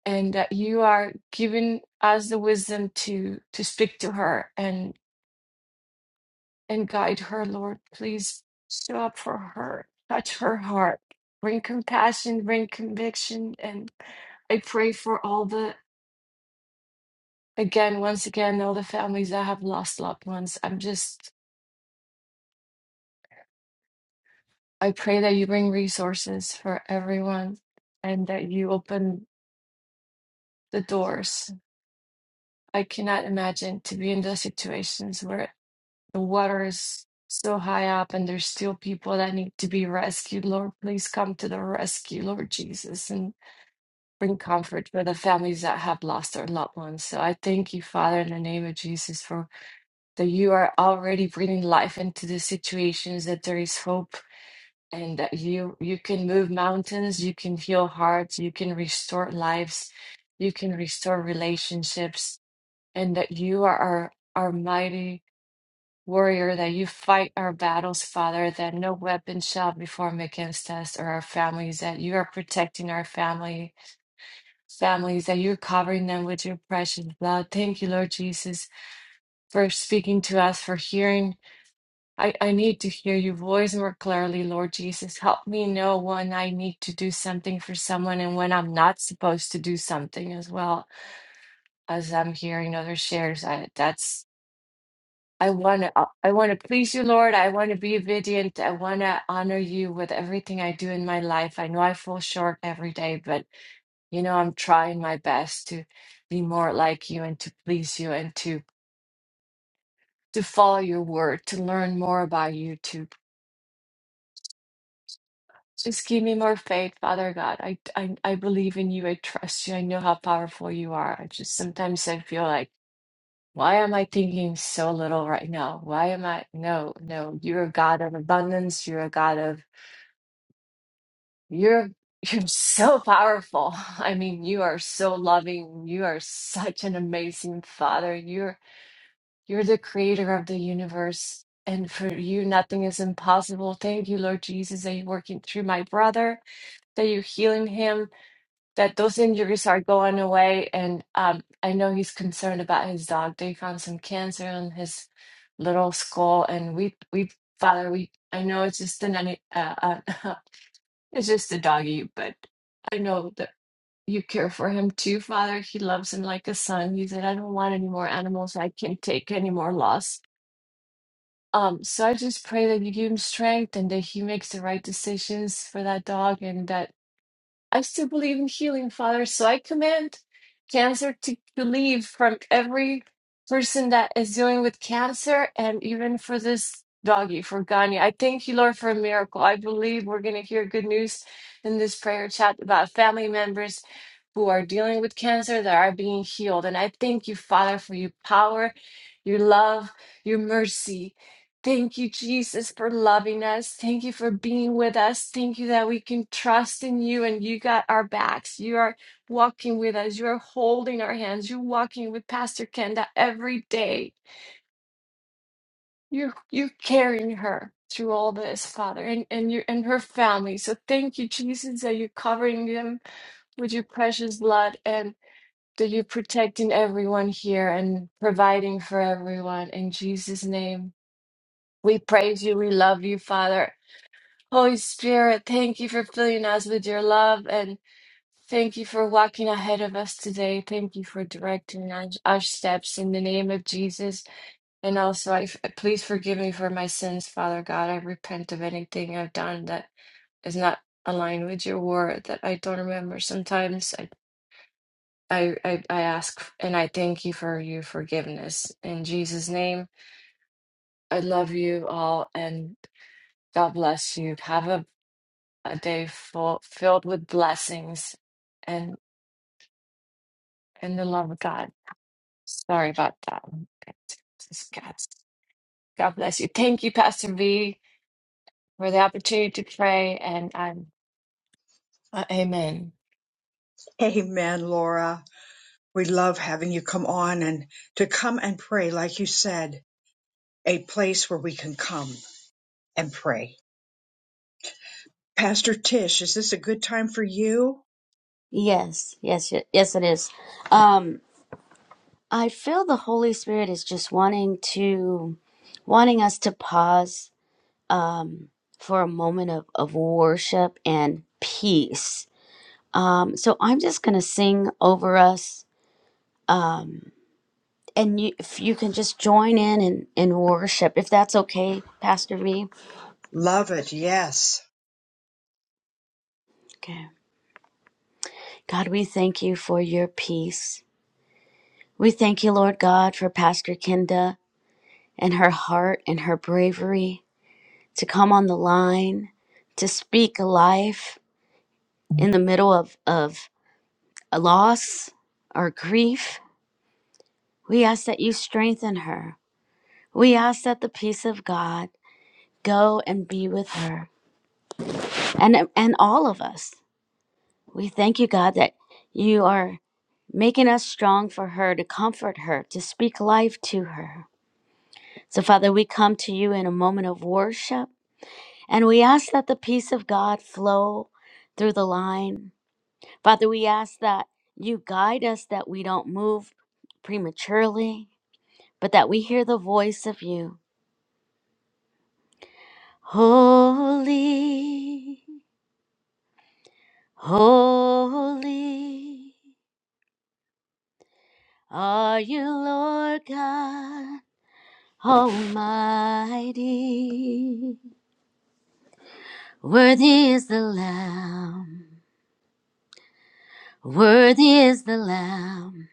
[SPEAKER 8] and that you are giving us the wisdom to to speak to her and and guide her lord please show up for her touch her heart bring compassion bring conviction and i pray for all the again once again all the families that have lost loved ones i'm just i pray that you bring resources for everyone and that you open the doors i cannot imagine to be in those situations where. The water is so high up, and there's still people that need to be rescued. Lord, please come to the rescue, Lord Jesus, and bring comfort for the families that have lost their loved ones. So I thank you, Father, in the name of Jesus, for that you are already bringing life into the situations, that there is hope. And that you you can move mountains, you can heal hearts, you can restore lives, you can restore relationships, and that you are our, our mighty warrior that you fight our battles, Father, that no weapon shall be formed against us or our families, that you are protecting our family families, that you're covering them with your precious blood. Thank you, Lord Jesus, for speaking to us, for hearing. I, I need to hear your voice more clearly, Lord Jesus. Help me know when I need to do something for someone and when I'm not supposed to do something as well as I'm hearing other shares. I, that's I want to I want to please you, Lord. I want to be obedient. I want to honor you with everything I do in my life. I know I fall short every day, but you know I'm trying my best to be more like you and to please you and to to follow your word, to learn more about you, to just give me more faith, Father God. I I, I believe in you. I trust you. I know how powerful you are. I just sometimes I feel like why am I thinking so little right now? Why am I? No, no. You're a God of abundance. You're a God of You're you're so powerful. I mean, you are so loving. You are such an amazing father. You're you're the creator of the universe. And for you, nothing is impossible. Thank you, Lord Jesus, that you're working through my brother, that you're healing him, that those injuries are going away. And um, I know he's concerned about his dog. They found some cancer on his little skull. And we, we, Father, we, I know it's just an, uh, uh, It's just a doggy, but I know that you care for him too, Father. He loves him like a son. He said, I don't want any more animals. I can't take any more loss. Um, so I just pray that you give him strength and that he makes the right decisions for that dog and that I still believe in healing, Father. So I command cancer to to leave from every person that is dealing with cancer and even for this doggy, for Ganya. I thank you, Lord, for a miracle. I believe we're going to hear good news in this prayer chat about family members who are dealing with cancer that are being healed. And I thank you, Father, for your power, your love, your mercy. Thank you, Jesus, for loving us. Thank you for being with us. Thank you that we can trust in you and you got our backs. You are walking with us. You are holding our hands. You're walking with Pastor Kenda every day. You're you're carrying her through all this, Father, and, and you and her family. So thank you, Jesus, that you're covering them with your precious blood and that you're protecting everyone here and providing for everyone. In Jesus' name. We praise you. We love you, Father. Holy Spirit, thank you for filling us with your love and thank you for walking ahead of us today. Thank you for directing our, our steps in the name of Jesus. And also, I f- please forgive me for my sins, Father God. I repent of anything I've done that is not aligned with your word that I don't remember. Sometimes I, I, I, I ask and I thank you for your forgiveness. In Jesus' name, I love you all and God bless you. Have a a day full, filled with blessings and and the love of God. Sorry about that. Just God, God bless you. Thank you, Pastor V, for the opportunity to pray, and I'm uh, Amen.
[SPEAKER 1] Amen, Laura. We love having you come on and to come and pray, like you said, a place where we can come and pray. Pastor Tish, is this a good time for you?
[SPEAKER 9] Yes, yes, ye- yes, it is. Um, I feel the Holy Spirit is just wanting to, wanting us to pause um, for a moment of, of worship and peace. Um, so I'm just gonna sing over us, um, and you, if you can just join in and, and worship, if that's okay, Pastor V.
[SPEAKER 1] Love it. Yes.
[SPEAKER 9] Okay, God, we thank you for your peace. We thank you, Lord God, for Pastor Kenda and her heart and her bravery. to come on the line, to speak life in the middle of, of a loss or grief. We ask that you strengthen her. We ask that the peace of God go and be with her and, and all of us. We thank you, God, that you are making us strong for her, to comfort her, to speak life to her. So, Father, we come to you in a moment of worship and we ask that the peace of God flow through the line Father, we ask that you guide us, that we don't move prematurely, but that we hear the voice of you. Holy, holy are you, Lord God Almighty. Worthy is the Lamb, worthy is the Lamb,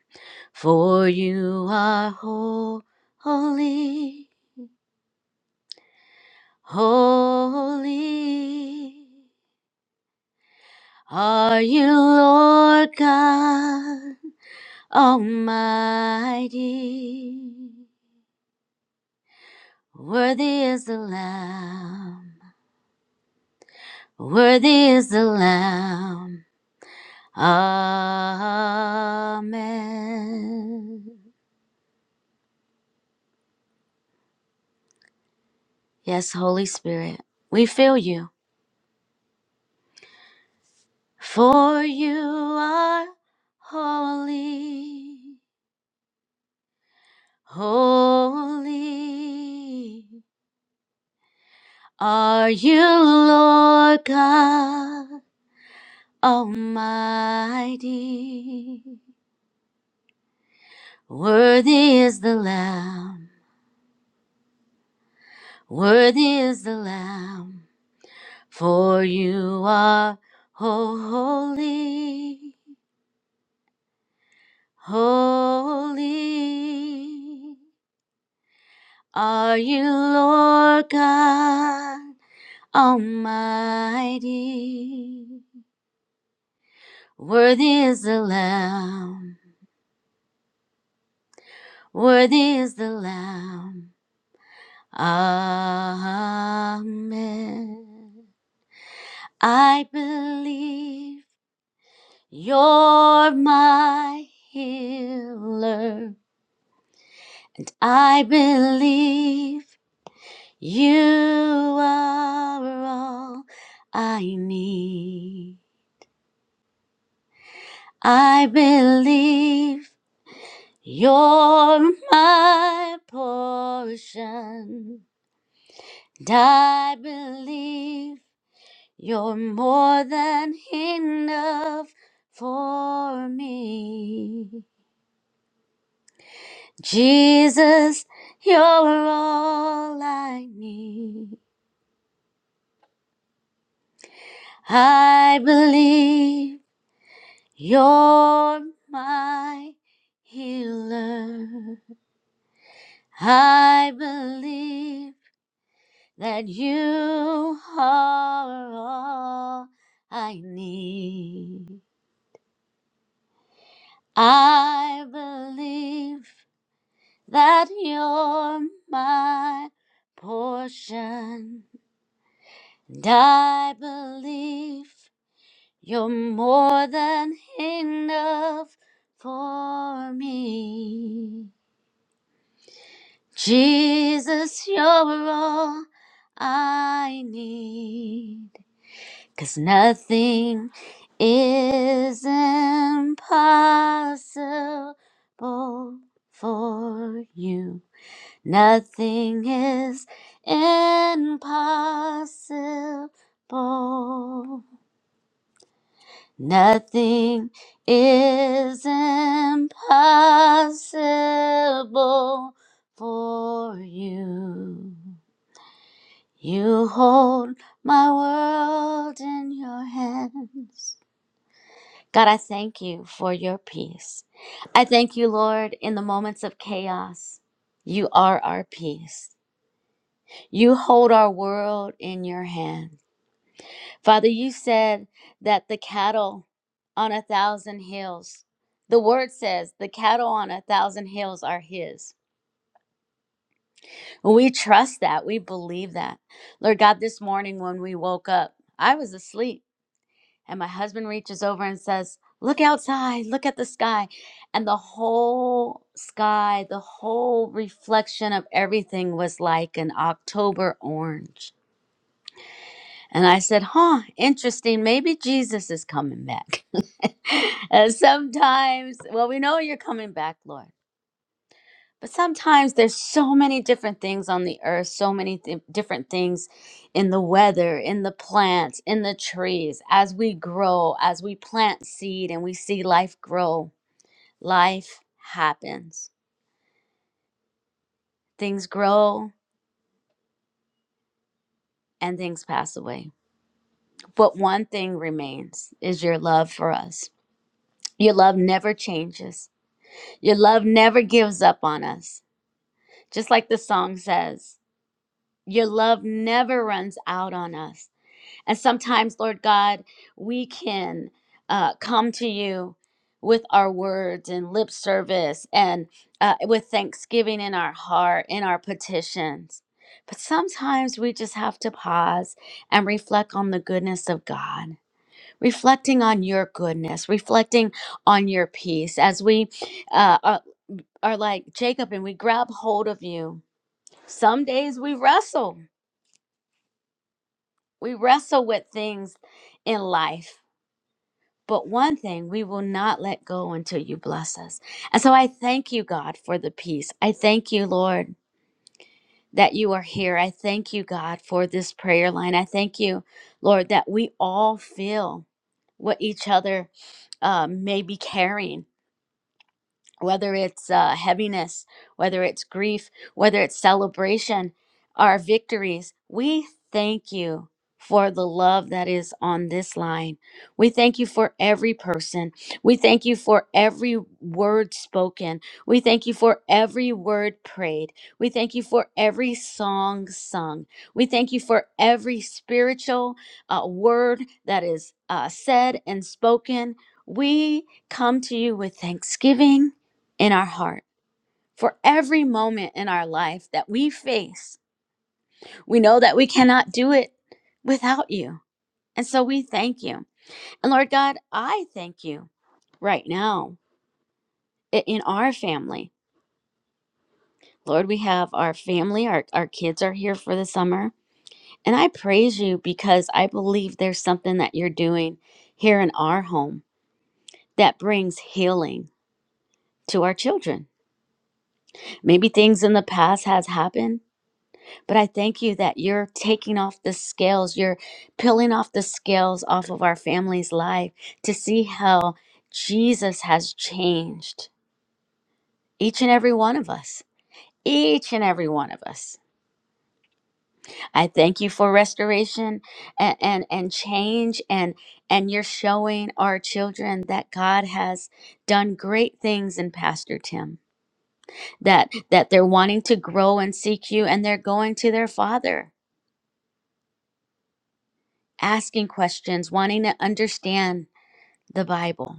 [SPEAKER 9] for you are holy. Holy, Are you Lord God Almighty? Worthy is the Lamb, worthy is the Lamb. Amen. Yes, Holy Spirit, we feel you. For you are holy, holy. Are you Lord God? Almighty. Worthy is the Lamb, worthy is the Lamb, for you are oh, holy, holy. Are you Lord God Almighty? Worthy is the Lamb, worthy is the Lamb. Amen. I believe you're my healer. I believe you are all I need. I believe you're my portion. And I believe you're more than enough for me. Jesus, you're all I need. I believe you're my healer. I believe that you are all I need. I believe that you're my portion. And I believe You're more than enough for me. Jesus, you're all I need. 'Cause nothing is impossible for you. Nothing is impossible Nothing is impossible for you. You hold my world in your hands. God, I thank you for your peace. I thank you, Lord, in the moments of chaos. You are our peace. You hold our world in your hands. Father, you said that the cattle on a thousand hills, the word says the cattle on a thousand hills are His. We trust that. We believe that. Lord God, this morning when we woke up, I was asleep, and my husband reaches over and says, Look outside, look at the sky. And the whole sky, the whole reflection of everything was like an October orange. And I said, huh, interesting. Maybe Jesus is coming back. and sometimes, well, we know you're coming back, Lord. But sometimes there's so many different things on the earth, so many th- different things in the weather, in the plants, in the trees. As we grow, as we plant seed and we see life grow, life happens. Things grow and things pass away. But one thing remains is your love for us. Your love never changes Your love never gives up on us. Just like the song says, your love never runs out on us. And sometimes, Lord God, we can uh, come to you with our words and lip service and uh, with thanksgiving in our heart, in our petitions. But sometimes we just have to pause and reflect on the goodness of God, reflecting on your goodness, reflecting on your peace as we uh, are are like Jacob and we grab hold of you. Some days we wrestle. We wrestle with things in life. But one thing we will not let go until you bless us. And so I thank you, God, for the peace. I thank you, Lord, that you are here. I thank you, God, for this prayer line. I thank you, Lord, that we all feel what each other uh, may be carrying whether it's uh, heaviness, whether it's grief, whether it's celebration, our victories. We thank you for the love that is on this line. We thank you for every person. We thank you for every word spoken. We thank you for every word prayed. We thank you for every song sung. We thank you for every spiritual uh, word that is uh, said and spoken. We come to you with thanksgiving in our heart for every moment in our life that we face. We know that we cannot do it without you. And so we thank you. And Lord God, I thank you right now i- in our family. Lord, we have our family, our, our kids are here for the summer. And I praise you because I believe there's something that you're doing here in our home that brings healing to our children. Maybe things in the past has happened But I thank you that you're taking off the scales, you're peeling off the scales off of our family's life to see how Jesus has changed each and every one of us. Each and every one of us. I thank you for restoration and, and, and change and and you're showing our children that God has done great things in Pastor Tim. That that they're wanting to grow and seek you and they're going to their father asking questions, wanting to understand the Bible.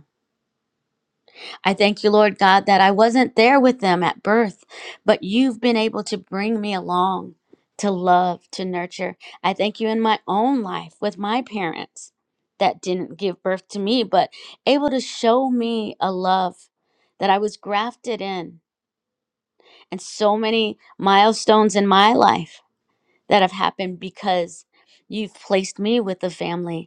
[SPEAKER 9] I thank you, Lord God, that I wasn't there with them at birth, but you've been able to bring me along to love, to nurture. I thank you in my own life with my parents that didn't give birth to me, but able to show me a love that I was grafted in, and so many milestones in my life that have happened because you've placed me with a family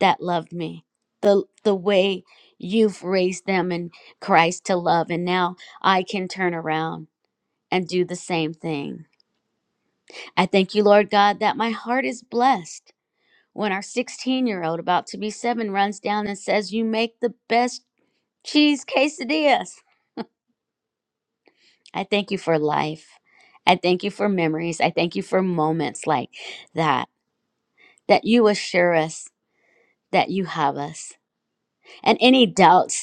[SPEAKER 9] that loved me the the way you've raised them in Christ to love and now I can turn around and do the same thing. I thank you Lord God that my heart is blessed when our 16-year-old about to be 7 runs down and says you make the best cheese quesadillas. I thank you for life. I thank you for memories. I thank you for moments like that that you assure us that you have us. And any doubts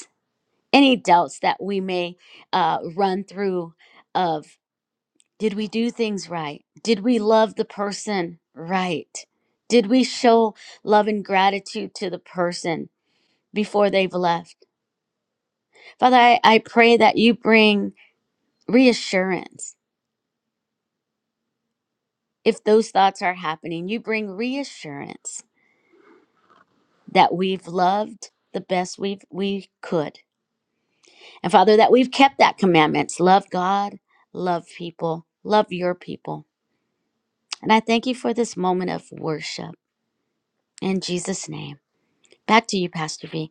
[SPEAKER 9] any doubts that we may uh, run through of did we do things right did we love the person right did we show love and gratitude to the person before they've left father i, I pray that you bring reassurance if those thoughts are happening you bring reassurance that we've loved the best we've we could and father that we've kept that commandments love god love people love your people And I thank you for this moment of worship in Jesus' name. Back to you, Pastor V.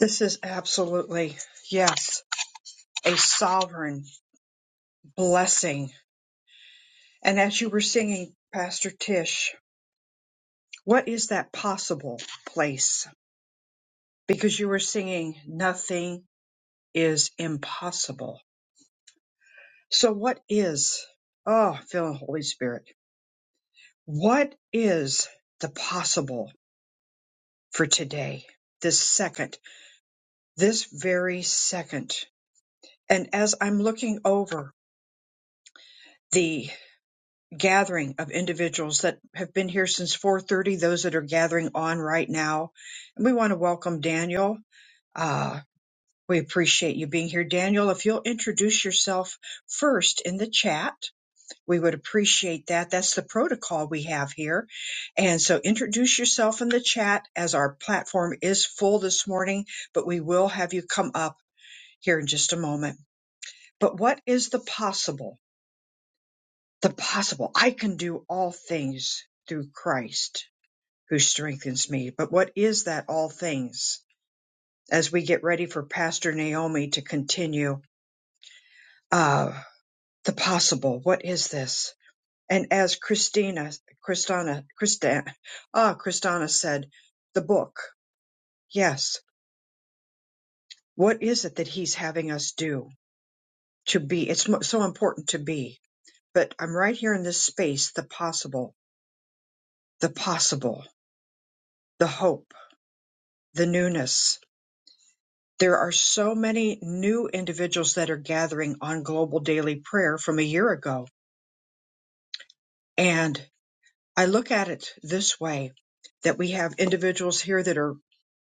[SPEAKER 1] This is absolutely, yes, a sovereign blessing. And as you were singing, Pastor Tish, what is that possible place? Because you were singing, nothing is impossible. So what is, oh, feeling Holy Spirit. What is the possible for today, this second, this very second? And as I'm looking over the gathering of individuals that have been here since 4:30, those that are gathering on right now, and we want to welcome Daniel. Uh, we appreciate you being here, Daniel. If you'll introduce yourself first in the chat, We would appreciate that. That's the protocol we have here. And so introduce yourself in the chat as our platform is full this morning, but we will have you come up here in just a moment. But what is the possible? The possible. I can do all things through Christ who strengthens me. But what is that all things? As we get ready for Pastor Naomi to continue, uh, the possible. What is this? And as Christina, Christina, Christa, ah, Christina said, the book. Yes. What is it that he's having us do to be? It's mo- so important to be. But I'm right here in this space, the possible, the possible, the hope, the newness. There are so many new individuals that are gathering on global daily prayer from a year ago. And I look at it this way that we have individuals here that are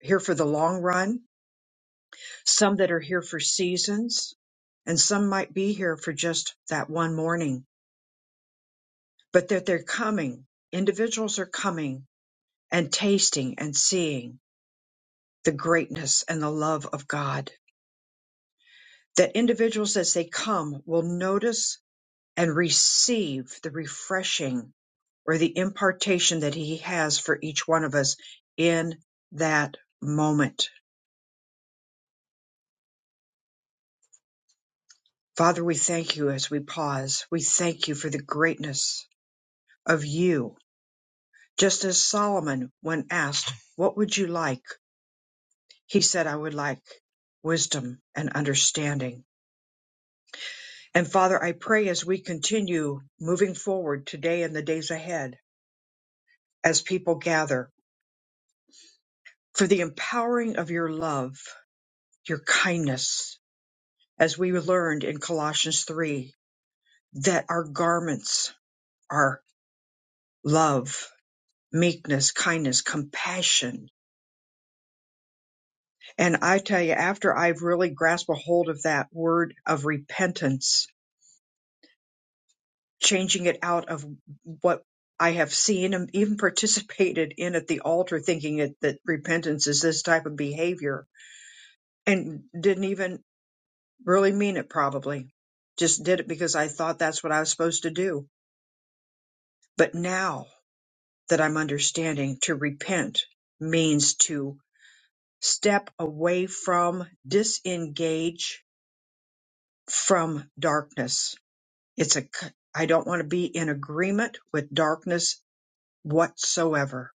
[SPEAKER 1] here for the long run some that are here for seasons, and some might be here for just that one morning, but that they're coming. Individuals are coming and tasting and seeing the greatness and the love of God. That individuals, as they come, will notice and receive the refreshing or the impartation that He has for each one of us in that moment. Father, we thank you as we pause. We thank you for the greatness of you Just as Solomon, when asked, What would you like? He said, I would like wisdom and understanding. And Father, I pray as we continue moving forward today and the days ahead, as people gather, for the empowering of your love, your kindness, as we learned in Colossians 3, that our garments are love, meekness, kindness, compassion. And I tell you, after I've really grasped a hold of that word of repentance, changing it out of what I have seen and even participated in at the altar, thinking it, that repentance is this type of behavior and didn't even really mean it, probably. Just did it because I thought that's what I was supposed to do. But now that I'm understanding to repent means to step away from, disengage from darkness. It's a, c- I don't want to be in agreement with darkness whatsoever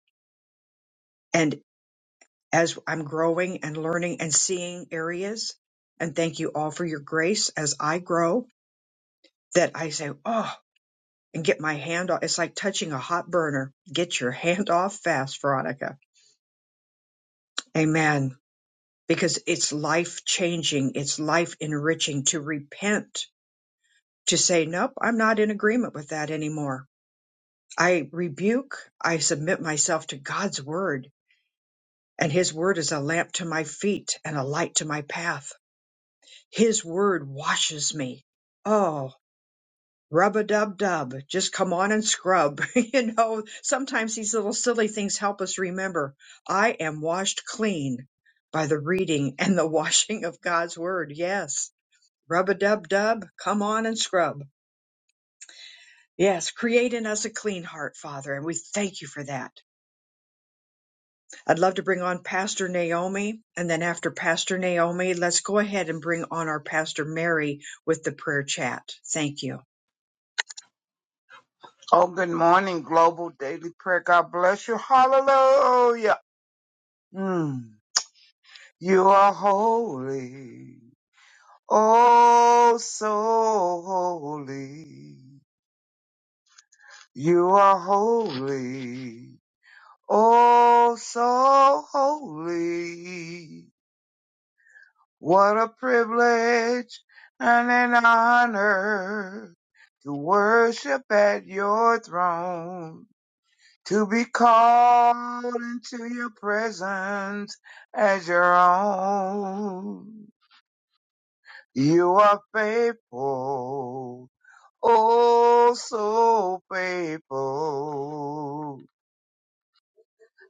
[SPEAKER 1] and. as I'm growing and learning and seeing areas. And thank you all for your grace as I grow that I say, oh, and get my hand off. It's like touching a hot burner. Get your hand off fast, Veronica. Amen. Because it's life changing, it's life enriching to repent, to say, nope, I'm not in agreement with that anymore. I rebuke, I submit myself to God's word, and his word is a lamp to my feet and a light to my path His word washes me. Oh, rub a dub dub. Just come on and scrub. you know, sometimes these little silly things help us remember I am washed clean by the reading and the washing of God's word. Yes. Rub a dub dub. Come on and scrub. Yes. Create in us a clean heart, Father. And we thank you for that. I'd love to bring on Pastor Naomi. And then after Pastor Naomi, let's go ahead and bring on our Pastor Mary with the prayer chat. Thank you.
[SPEAKER 10] Oh, good morning, Global Daily Prayer. God bless you. Hallelujah. Mm. You are holy. Oh, so holy. You are holy. Oh, so holy. What a privilege and an honor to worship at your throne. to be called into your presence as your own. You are faithful, oh so faithful.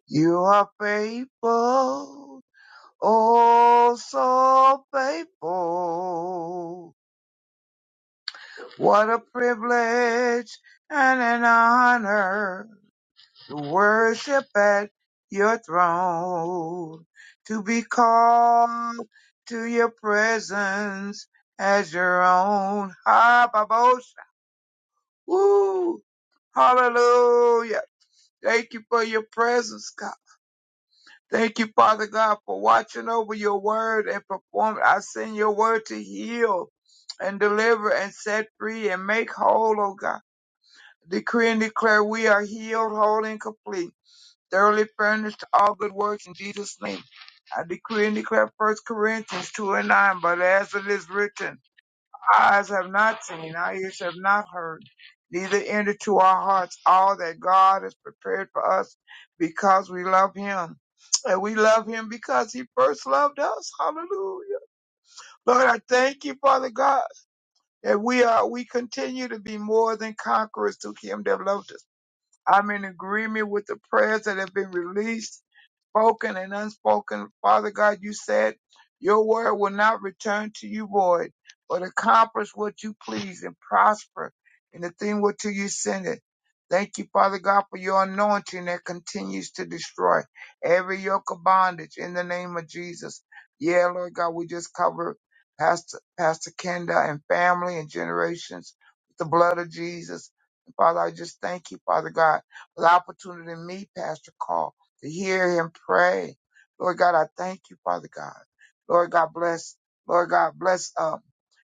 [SPEAKER 10] You are faithful, oh so faithful. What a privilege and an honor to worship at your throne, to be called to your presence as your own. Ah, Babosha. Woo! Hallelujah. Thank you for your presence, God. Thank you, Father God, for watching over your word and performing. I send your word to heal and deliver and set free and make whole, oh God. Decree and declare we are healed, whole, and complete thoroughly furnished to all good works in Jesus' name. I decree and declare First Corinthians 2 and 9, but as it is written, eyes have not seen, our ears have not heard, neither entered to our hearts all that God has prepared for us because we love him. And we love him because he first loved us. Hallelujah. Lord, I thank you, Father God, that we are, we continue to be more than conquerors through him that loved us. I'm in agreement with the prayers that have been released spoken and unspoken. Father God, you said your word will not return to you void, but accomplish what you please and prosper in the thing whereto you send it. Thank you, Father God, for your anointing that continues to destroy every yoke of bondage in the name of Jesus. Yeah, Lord God, we just cover Pastor, Pastor Kenda and family and generations with the blood of Jesus. Father, I just thank you, Father God, for the opportunity to meet Pastor Carl to hear him pray. Lord God, I thank you, Father God. Lord God, bless. Lord God, bless. Um,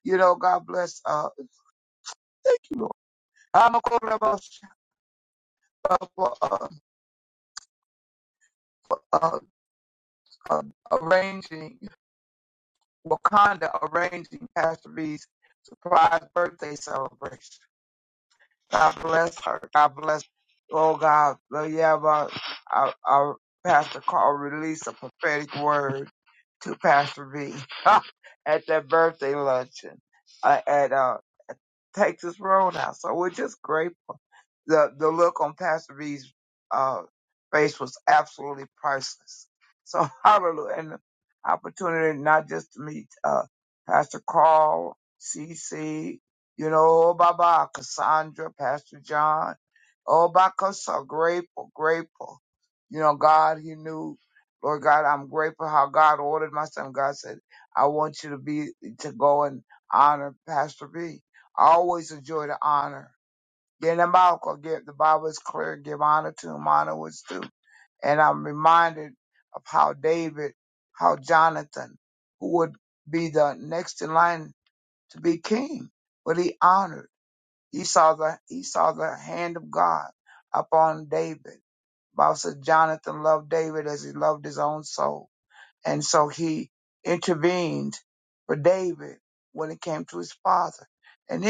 [SPEAKER 10] you know, God bless. Uh, thank you, Lord. I'm a call about uh, for um, uh, um, arranging Wakanda, arranging Pastor B's surprise birthday celebration. God bless her. God bless. Oh God, Lord, yeah, but our, our Pastor Carl released a prophetic word to Pastor B at that birthday luncheon uh, at uh, Takes his role now. So we're just grateful. The the look on Pastor B's uh, face was absolutely priceless. So hallelujah, and the opportunity not just to meet uh, Pastor Carl, CC, you know, oh, Baba, Cassandra, Pastor John, oh, Baba, so grateful, grateful. You know, God, He knew. Lord God, I'm grateful how God ordered my son. God said, I want you to be, to go and honor Pastor B. I always enjoy the honor. Then the Bible, give, the Bible is clear, give honor to whom honor was due. And I'm reminded of how David, how Jonathan, who would be the next in line to be king, but he honored. He saw the, he saw the hand of God upon David. Bible said Jonathan loved David as he loved his own soul. And so he intervened for David when it came to his father. And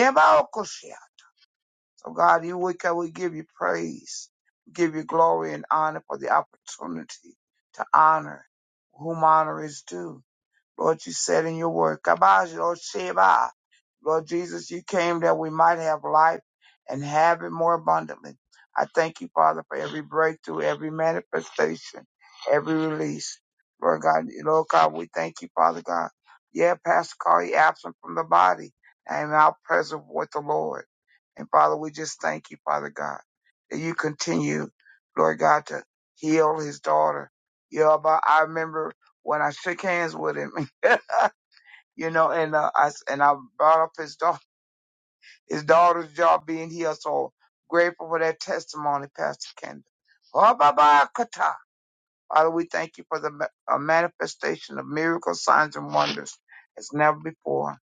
[SPEAKER 10] so God, you we can we give you praise, we give you glory and honor for the opportunity to honor whom honor is due. Lord, you said in your word, "Kabaj lo sheba." Lord Jesus, you came that we might have life and have it more abundantly. I thank you, Father, for every breakthrough, every manifestation, every release. Lord God, Lord God, we thank you, Father God. Yeah, Pastor Carl, he absent from the body and now present with the Lord. And Father, we just thank you, Father God, that you continue, Lord God, to heal his daughter. Yeah, but I remember when I shook hands with him, you know, and uh, I s- and I brought up his daughter, his daughter's job being here. So grateful for that testimony, Pastor Kendall. Oh, Baba Kata. Father, we thank you for the ma- uh, manifestation of miracles, signs, and wonders as never before.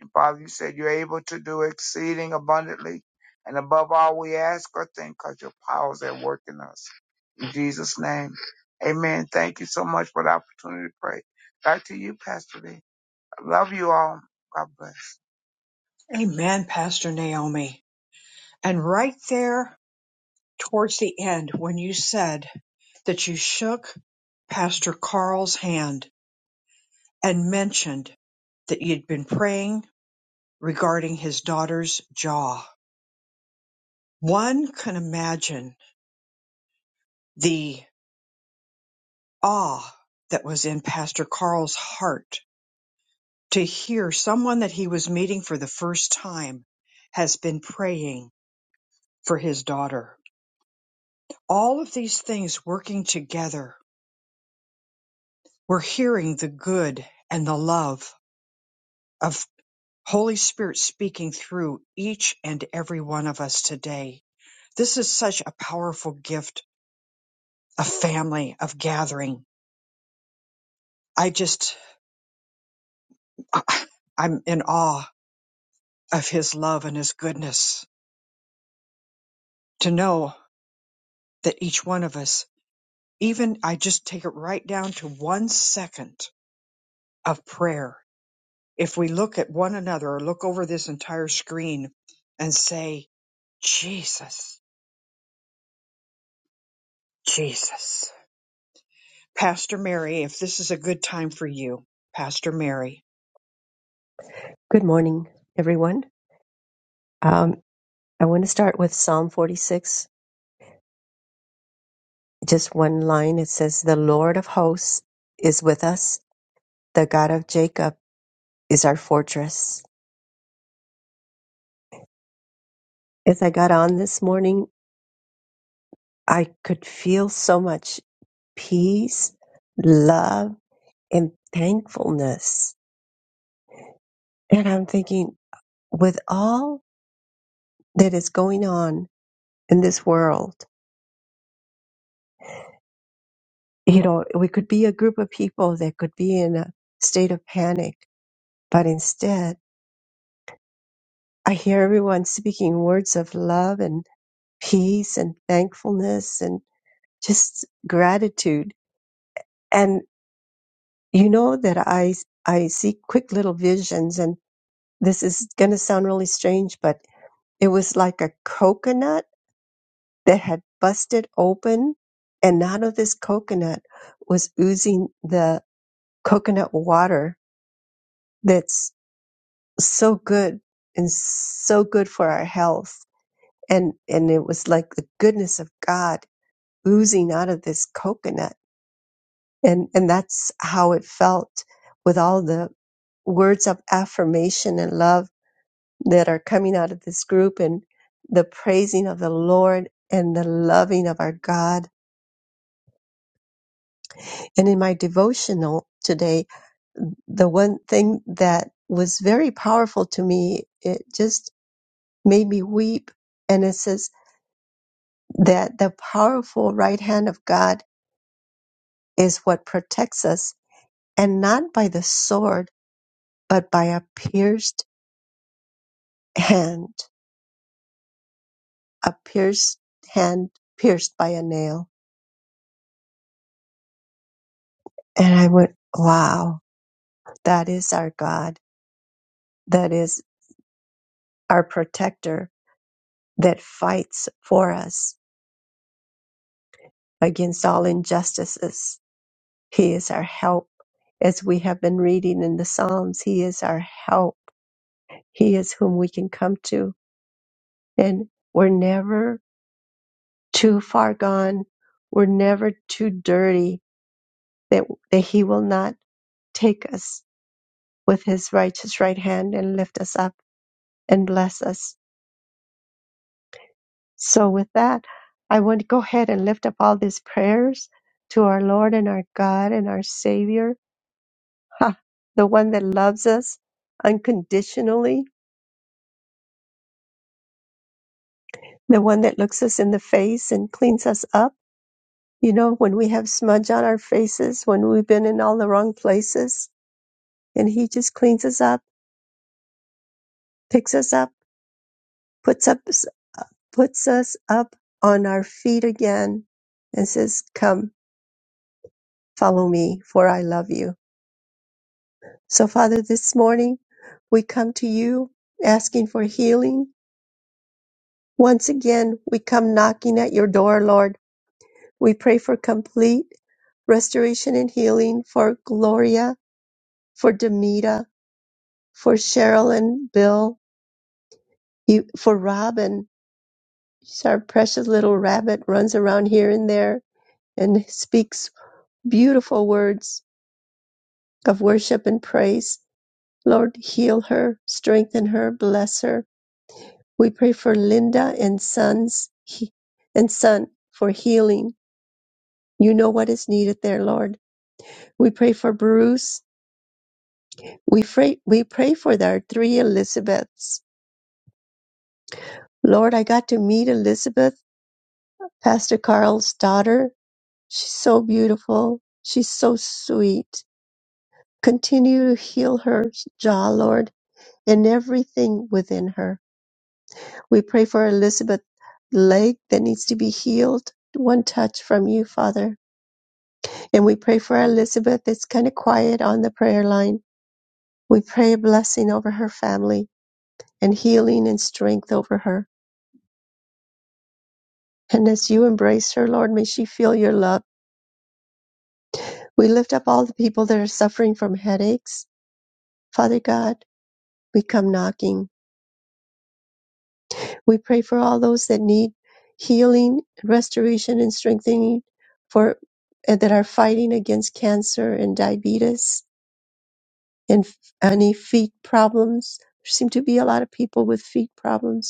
[SPEAKER 10] And Father, you said you're able to do exceeding abundantly and above all we ask or think because your power is at work in us. In Jesus' name, amen. Thank you so much for the opportunity to pray. Back to you, Pastor Lee. Love you all. God bless.
[SPEAKER 1] Amen, Pastor Naomi. And right there towards the end, when you said that you shook Pastor Carl's hand and mentioned that you'd been praying regarding his daughter's jaw, one can imagine the awe that was in Pastor Carl's heart to hear someone that he was meeting for the first time has been praying for his daughter. All of these things working together We're hearing the good and the love of Holy Spirit speaking through each and every one of us today. This is such a powerful gift of family, of gathering. I just, I'm in awe of his love and his goodness to know that each one of us, even I just take it right down to one second of prayer. If we look at one another or look over this entire screen and say, Jesus. Jesus. Pastor Mary, if this is a good time for you, Pastor Mary.
[SPEAKER 2] Good morning, everyone. Um, I want to start with Psalm 46. just one line. It says, The Lord of hosts is with us. The God of Jacob is our fortress. As I got on this morning, I could feel so much peace, love, and thankfulness. And I'm thinking, with all that is going on in this world, you know, we could be a group of people that could be in a state of panic, but instead, I hear everyone speaking words of love and. peace and thankfulness and just gratitude. And you know that I, I see quick little visions and this is going to sound really strange, but it was like a coconut that had busted open and out of this coconut was oozing the coconut water that's so good and so good for our health. And, and it was like the goodness of God oozing out of this coconut and and that's how it felt with all the words of affirmation and love that are coming out of this group and the praising of the Lord and the loving of our God. And in my devotional today, the one thing that was very powerful to me, it just made me weep. And it says that the powerful right hand of God is what protects us and not by the sword, but by a pierced hand, a pierced hand pierced by a nail. And I went, wow, that is our God. That is our protector that fights for us against all injustices. He is our help. As we have been reading in the Psalms, He is our help. He is whom we can come to. And we're never too far gone. We're never too dirty that, that He will not take us with his righteous right hand and lift us up and bless us. So, with that, I want to go ahead and lift up all these prayers to our Lord and our God and our Savior, ha, the one that loves us unconditionally, the one that looks us in the face and cleans us up. You know, when we have smudge on our faces, when we've been in all the wrong places, and He just cleans us up, picks us up, puts up, puts us up on our feet again, and says, "Come." Follow me, for I love you. So, Father, this morning we come to you asking for healing. Once again, we come knocking at your door, Lord. We pray for complete restoration and healing for Gloria, for Demita, for Cheryl and Bill, you, for Robin. She's our precious little rabbit, runs around here and there and speaks beautiful words of worship and praise. Lord, heal her, strengthen her, bless her. We pray for Linda and sons he- and son for healing. You know what is needed there, Lord. We pray for Bruce. We pray, we pray for our three Elizabeths. Lord, I got to meet Elizabeth, Pastor Carl's daughter. She's so beautiful. She's so sweet. Continue to heal her jaw, Lord, and everything within her. We pray for Elizabeth's leg that needs to be healed. One touch from you, Father. And we pray for Elizabeth. It's kind of quiet on the prayer line. We pray a blessing over her family and healing and strength over her. And as you embrace her, Lord, may she feel your love. We lift up all the people that are suffering from headaches. Father God, we come knocking. We pray for all those that need healing, restoration, and strengthening for and that are fighting against cancer and diabetes and f- any feet problems. There seem to be a lot of people with feet problems.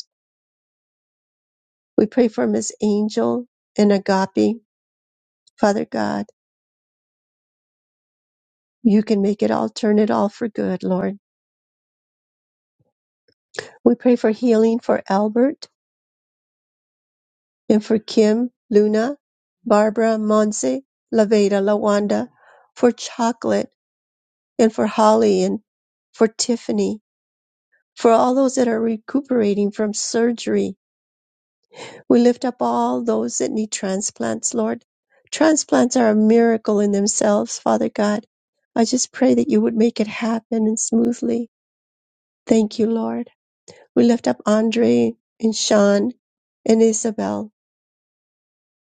[SPEAKER 2] We pray for Miss Angel and Agape. Father God, you can make it all, turn it all for good, Lord. We pray for healing for Albert and for Kim, Luna, Barbara, Monse, Laveda, Lawanda, for Chocolate and for Holly and for Tiffany, for all those that are recuperating from surgery We lift up all those that need transplants, Lord. Transplants are a miracle in themselves, Father God. I just pray that you would make it happen and smoothly. Thank you, Lord. We lift up Andre and Sean and Isabel.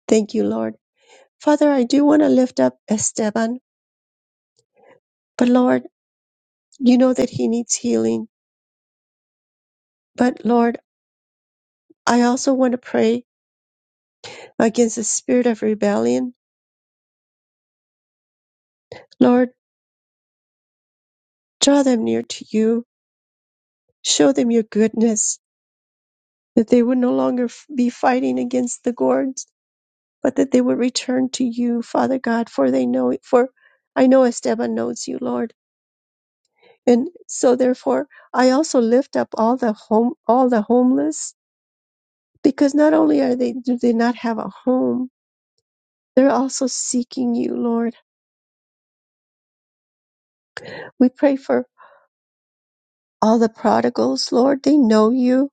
[SPEAKER 2] Thank you, Lord. Father, I do want to lift up Esteban, but Lord, you know that he needs healing. But Lord, I also want to pray against the spirit of rebellion. Lord, draw them near to you. Show them your goodness. that they would no longer f- be fighting against the gourds, but that they would return to you, Father God, for they know for I know Esteban knows you, Lord. And so therefore I also lift up all the home all the homeless, because not only are they do they not have a home, they're also seeking you, Lord. We pray for all the prodigals, Lord. They know you.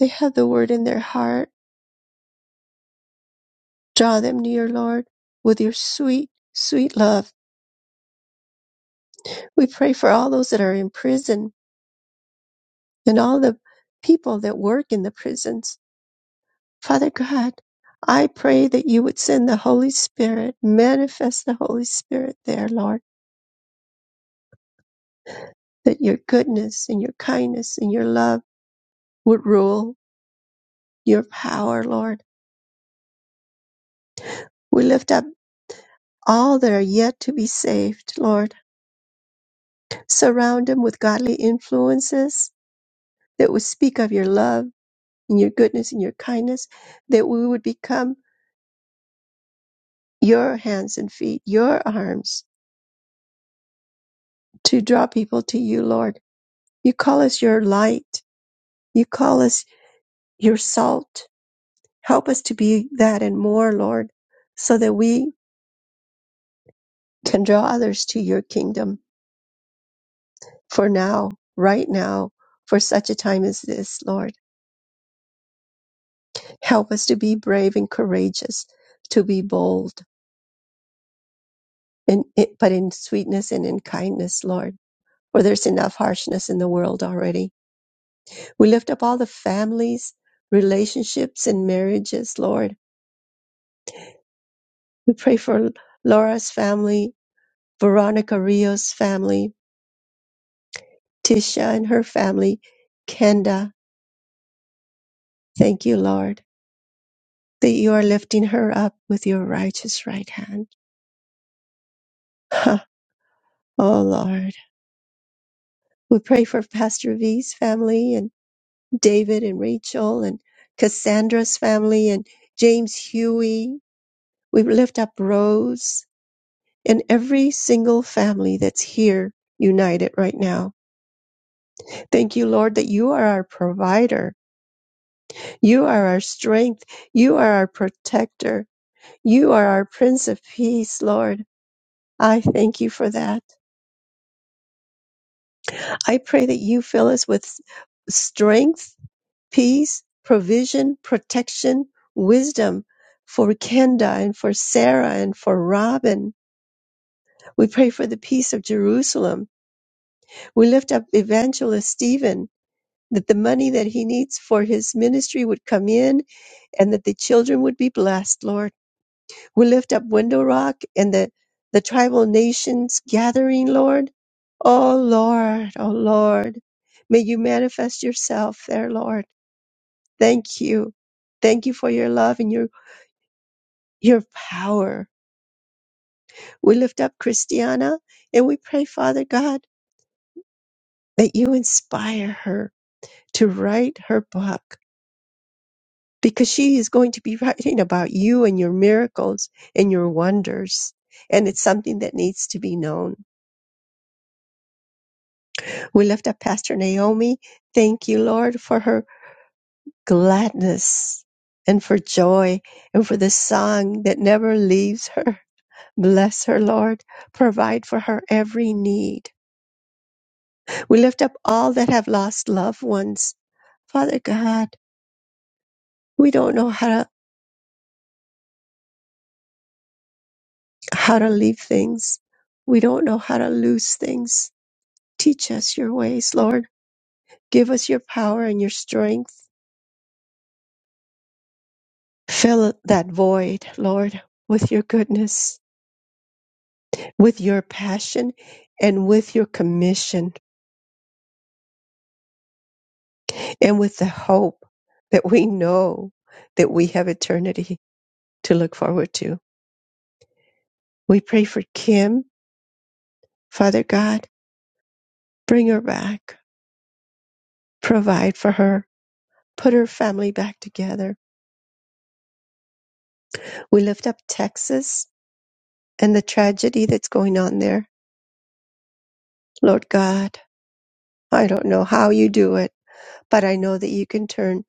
[SPEAKER 2] They have the word in their heart. Draw them near, Lord, with your sweet, sweet love. We pray for all those that are in prison and all the people that work in the prisons. Father God, I pray that you would send the Holy Spirit, manifest the Holy Spirit there, Lord, that your goodness and your kindness and your love would rule your power, Lord. We lift up all that are yet to be saved, Lord. Surround them with godly influences that would speak of your love and your goodness and your kindness, that we would become your hands and feet, your arms to draw people to you, Lord You call us your light. You call us your salt. Help us to be that and more, Lord, so that we can draw others to your kingdom for now, right now, for such a time as this, Lord. Help us to be brave and courageous, to be bold, and it, but in sweetness and in kindness, Lord, for there's enough harshness in the world already. We lift up all the families, relationships, and marriages, Lord. We pray for Laura's family Veronica Rios' family, Tisha and her family, Kenda, thank you, Lord, that you are lifting her up with your righteous right hand. Ha, oh, Lord. We pray for Pastor V's family and David and Rachel and Cassandra's family and James Huey. We lift up Rose and every single family that's here united right now. Thank you, Lord, that you are our provider. You are our strength. You are our protector. You are our Prince of Peace, Lord. I thank you for that. I pray that you fill us with strength, peace, provision, protection, wisdom for Kenda and for Sarah and for Robin. We pray for the peace of Jerusalem. We lift up Evangelist Stephen that the money that he needs for his ministry would come in and that the children would be blessed, Lord. We lift up Window Rock and the, the tribal nations gathering, Lord. Oh, Lord, oh, Lord. May you manifest yourself there, Lord. Thank you. Thank you for your love and your, your power. We lift up Christiana and we pray, Father God, that you inspire her to write her book because she is going to be writing about you and your miracles and your wonders. And it's something that needs to be known. We lift up Pastor Naomi. Thank you, Lord, for her gladness and for joy and for the song that never leaves her. Bless her, Lord. Provide for her every need. We lift up all that have lost loved ones. Father God, we don't know how to, how to leave things. We don't know how to lose things. Teach us your ways, Lord. Give us your power and your strength. Fill that void, Lord, with your goodness with your passion and with your commission and with the hope that we know that we have eternity to look forward to. We pray for Kim, Father God, bring her back, provide for her, put her family back together. We lift up Texas and the tragedy that's going on there. Lord God, I don't know how you do it, but I know that you can turn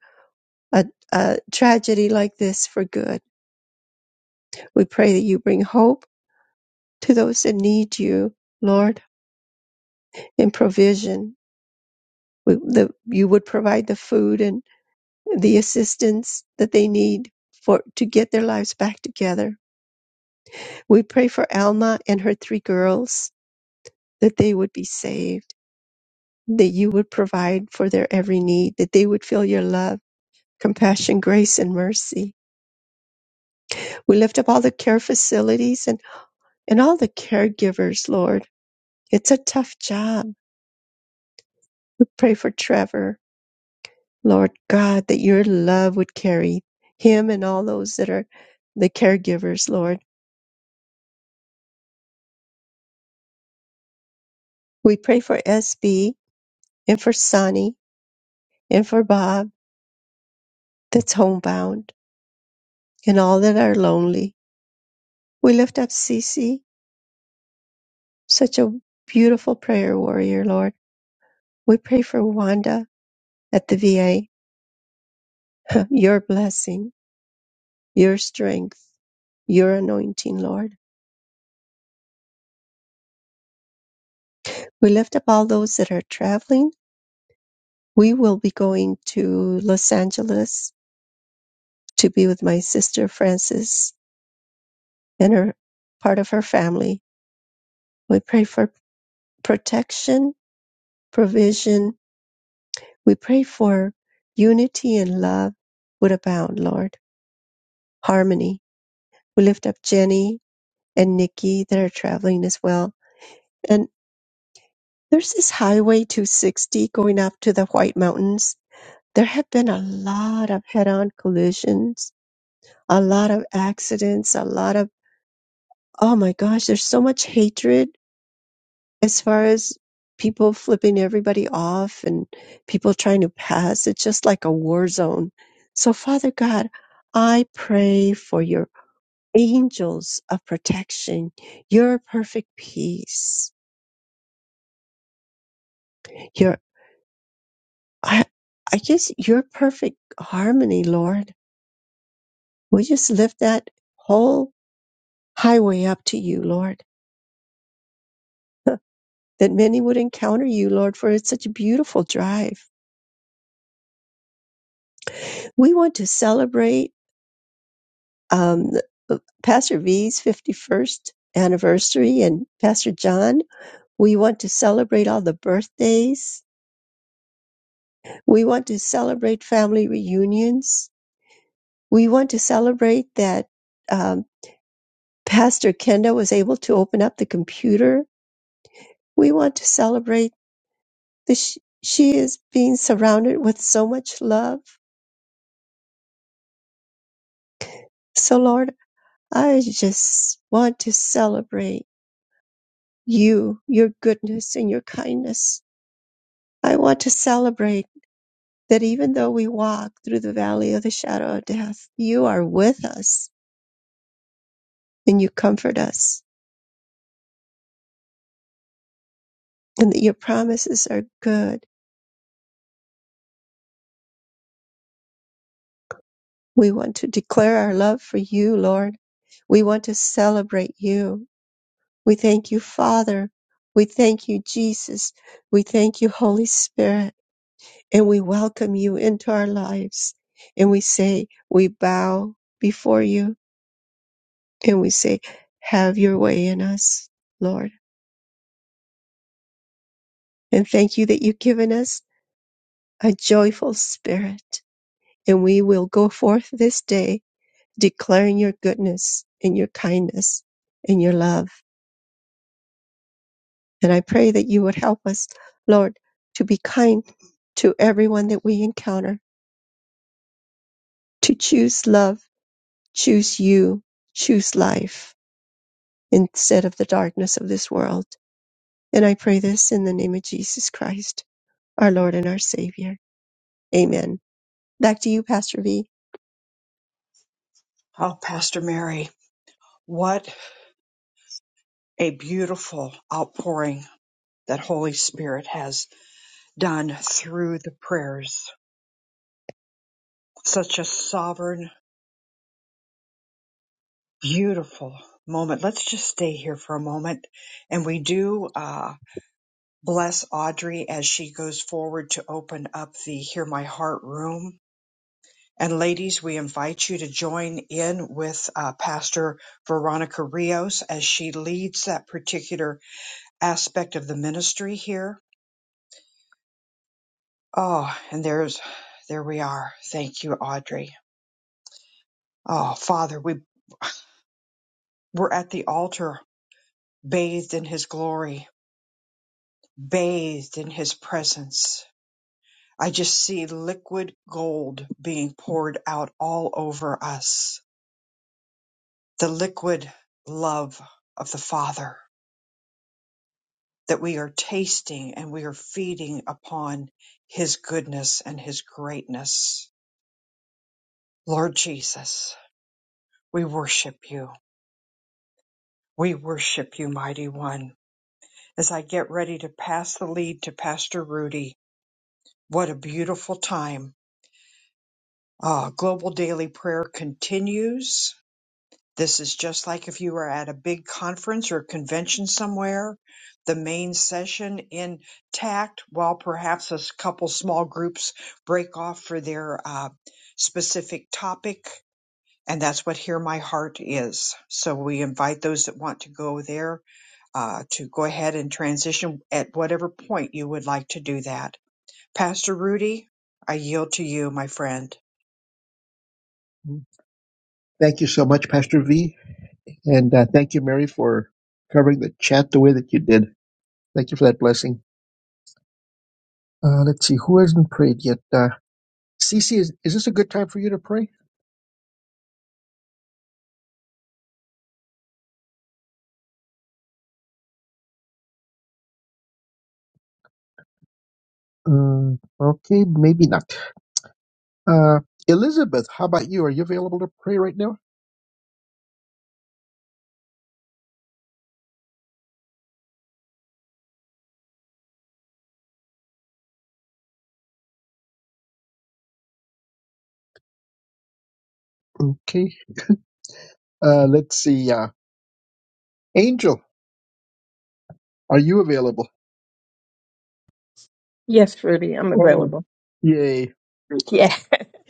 [SPEAKER 2] a, a tragedy like this for good. We pray that you bring hope to those that need you, Lord, in provision. We, the, you would provide the food and the assistance that they need for to get their lives back together. We pray for Alma and her three girls that they would be saved, that you would provide for their every need, that they would feel your love, compassion, grace, and mercy. We lift up all the care facilities and, and all the caregivers, Lord. It's a tough job. We pray for Trevor Lord God, that your love would carry him and all those that are the caregivers, Lord. We pray for SB and for Sonny and for Bob that's homebound and all that are lonely. We lift up Cece, such a beautiful prayer warrior, Lord. We pray for Wanda at the VA, your blessing, your strength, your anointing, Lord. We lift up all those that are traveling. We will be going to Los Angeles to be with my sister Frances and her part of her family. We pray for protection, provision. We pray for unity and love would abound, Lord. Harmony. We lift up Jenny and Nikki that are traveling as well. And there's this highway 260 going up to the White Mountains. There have been a lot of head on collisions, a lot of accidents, a lot of, oh my gosh, there's so much hatred as far as people flipping everybody off and people trying to pass, it's just like a war zone. So, Father God, I pray for your angels of protection, your perfect peace, your, I, I just, your perfect harmony, Lord. We just lift that whole highway up to you, Lord. That many would encounter you, Lord, for it's such a beautiful drive. We want to celebrate um, Pastor V's 51st anniversary and Pastor John. We want to celebrate all the birthdays. We want to celebrate family reunions. We want to celebrate that um, Pastor Kenda was able to open up the computer. We want to celebrate that she, she is being surrounded with so much love. So, Lord, I just want to celebrate you, your goodness, and your kindness. I want to celebrate that even though we walk through the valley of the shadow of death, you are with us and you comfort us, and that your promises are good. We want to declare our love for you, Lord. We want to celebrate you. We thank you, Father. We thank you, Jesus. We thank you, Holy Spirit. And we welcome you into our lives. And we say, we bow before you and we say, have your way in us, Lord. And thank you that you've given us a joyful spirit. And we will go forth this day declaring your goodness and your kindness and your love. And I pray that you would help us, Lord, to be kind to everyone that we encounter, to choose love, choose you, choose life instead of the darkness of this world. And I pray this in the name of Jesus Christ, our Lord and our Savior. Amen. Back to you, Pastor V.
[SPEAKER 1] Oh, Pastor Mary, what a beautiful outpouring that Holy Spirit has done through the prayers. Such a sovereign, beautiful moment. Let's just stay here for a moment. And we do uh, bless Audrey as she goes forward to open up the Hear My Heart room. And ladies, we invite you to join in with uh, Pastor Veronica Rios as she leads that particular aspect of the ministry here. Oh, and there's, there we are. Thank you, Audrey. Oh, Father, we, we're at the altar, bathed in His glory, bathed in His presence. I just see liquid gold being poured out all over us. The liquid love of the Father that we are tasting and we are feeding upon His goodness and His greatness. Lord Jesus, we worship you. We worship you, mighty one. As I get ready to pass the lead to Pastor Rudy, what a beautiful time. Ah, Global Daily Prayer continues. This is just like if you were at a big conference or convention somewhere, the main session intact, while perhaps a s- couple small groups break off for their uh, specific topic. And that's what Hear My Heart is. So we invite those that want to go there uh, to go ahead and transition at whatever point you would like to do that. Pastor Rudy, I yield to you, my friend.
[SPEAKER 2] Thank you so much, Pastor V. And uh, thank you, Mary, for covering the chat the way that you did. Thank you for that blessing. Uh, let's see, who hasn't prayed yet? Uh, Cece, is, is this a good time for you to pray? Um, okay, maybe not. Uh, Elizabeth, how about you? Are you available to pray right now? Okay. Uh, let's see. Uh, Angel, are you available?
[SPEAKER 11] Yes, Rudy, I'm
[SPEAKER 2] Oh,
[SPEAKER 11] available.
[SPEAKER 2] yay.
[SPEAKER 11] Yeah.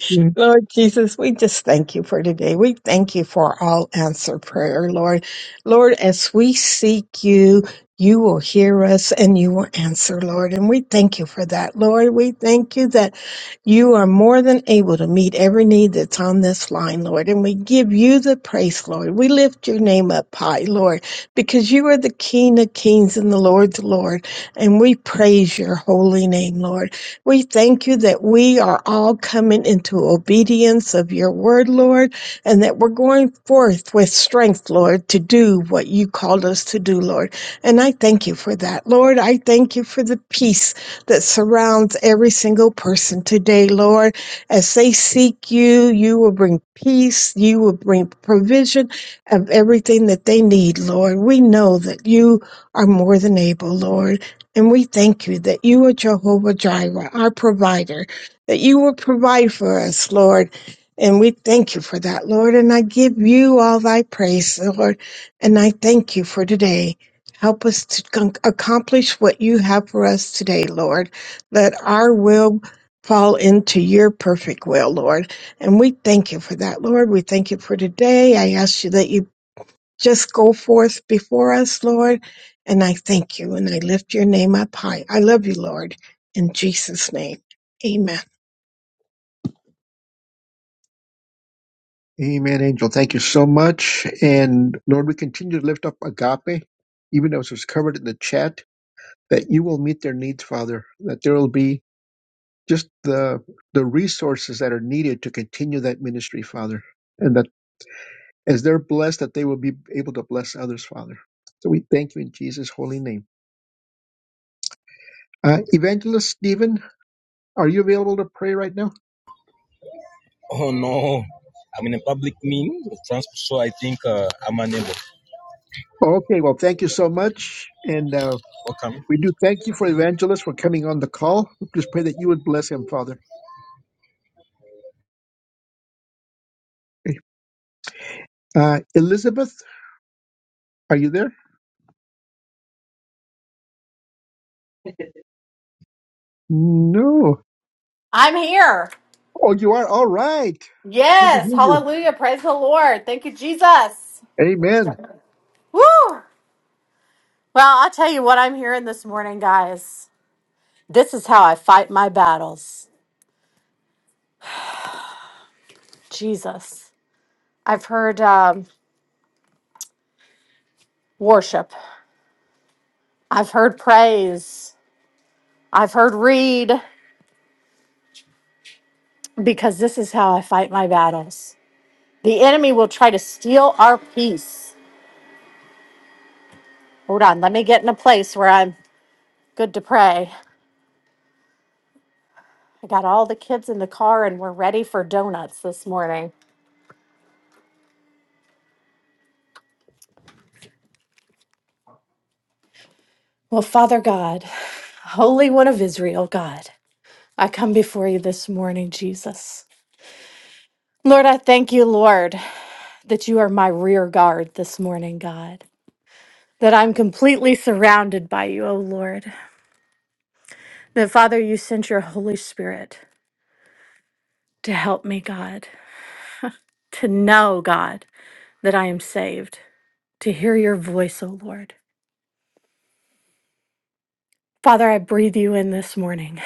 [SPEAKER 2] Yeah.
[SPEAKER 11] Lord Jesus, we just thank you for today. We thank you for all answer prayer, Lord. Lord, as we seek you, you will hear us and you will answer, Lord. And we thank you for that, Lord. We thank you that you are more than able to meet every need that's on this line, Lord. And we give you the praise, Lord. We lift your name up high, Lord, because you are the King of kings and the Lord, the Lord. And we praise your holy name, Lord. We thank you that we are all coming into obedience of your word, Lord, and that we're going forth with strength, Lord, to do what you called us to do, Lord. And I thank you for that, Lord. I thank you for the peace that surrounds every single person today, Lord. As they seek you, you will bring peace, you will bring provision of everything that they need, Lord. We know that you are more than able, Lord. And we thank you that you are Jehovah Jireh, our provider, that you will provide for us, Lord. And we thank you for that, Lord. And I give you all thy praise, Lord. And I thank you for today. Help us to con- accomplish what you have for us today, Lord. Let our will fall into your perfect will, Lord. And we thank you for that, Lord. We thank you for today. I ask you that you just go forth before us, Lord. And I thank you and I lift your name up high. I love you, Lord. In Jesus' name, amen.
[SPEAKER 2] Amen, Angel. Thank you so much. And Lord, we continue to lift up agape, even as was covered in the chat, that you will meet their needs, Father, that there will be just the the resources that are needed to continue that ministry, Father and that. As they're blessed, that they will be able to bless others, Father. So we thank you in Jesus' holy name. Uh, Evangelist Stephen, are you available to pray right now?
[SPEAKER 12] Oh no, I'm in a public meeting of transport, so I think uh, I'm unable.
[SPEAKER 2] Okay, well, thank you so much. And uh,
[SPEAKER 12] Welcome.
[SPEAKER 2] we do thank you for Evangelist for coming on the call. We just pray that you would bless him, Father. Uh, Elizabeth, are you there? No.
[SPEAKER 13] I'm here.
[SPEAKER 2] Oh, you are? All right. Good to
[SPEAKER 13] Yes.
[SPEAKER 2] hear you.
[SPEAKER 13] Hallelujah. Praise the Lord. Thank you, Jesus.
[SPEAKER 2] Amen.
[SPEAKER 13] Woo. Well, I'll tell you what I'm hearing this morning, guys. This is how I fight my battles. Jesus. I've heard um, worship, I've heard praise, I've heard read, because this is how I fight my battles. The enemy will try to steal our peace. Hold on. Let me get in a place where I'm good to pray. I got all the kids in the car and we're ready for donuts this morning. Well, Father God, Holy One of Israel, God, I come before you this morning, Jesus. Lord, I thank you, Lord, that you are my rear guard this morning, God, that I'm completely surrounded by you, O Lord. That, Father, you sent your Holy Spirit to help me, God, to know, God, that I am saved, to hear your voice, O Lord. Father, I breathe you in this morning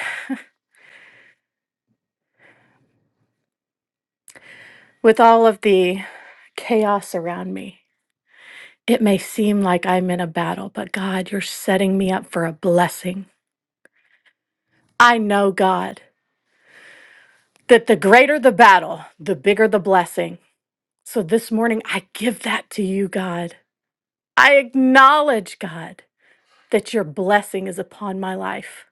[SPEAKER 13] with all of the chaos around me. It may seem like I'm in a battle, but God, you're setting me up for a blessing. I know, God, that the greater the battle, the bigger the blessing. So this morning, I give that to you, God. I acknowledge, God, that your blessing is upon my life.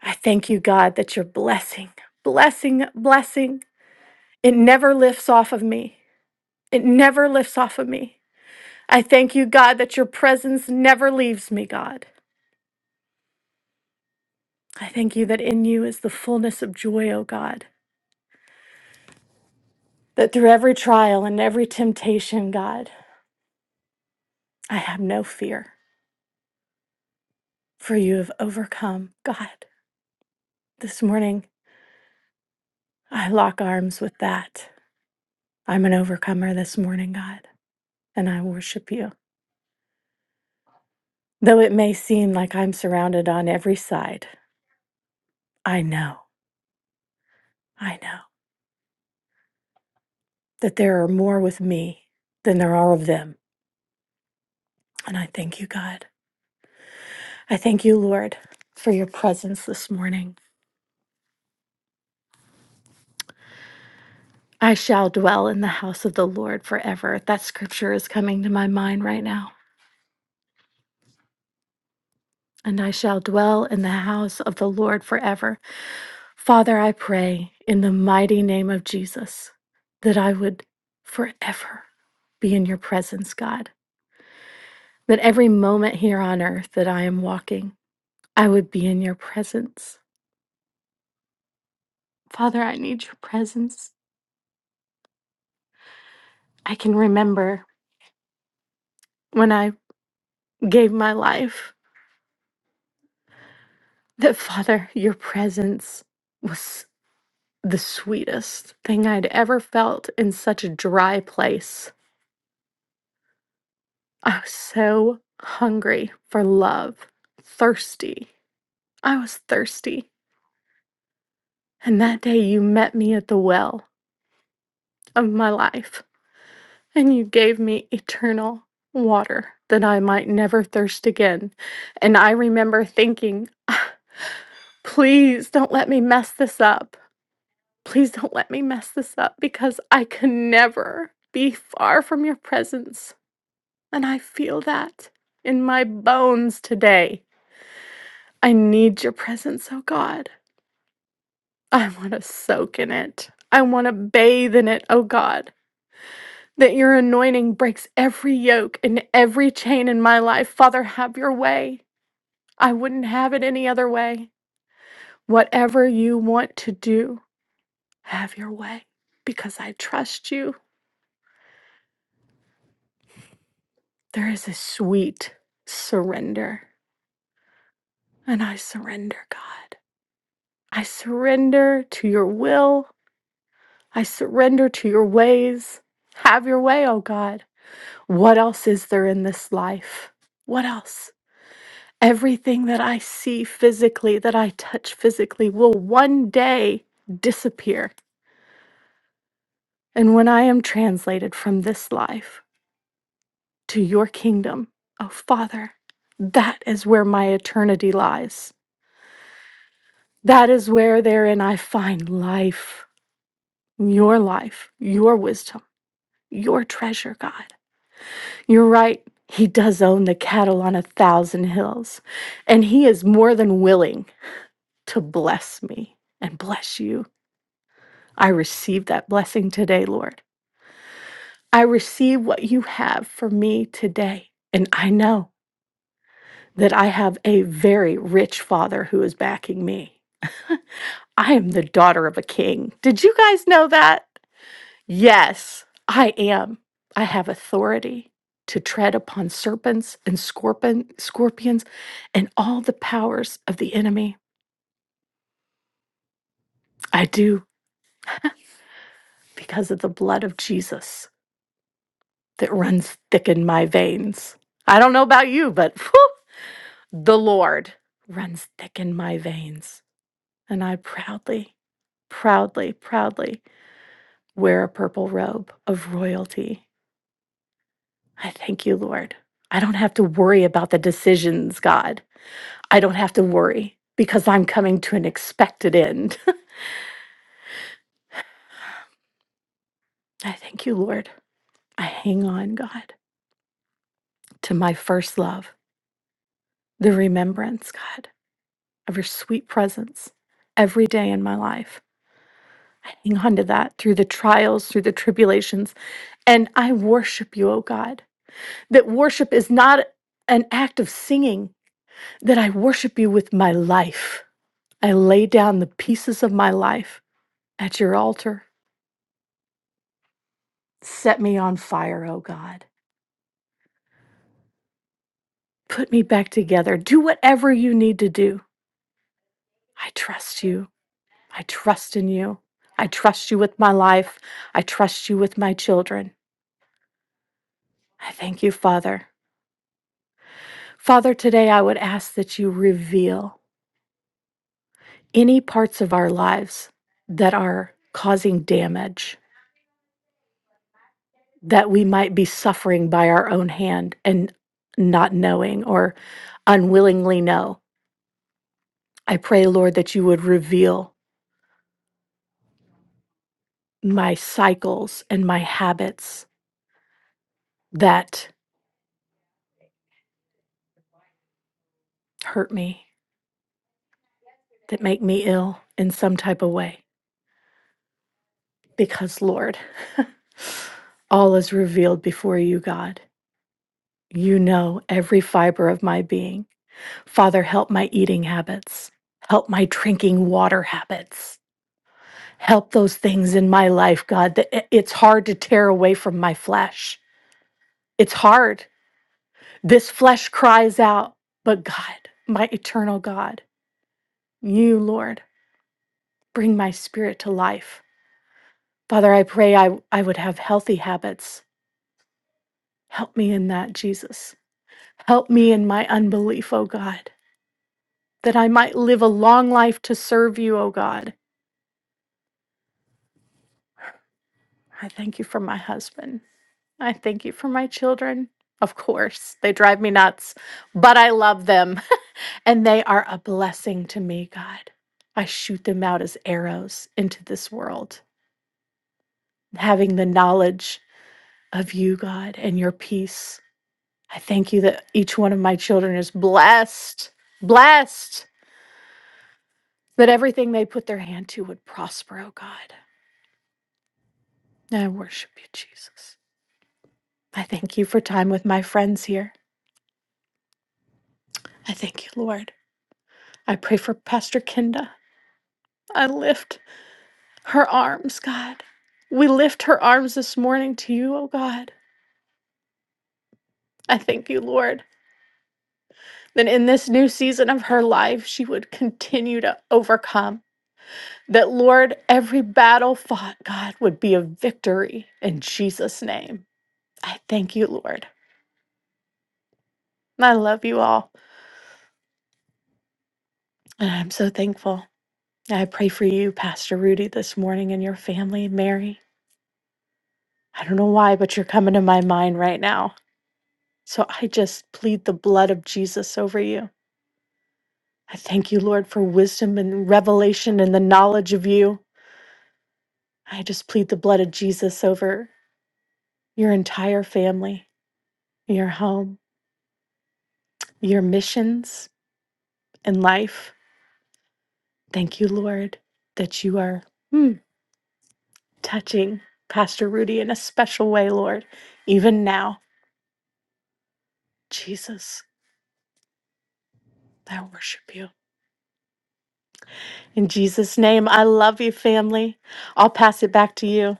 [SPEAKER 13] I thank you, God, that your blessing, blessing, blessing, it never lifts off of me. It never lifts off of me. I thank you, God, that your presence never leaves me, God. I thank you that in you is the fullness of joy, O God, that through every trial and every temptation, God, I have no fear, for you have overcome. God, this morning, I lock arms with that. I'm an overcomer this morning, God, and I worship you. Though it may seem like I'm surrounded on every side, I know, I know that there are more with me than there are of them. And I thank you, God. I thank you, Lord, for your presence this morning. I shall dwell in the house of the Lord forever. That scripture is coming to my mind right now. And I shall dwell in the house of the Lord forever. Father, I pray in the mighty name of Jesus that I would forever be in your presence, God. That every moment here on earth that I am walking, I would be in your presence. Father, I need your presence. I can remember when I gave my life that, Father, your presence was the sweetest thing I'd ever felt in such a dry place. I was so hungry for love, thirsty. I was thirsty. And that day you met me at the well of my life, and you gave me eternal water that I might never thirst again. And I remember thinking, "Ah, please don't let me mess this up. Please don't let me mess this up because I can never be far from your presence And I feel that in my bones today. I need your presence, oh God. I want to soak in it. I want to bathe in it, oh God. That your anointing breaks every yoke and every chain in my life. Father, have your way. I wouldn't have it any other way. Whatever you want to do, have your way. Because I trust you. There is a sweet surrender. And I surrender, God. I surrender to your will. I surrender to your ways. Have your way, O God. What else is there in this life? What else? Everything that I see physically, that I touch physically, will one day disappear. And when I am translated from this life to your kingdom, oh Father, that is where my eternity lies. That is where therein I find life, your life, your wisdom, your treasure, God. You're right. He does own the cattle on a thousand hills, and he is more than willing to bless me and bless you. I receive that blessing today, Lord. I receive what you have for me today, and I know that I have a very rich father who is backing me. I am the daughter of a king. Did you guys know that? Yes, I am. I have authority to tread upon serpents and scorpion, scorpions and all the powers of the enemy. I do because of the blood of Jesus that runs thick in my veins. I don't know about you, but whew, the Lord runs thick in my veins. And I proudly, proudly, proudly wear a purple robe of royalty. I thank you, Lord. I don't have to worry about the decisions, God. I don't have to worry because I'm coming to an expected end. I thank you, Lord. I hang on, God, to my first love, the remembrance, God, of your sweet presence every day in my life. I hang on to that through the trials, through the tribulations. And I worship you, oh God, that worship is not an act of singing, that I worship you with my life. I lay down the pieces of my life at your altar. Set me on fire, oh God. Put me back together. Do whatever you need to do. I trust you. I trust in you. I trust you with my life. I trust you with my children. I thank you, Father. Father, today I would ask that you reveal any parts of our lives that are causing damage, that we might be suffering by our own hand and not knowing or unwillingly know. I pray, Lord, that you would reveal my cycles and my habits that hurt me, that make me ill in some type of way. Because, Lord, all is revealed before you, God. You know every fiber of my being. Father, help my eating habits, help my drinking water habits, help those things in my life, God, that i- it's hard to tear away from my flesh. It's hard. This flesh cries out, but God, my eternal God, you, Lord, bring my spirit to life Father, I pray I, I would have healthy habits. Help me in that, Jesus. Help me in my unbelief, O God, that I might live a long life to serve you, O God. I thank you for my husband. I thank you for my children. Of course, they drive me nuts, but I love them and they are a blessing to me, God. I shoot them out as arrows into this world, having the knowledge of you, God, and your peace I thank you that each one of my children is blessed, blessed that everything they put their hand to would prosper, oh God. I worship you, Jesus. I thank you for time with my friends here. I thank you, Lord. I pray for Pastor Kenda. I lift her arms, God. We lift her arms this morning to you, oh God. I thank you, Lord, that in this new season of her life, she would continue to overcome That, Lord, every battle fought, God, would be a victory in Jesus' name. I thank you, Lord. I love you all. And I'm so thankful. I pray for you, Pastor Rudy, this morning and your family, Mary. I don't know why, but you're coming to my mind right now. So I just plead the blood of Jesus over you. I thank you, Lord, for wisdom and revelation and the knowledge of you. I just plead the blood of Jesus over your entire family, your home, your missions. and life. Thank you, Lord, that you are mm, touching Pastor Rudy in a special way, Lord, even now. Jesus, I worship you. In Jesus' name, I love you, family. I'll pass it back to you.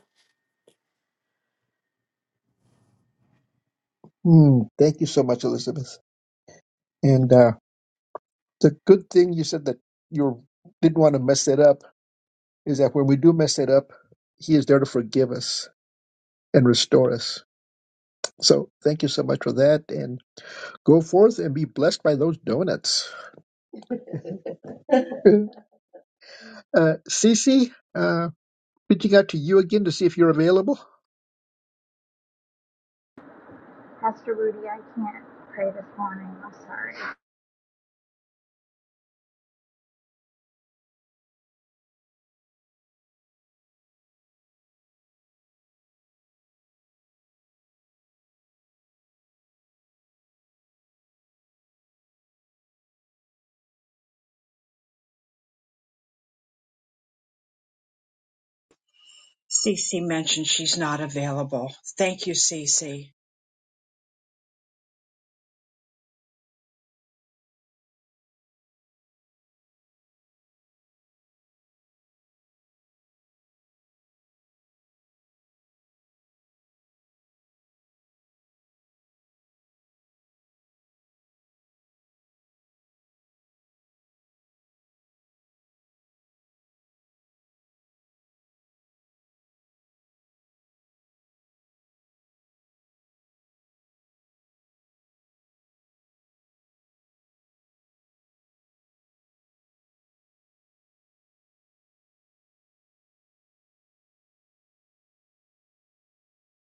[SPEAKER 2] Hmm, thank you so much, Elizabeth. And uh, it's a good thing you said that you didn't want to mess it up is that when we do mess it up, He is there to forgive us and restore us. So thank you so much for that, and go forth and be blessed by those donuts. Uh, Cece, uh, reaching out to you again to see if you're available.
[SPEAKER 14] Pastor Rudy, I can't pray this morning. I'm sorry.
[SPEAKER 1] Cece mentioned she's not available. Thank you, Cece.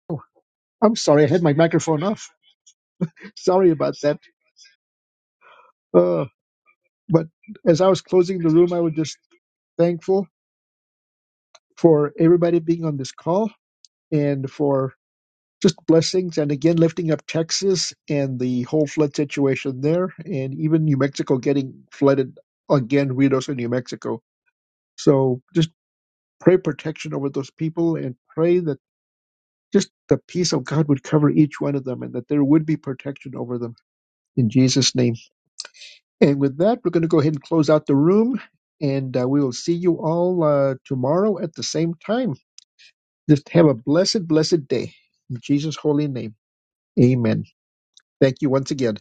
[SPEAKER 2] Oh, I'm sorry, I had my microphone off. Sorry about that. Uh, but as I was closing the room, I was just thankful for everybody being on this call and for just blessings and again lifting up Texas and the whole flood situation there and even New Mexico getting flooded again Ritos in New Mexico. So just pray protection over those people and pray that just the peace of God would cover each one of them and that there would be protection over them in Jesus name. And with that we're going to go ahead and close out the room and uh, we will see you all uh, tomorrow at the same time. Just have a blessed blessed day in Jesus holy name. Amen. Thank you once again.